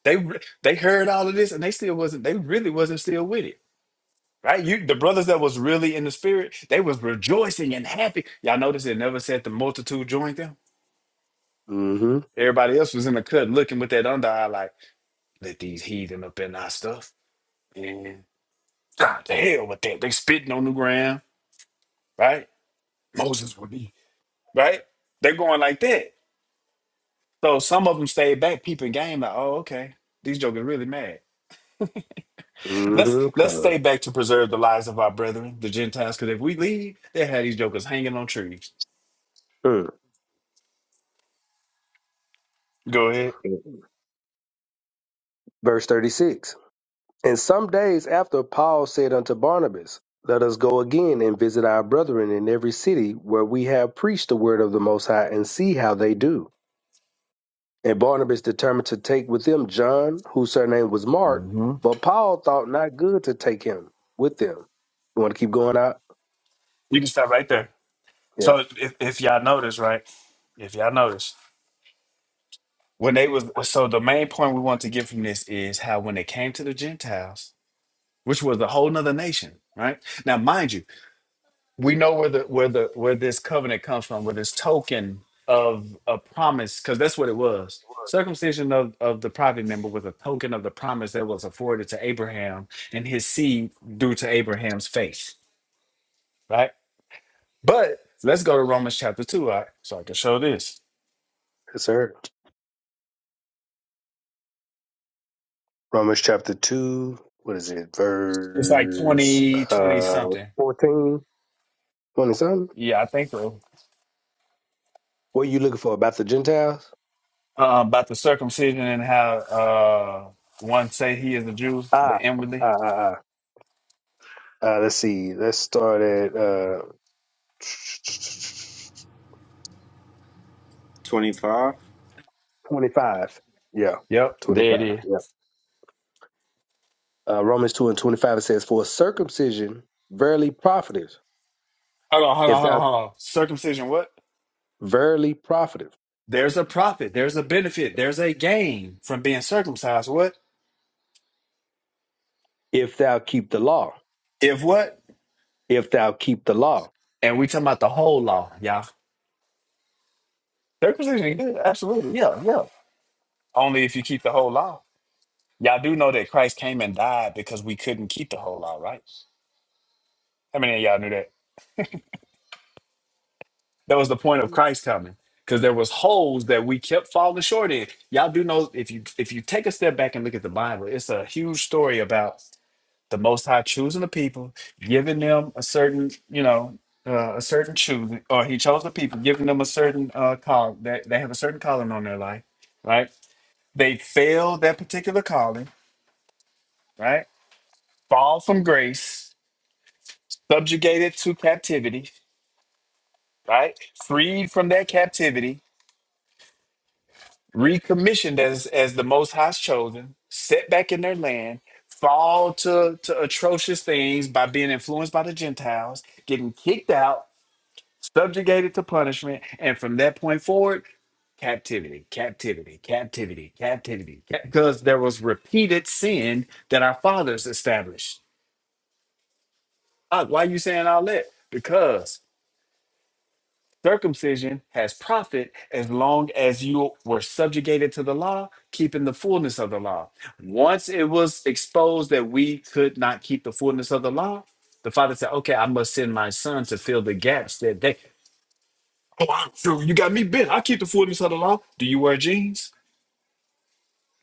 [SPEAKER 10] They re- they heard all of this and they still wasn't, they really wasn't still with it. Right? You the brothers that was really in the spirit, they was rejoicing and happy. Y'all notice it never said the multitude joined them.
[SPEAKER 4] hmm
[SPEAKER 10] Everybody else was in the cut looking with that under eye like, let these heathen up in our stuff. God the hell with that. They spitting on the ground, right? Moses would be, right? They're going like that So some of them stayed back peeping game, like, oh, okay, these jokers really mad. Let's
[SPEAKER 4] hmm
[SPEAKER 10] let's stay back to preserve the lives of our brethren, the Gentiles, because if we leave, they had these jokers hanging on trees. Go ahead.
[SPEAKER 4] Verse 36. And some days after Paul said unto Barnabas, Let us go again and visit our brethren in every city where we have preached the word of the Most High and see how they do. And Barnabas determined to take with them John, whose surname was Mark,
[SPEAKER 10] hmm
[SPEAKER 4] but Paul thought not good to take him with them. You want to keep going out?
[SPEAKER 10] You can stop right there.
[SPEAKER 4] Yeah,
[SPEAKER 10] So if, if y'all notice, right? If y'all notice, when they was so the main point we want to get from this is how when they came to the Gentiles, which was a whole nother nation, right? Now, mind you. we know where the where the where this covenant comes from, where this token of a promise, because that's what it was. Circumcision of, of the private member was a token of the promise that was afforded to Abraham and his seed due to Abraham's faith. Right? But let's go to Romans chapter two, all right? So I can show this.
[SPEAKER 4] yes, sir. Romans chapter 2, what is it,
[SPEAKER 10] It's like
[SPEAKER 4] verse
[SPEAKER 10] 20 20
[SPEAKER 4] uh,
[SPEAKER 10] something.
[SPEAKER 4] 14, twenty something?
[SPEAKER 10] Yeah, I think so.
[SPEAKER 4] What are you looking for about the Gentiles?
[SPEAKER 10] Uh, about the circumcision and how uh one say he is a Jew, but
[SPEAKER 4] Ah, ah,
[SPEAKER 10] inwardly.
[SPEAKER 4] ah, ah. Uh, let's see, let's start at uh,
[SPEAKER 12] 25.
[SPEAKER 4] 25. Yeah,
[SPEAKER 10] Yep, there
[SPEAKER 4] 25.
[SPEAKER 10] it is.
[SPEAKER 4] Yeah. Uh, Romans 2 and 25 it says, For circumcision verily profiteth,
[SPEAKER 10] Hold on, hold on,
[SPEAKER 4] if
[SPEAKER 10] hold
[SPEAKER 4] thou
[SPEAKER 10] on, hold on. Circumcision, what?
[SPEAKER 4] verily profiteth,
[SPEAKER 10] There's a profit. There's a benefit. There's a gain from being circumcised. What?
[SPEAKER 4] if thou keep the law,
[SPEAKER 10] If what?
[SPEAKER 4] if thou keep the law.
[SPEAKER 10] And we talking about the whole law, y'all. Circumcision, yeah, absolutely. Yeah, yeah. Only if you keep the whole law. Y'all do know that Christ came and died because we couldn't keep the whole law, right? How many of y'all knew that? That was the point of Christ coming. Because there was holes that we kept falling short in. Y'all do know if you if you take a step back and look at the Bible, it's a huge story about the Most High choosing the people, giving them a certain, you know, uh, a certain choosing, or He chose the people, giving them a certain uh, call. That they, have a certain calling on their life, right? They fail that particular calling, right? Fall from grace, subjugated to captivity, right? Freed from that captivity, recommissioned as as the Most High's chosen, set back in their land. Fall to, to atrocious things by being influenced by the Gentiles, getting kicked out, subjugated to punishment, and from that point forward, captivity, captivity, captivity, captivity, because there was repeated sin that our fathers established. Uh, Why you saying all that? Because circumcision has profit as long as you were subjugated to the law, keeping the fullness of the law. Once it was exposed that we could not keep the fullness of the law, the father said, "Okay, I must send my son to fill the gaps that they." Oh, I'm sure you got me bent. I keep the fullness of the law. Do you wear jeans?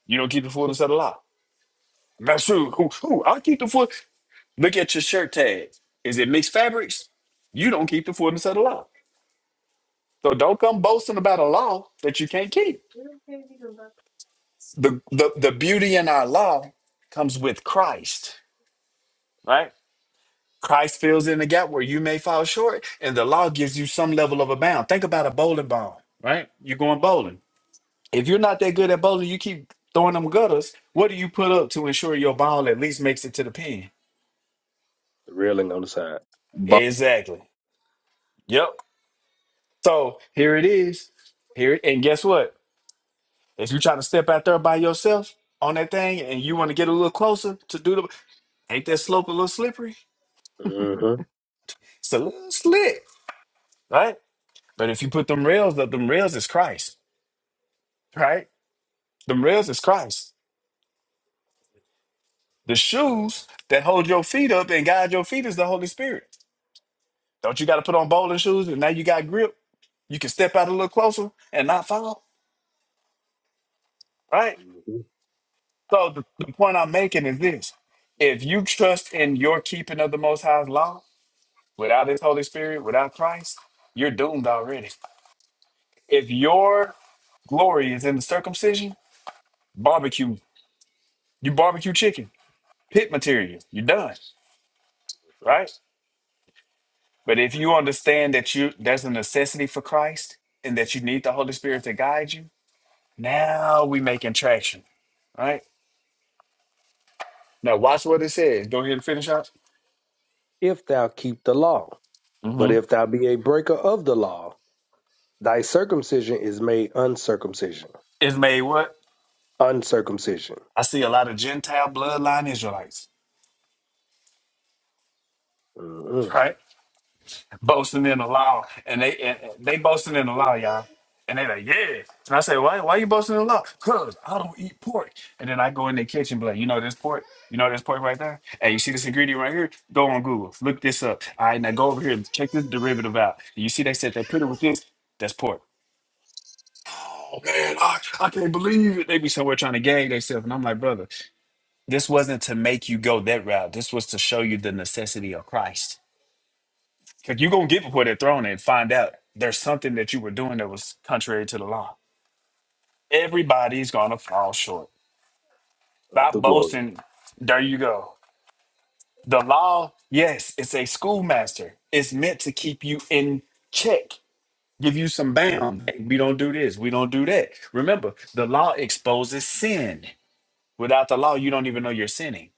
[SPEAKER 10] You don't keep the fullness of the law. That's true. Ooh, ooh, I keep the full. Look at your shirt tag. Is it mixed fabrics? You don't keep the fullness of the law. So don't come boasting about a law that you can't keep. The, the, the beauty in our law comes with Christ. Christ fills in the gap where you may fall short, and the law gives you some level of a bound. Think about a bowling ball. You're going bowling. If you're not that good at bowling, you keep throwing them gutters. What do you put up to ensure your ball at least makes it to the pin?
[SPEAKER 4] The railing on the side.
[SPEAKER 11] But,
[SPEAKER 10] Exactly. Yep. So here it is. Here and guess what? If you're trying to step out there by yourself on that thing and you want to get a little closer to do the ain't that slope a little slippery?
[SPEAKER 4] hmm
[SPEAKER 10] It's a little slick, right? But if you put them rails up, them rails is Christ, right? Them rails is Christ. The shoes that hold your feet up and guide your feet is the Holy Spirit. Don't you got to put on bowling shoes and now you got grip? You can step out a little closer and not fall, right? So the, the point I'm making is this. If you trust in your keeping of the Most High's law without His Holy Spirit, without Christ, you're doomed already. If your glory is in the circumcision, barbecue, you barbecue chicken, pit material, you're done, right? But if you understand that you there's a necessity for Christ and that you need the Holy Spirit to guide you, now we making traction, right? Now watch what it says. Go ahead and finish up.
[SPEAKER 4] if thou keep the law. But if thou be a breaker of the law, thy circumcision is made uncircumcision,
[SPEAKER 10] is made what?
[SPEAKER 4] uncircumcision
[SPEAKER 10] I see a lot of Gentile bloodline Israelites,
[SPEAKER 4] mm,
[SPEAKER 10] right? Boasting in the law. And they and and they boasting in the law, y'all. And they like, yeah. And I say, why why you boasting in the law? Cause I don't eat pork. And then I go in the kitchen, but like, you know this pork? You know this pork right there? Hey, you see this ingredient right here? Go on Google. Look this up. All right, now go over here and check this derivative out. You see they said they put it with this? That's pork. Oh man, I, I can't believe it. They be somewhere trying to gag themselves. And I'm like, brother. This wasn't to make you go that route. This was to show you the necessity of Christ. Because you're going to get before that throne and find out there's something that you were doing that was contrary to the law. Everybody's going to fall short.
[SPEAKER 4] of
[SPEAKER 10] Stop
[SPEAKER 4] the glory.
[SPEAKER 10] boasting. There you go. The law, yes, it's a schoolmaster. It's meant to keep you in check, give you some bound. Hey, we don't do this. We don't do that. Remember, the law exposes sin. Without the law, you don't even know you're sinning.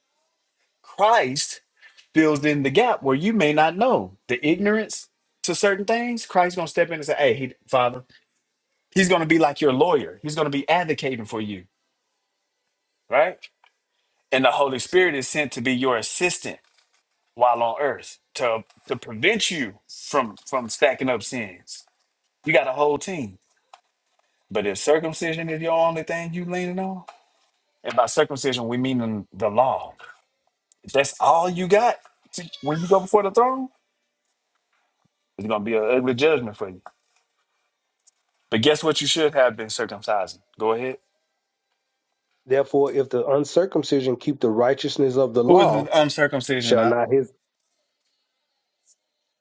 [SPEAKER 10] Christ fills in the gap where you may not know the ignorance to certain things. Christ's gonna step in and say, "Hey, he, Father, He's gonna be like your lawyer. He's gonna be advocating for you, right?" And the Holy Spirit is sent to be your assistant while on earth to to prevent you from from stacking up sins. You got a whole team, but if circumcision is your only thing you leaning on, and by circumcision we mean the law, if that's all you got to- when you go before the throne, it's gonna be an ugly judgment for you. But guess what? You should have been circumcised. Go ahead.
[SPEAKER 4] Therefore, if the uncircumcision keep the righteousness of the
[SPEAKER 10] Who is the
[SPEAKER 4] law,
[SPEAKER 10] uncircumcision?
[SPEAKER 4] shall
[SPEAKER 10] I-
[SPEAKER 4] not his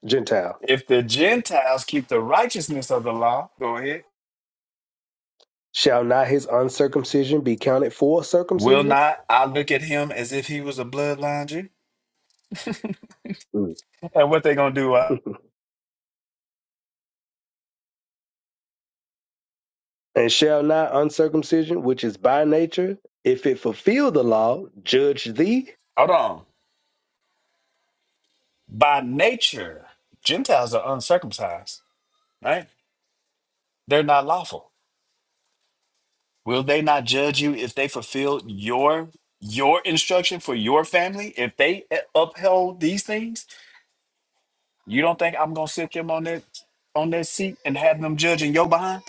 [SPEAKER 4] Gentile,
[SPEAKER 10] If the Gentiles keep the righteousness of the law, go ahead.
[SPEAKER 4] shall not his uncircumcision be counted for
[SPEAKER 10] Will
[SPEAKER 4] circumcision?
[SPEAKER 10] not I look at him as if he was a bloodline Jew?
[SPEAKER 4] Mm.
[SPEAKER 10] And what they gonna do? Uh,
[SPEAKER 4] and shall not uncircumcision, which is by nature, if it fulfill the law, judge thee?
[SPEAKER 10] hold on. By nature, Gentiles are uncircumcised, right? They're not lawful. Will they not judge you if they fulfill your your instruction for your family? If they upheld these things, You don't think I'm gonna sit them on that on that seat and have them judging your behind?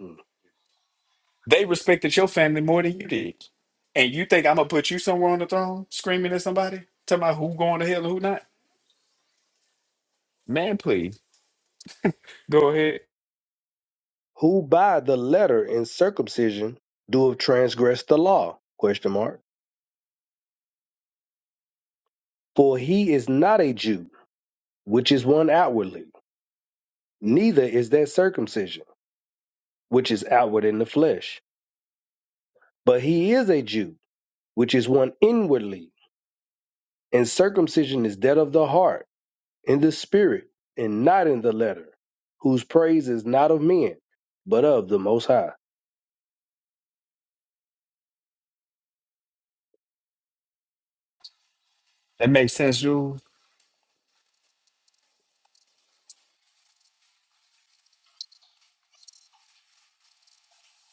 [SPEAKER 4] Mm.
[SPEAKER 10] They respected your family more than you did. And you think I'm gonna put you somewhere on the throne screaming at somebody? Talking about who going to hell and who not? Man, please. Go ahead.
[SPEAKER 4] who by the letter and circumcision doeth transgress the law? Question mark. For he is not a Jew, which is one outwardly, neither is that circumcision, which is outward in the flesh. But he is a Jew, which is one inwardly, and circumcision is that of the heart, in the spirit, and not in the letter, whose praise is not of men, but of the Most High.
[SPEAKER 10] That makes sense, Jules.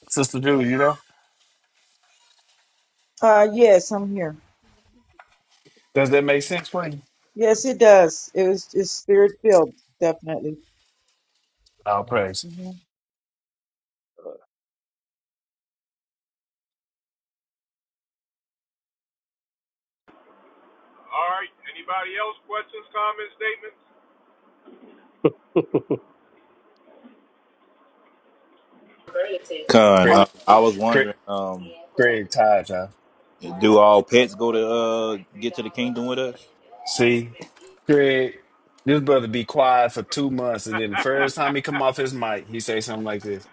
[SPEAKER 10] Sister Jules, you know?
[SPEAKER 9] Uh, yes, I'm here.
[SPEAKER 10] Does that make sense for you?
[SPEAKER 9] Yes, it does. It was it's spirit filled, definitely.
[SPEAKER 10] Oh praise.
[SPEAKER 9] hmm
[SPEAKER 11] Con,
[SPEAKER 10] Craig
[SPEAKER 11] uh, I was
[SPEAKER 10] Craig
[SPEAKER 11] wondering, um,
[SPEAKER 10] Craig tired, y'all.
[SPEAKER 11] do all pets go to uh get to the kingdom with us?
[SPEAKER 10] See?
[SPEAKER 11] I
[SPEAKER 10] Craig, this brother be quiet for two months and then the first time he come off his mic, he say something like this.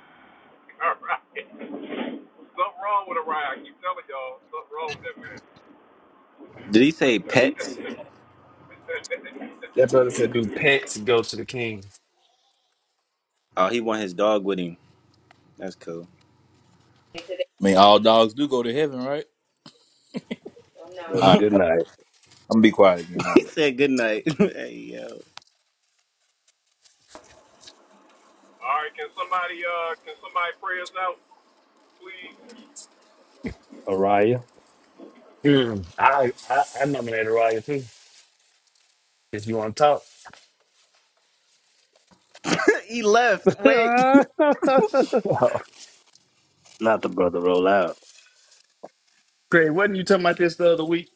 [SPEAKER 12] Did he say pets?
[SPEAKER 10] That brother said, Do pets go to the king?
[SPEAKER 12] Oh, he want his dog with him. That's cool.
[SPEAKER 11] mean, all dogs do go to heaven, right? All
[SPEAKER 4] Brother,
[SPEAKER 11] right,
[SPEAKER 4] good
[SPEAKER 11] I'm
[SPEAKER 4] night.
[SPEAKER 11] gonna be quiet again. My
[SPEAKER 12] He
[SPEAKER 11] bad.
[SPEAKER 12] said good night. hey, yo.
[SPEAKER 4] Araya.
[SPEAKER 10] Mm, I, I I nominated Raya too. If you want to
[SPEAKER 12] he left. Wait.
[SPEAKER 10] talk,
[SPEAKER 4] not the brother, roll out.
[SPEAKER 10] Craig, wasn't you talking about this the other week?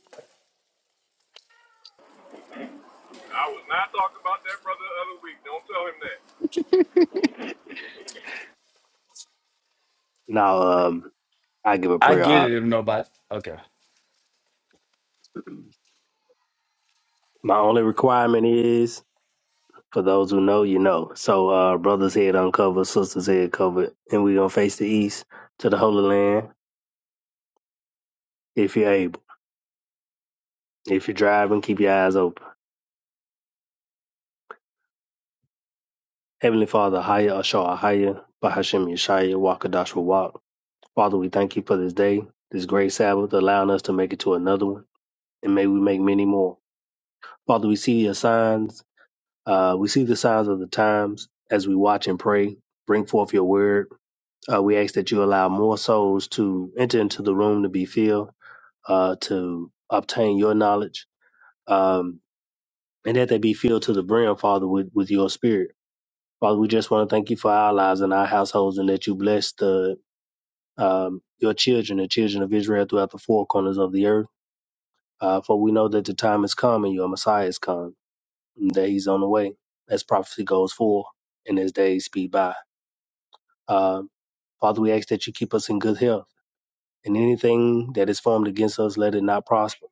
[SPEAKER 1] I was not talking about that brother the other week. Don't
[SPEAKER 4] Now, um, I give a
[SPEAKER 10] I
[SPEAKER 4] prayer.
[SPEAKER 10] get
[SPEAKER 4] I,
[SPEAKER 10] it if nobody. Okay.
[SPEAKER 4] my only requirement is for those who know, you know. So, uh, brothers' head uncovered, sisters' head covered, and we're gonna face the east to the Holy Land if you're able. If you're driving, keep your eyes open. Heavenly Father, Haya Ashar Haya, Bahashim Yeshaya, Wakadash Walk. Father, we thank you for this day, this great Sabbath, allowing us to make it to another one, and may we make many more. Father, we see your signs Uh, we see the signs of the times as we watch and pray. Bring forth your word. Uh, we ask that you allow more souls to enter into the room to be filled, uh, to obtain your knowledge, um, and that they be filled to the brim, Father, with, with your spirit. Father, we just want to thank you for our lives and our households and that you bless the um, your children, the children of Israel throughout the four corners of the earth. Uh, for we know that the time is come and your Messiah is come, and that he's on the way as prophecy goes forth and as days speed by. Um, Father, we ask that you keep us in good health, and anything that is formed against us, let it not prosper.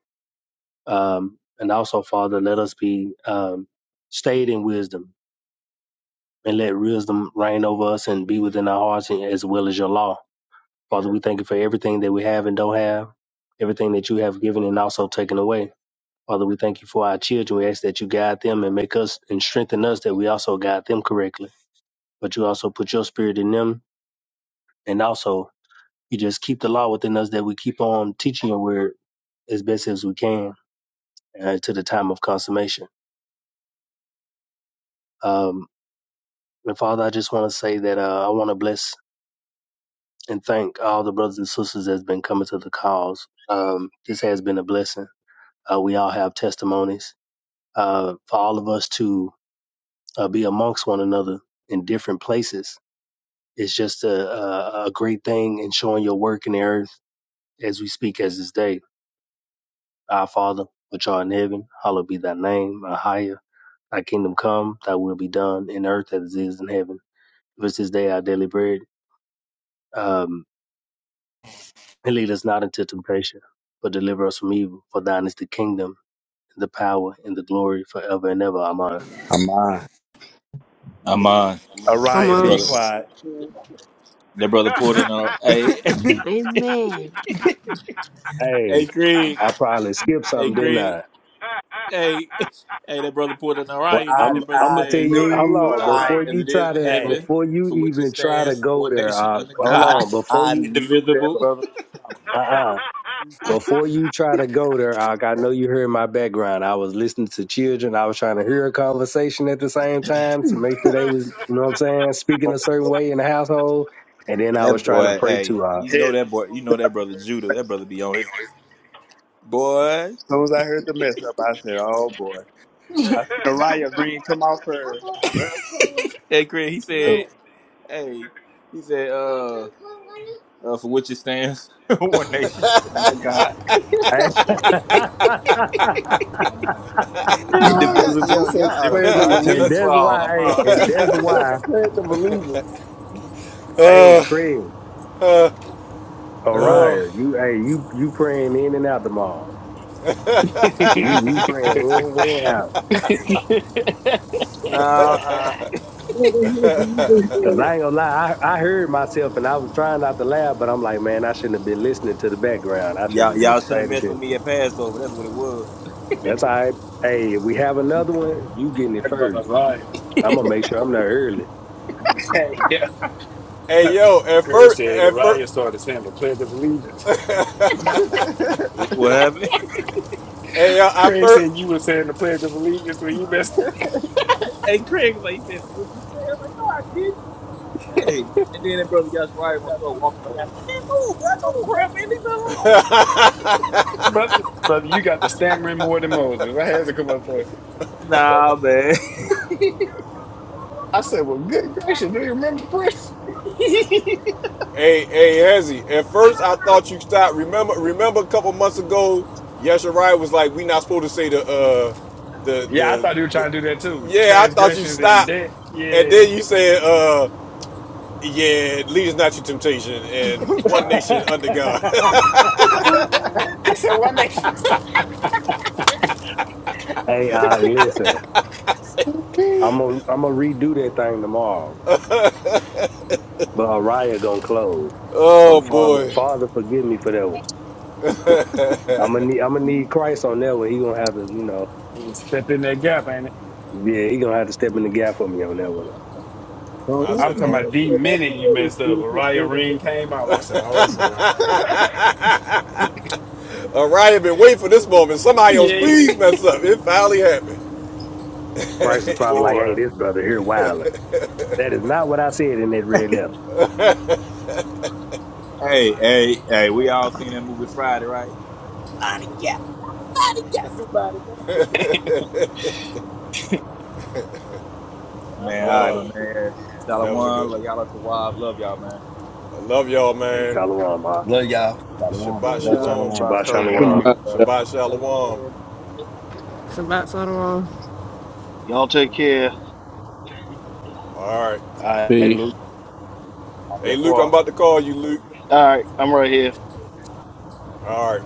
[SPEAKER 4] Um, and also, Father, let us be um, stayed in wisdom, and let wisdom reign over us and be within our hearts, and, as well as your law. Father, we thank you for everything that we have and don't have, everything that you have given and also taken away. Father, we thank you for our children. We ask that you guide them and make us and strengthen us that we also guide them correctly. But you also put your spirit in them, and also You just keep the law within us that we keep on teaching your word as best as we can uh, to the time of consummation. Um, and Father, I just want to say that uh, I want to bless and thank all the brothers and sisters that's been coming to the cause. Um, this has been a blessing. Uh, we all have testimonies. Uh, for all of us to uh, be amongst one another in different places, it's just a, a, a great thing in showing your work in the earth as we speak as this day. Our Father, which art in heaven, hallowed be thy name, our higher, Thy kingdom come, thy will be done in earth as it is in heaven. Give us this day our daily bread. Um, and lead us not into temptation, but deliver us from evil. For thine is the kingdom, the power, and the glory forever and ever. Amen.
[SPEAKER 10] I'm on.
[SPEAKER 11] I'm uh,
[SPEAKER 12] Come on.
[SPEAKER 13] I'm
[SPEAKER 10] Araya,
[SPEAKER 11] that
[SPEAKER 13] a
[SPEAKER 10] be
[SPEAKER 11] brother,
[SPEAKER 10] quiet.
[SPEAKER 11] that brother Porter. No, hey,
[SPEAKER 14] Amen.
[SPEAKER 11] hey,
[SPEAKER 4] Hey,
[SPEAKER 11] Craig,
[SPEAKER 4] I probably skipped
[SPEAKER 11] hey,
[SPEAKER 4] something, didn't
[SPEAKER 11] Craig.
[SPEAKER 4] I?
[SPEAKER 11] Hey, hey, that brother poured an
[SPEAKER 10] But
[SPEAKER 11] Orion.
[SPEAKER 10] I,
[SPEAKER 11] Then that
[SPEAKER 4] I'm
[SPEAKER 11] brother
[SPEAKER 4] I'm
[SPEAKER 10] I
[SPEAKER 4] gonna tell
[SPEAKER 11] said,
[SPEAKER 4] you, hold
[SPEAKER 10] knew,
[SPEAKER 4] on,
[SPEAKER 11] uh,
[SPEAKER 10] I,
[SPEAKER 4] before
[SPEAKER 11] "As
[SPEAKER 4] you
[SPEAKER 11] it is
[SPEAKER 4] try
[SPEAKER 11] in
[SPEAKER 4] to
[SPEAKER 10] hey,
[SPEAKER 11] heaven,
[SPEAKER 4] before you
[SPEAKER 11] for which it
[SPEAKER 4] even try to
[SPEAKER 11] stands,
[SPEAKER 4] go
[SPEAKER 11] one
[SPEAKER 4] there,
[SPEAKER 11] nation
[SPEAKER 4] uh,
[SPEAKER 11] under
[SPEAKER 10] but
[SPEAKER 4] hold
[SPEAKER 11] God,
[SPEAKER 10] I,
[SPEAKER 4] on, before
[SPEAKER 10] I
[SPEAKER 4] you
[SPEAKER 10] knew that
[SPEAKER 11] indivisible."
[SPEAKER 10] brother
[SPEAKER 4] uh uh Before you try to go there, Ak, I know you heard my background. I was listening to children. I was trying to hear a conversation at the same time to make sure they was, you know what I'm saying, speaking
[SPEAKER 10] was
[SPEAKER 4] a certain way in the household. And then
[SPEAKER 10] going
[SPEAKER 4] I was
[SPEAKER 11] That
[SPEAKER 10] to
[SPEAKER 4] trying to
[SPEAKER 11] boy,
[SPEAKER 4] pray
[SPEAKER 11] hey,
[SPEAKER 4] to Ak.
[SPEAKER 11] you
[SPEAKER 10] it. Hey,
[SPEAKER 11] know
[SPEAKER 10] As
[SPEAKER 11] that boy, you
[SPEAKER 10] soon as
[SPEAKER 11] know
[SPEAKER 10] I
[SPEAKER 11] that brother
[SPEAKER 10] heard the
[SPEAKER 11] Judah. That
[SPEAKER 10] mess
[SPEAKER 11] brother be on
[SPEAKER 10] up,
[SPEAKER 11] his boy.
[SPEAKER 10] as soon as I heard the mess up, I said, oh boy. I seen Araya Green come out first. I said, well,
[SPEAKER 11] hey, Chris, he
[SPEAKER 4] And,
[SPEAKER 11] said, "Hey, he said, uh, uh for which it stands, one nation under God,
[SPEAKER 10] Yo, yo
[SPEAKER 12] yo,
[SPEAKER 11] indivisible,
[SPEAKER 12] y'all
[SPEAKER 10] said
[SPEAKER 11] with
[SPEAKER 10] the
[SPEAKER 12] out of
[SPEAKER 10] Pledge
[SPEAKER 11] liberty
[SPEAKER 10] of
[SPEAKER 11] and
[SPEAKER 12] pocket.
[SPEAKER 4] and
[SPEAKER 11] justice
[SPEAKER 10] Allegiance.
[SPEAKER 11] for
[SPEAKER 4] that's
[SPEAKER 11] all."
[SPEAKER 4] why,
[SPEAKER 11] I'm
[SPEAKER 4] hey,
[SPEAKER 10] yo
[SPEAKER 11] on.
[SPEAKER 4] and
[SPEAKER 10] said
[SPEAKER 4] that's why,
[SPEAKER 10] the Pledge of Allegiance.
[SPEAKER 4] hey,
[SPEAKER 1] tell him
[SPEAKER 4] Craig,
[SPEAKER 1] that. Uh, uh,
[SPEAKER 11] Uh,
[SPEAKER 4] Orion,
[SPEAKER 1] Oh.
[SPEAKER 4] you, hey, you, you praying in and out the mall. You, you praying in and out.
[SPEAKER 11] nah,
[SPEAKER 9] Brother Hazel, you've been
[SPEAKER 4] Cause
[SPEAKER 9] great.
[SPEAKER 4] I ain't gonna lie, I, I heard myself and I was trying not to laugh, but I'm like, man, I shouldn't have been listening to the background. I should
[SPEAKER 11] Y'all,
[SPEAKER 4] have
[SPEAKER 11] y'all
[SPEAKER 4] just
[SPEAKER 11] shouldn't
[SPEAKER 4] paid
[SPEAKER 11] have messed with
[SPEAKER 4] attention.
[SPEAKER 11] me at Passover. That's what it was.
[SPEAKER 4] That's all right. Hey, if we have another one, you getting it
[SPEAKER 10] But the
[SPEAKER 4] first.
[SPEAKER 10] Ryan,
[SPEAKER 4] I'm gonna make sure I'm not early.
[SPEAKER 10] Yeah.
[SPEAKER 1] Hey yo, at
[SPEAKER 10] Craig
[SPEAKER 1] first,
[SPEAKER 10] said, the
[SPEAKER 1] at first,
[SPEAKER 10] Ryan started saying the Pledge of Allegiance.
[SPEAKER 11] What happened?
[SPEAKER 1] hey yo, I
[SPEAKER 10] Craig
[SPEAKER 1] first.
[SPEAKER 10] said you were saying the Pledge of Allegiance when you messed,
[SPEAKER 11] And Craig, was like, he said, for what you said? I'm like, no, I didn't. Hey. And then that brother Yashariah gonna start walking behind me like, man, move, bro. I know the prayer, man. Leave me
[SPEAKER 10] brother, brother, you got the stammering more than Moses. I had to come up for
[SPEAKER 11] alone. Nah, man.
[SPEAKER 10] I said, well, good gracious, do you remember the press?
[SPEAKER 1] Hey, hey, Hezzy. At first, I thought you stopped. Remember, remember, a couple months ago, Yashirai was like, "We not supposed to say the, uh, the,
[SPEAKER 10] Yeah, I
[SPEAKER 1] the,
[SPEAKER 10] thought you were
[SPEAKER 1] the."
[SPEAKER 10] trying to do that too.
[SPEAKER 1] Yeah, I thought you
[SPEAKER 10] Transgressions and
[SPEAKER 1] stopped,
[SPEAKER 10] debt.
[SPEAKER 1] and
[SPEAKER 10] Yeah.
[SPEAKER 1] then you said, "Uh, yeah, lead is not your temptation, and one nation under God."
[SPEAKER 10] Ooh. He said one nation.
[SPEAKER 4] hey, uh, listen,
[SPEAKER 10] Ooh-wee.
[SPEAKER 4] I'm gonna I'm gonna redo that thing tomorrow, but Araya gonna close.
[SPEAKER 1] oh
[SPEAKER 4] So Father,
[SPEAKER 1] boy,
[SPEAKER 4] Father, forgive me for that one. I'm gonna need I'm gonna need Christ on that one. He gonna have to, you know,
[SPEAKER 10] Step in that gap, ain't it?
[SPEAKER 4] yeah, he gonna have to step in the gap for me on that one.
[SPEAKER 10] Well,
[SPEAKER 1] I
[SPEAKER 9] That was
[SPEAKER 10] I'm
[SPEAKER 1] said,
[SPEAKER 10] talking
[SPEAKER 1] "Oh."
[SPEAKER 10] about the
[SPEAKER 9] beautiful. That
[SPEAKER 10] minute you
[SPEAKER 9] prayer was
[SPEAKER 10] messed up. Orion
[SPEAKER 9] beautiful.
[SPEAKER 10] Ring came out. I said, oh boy.
[SPEAKER 1] All right, I've been waiting for this moment. Somebody else,
[SPEAKER 10] Yeah.
[SPEAKER 1] please mess up. It finally happened.
[SPEAKER 4] Christ is probably like, hey,
[SPEAKER 10] Boy.
[SPEAKER 4] this brother here wilding. That is not what I said in that red letter.
[SPEAKER 11] Hey, hey, hey, we all seen that movie Friday, right? Man, all right,
[SPEAKER 1] Uh,
[SPEAKER 11] but man, Shalom,
[SPEAKER 1] that was a good
[SPEAKER 11] love y'all
[SPEAKER 1] one.
[SPEAKER 11] to wives. Love y'all, man.
[SPEAKER 1] I love y'all,
[SPEAKER 4] Hey,
[SPEAKER 1] man.
[SPEAKER 4] Shalom, Ma.
[SPEAKER 10] Love y'all. Shalom.
[SPEAKER 5] No,
[SPEAKER 1] Shabbat
[SPEAKER 10] Best
[SPEAKER 5] y'all.
[SPEAKER 1] shalom.
[SPEAKER 10] shalom.
[SPEAKER 12] About
[SPEAKER 4] Shabbat
[SPEAKER 12] so
[SPEAKER 4] Shalom.
[SPEAKER 3] Goodbye.
[SPEAKER 12] long.
[SPEAKER 1] Shabbat shalom. All
[SPEAKER 5] Shalom.
[SPEAKER 13] Sabat Sotomayor.
[SPEAKER 2] Y'all take care.
[SPEAKER 1] right.
[SPEAKER 10] All right, Luke.
[SPEAKER 3] Peace.
[SPEAKER 1] Hey, Luke,
[SPEAKER 10] Yakua.
[SPEAKER 1] I'm about to call you, Luke.
[SPEAKER 2] All right, I'm right here.
[SPEAKER 1] All right.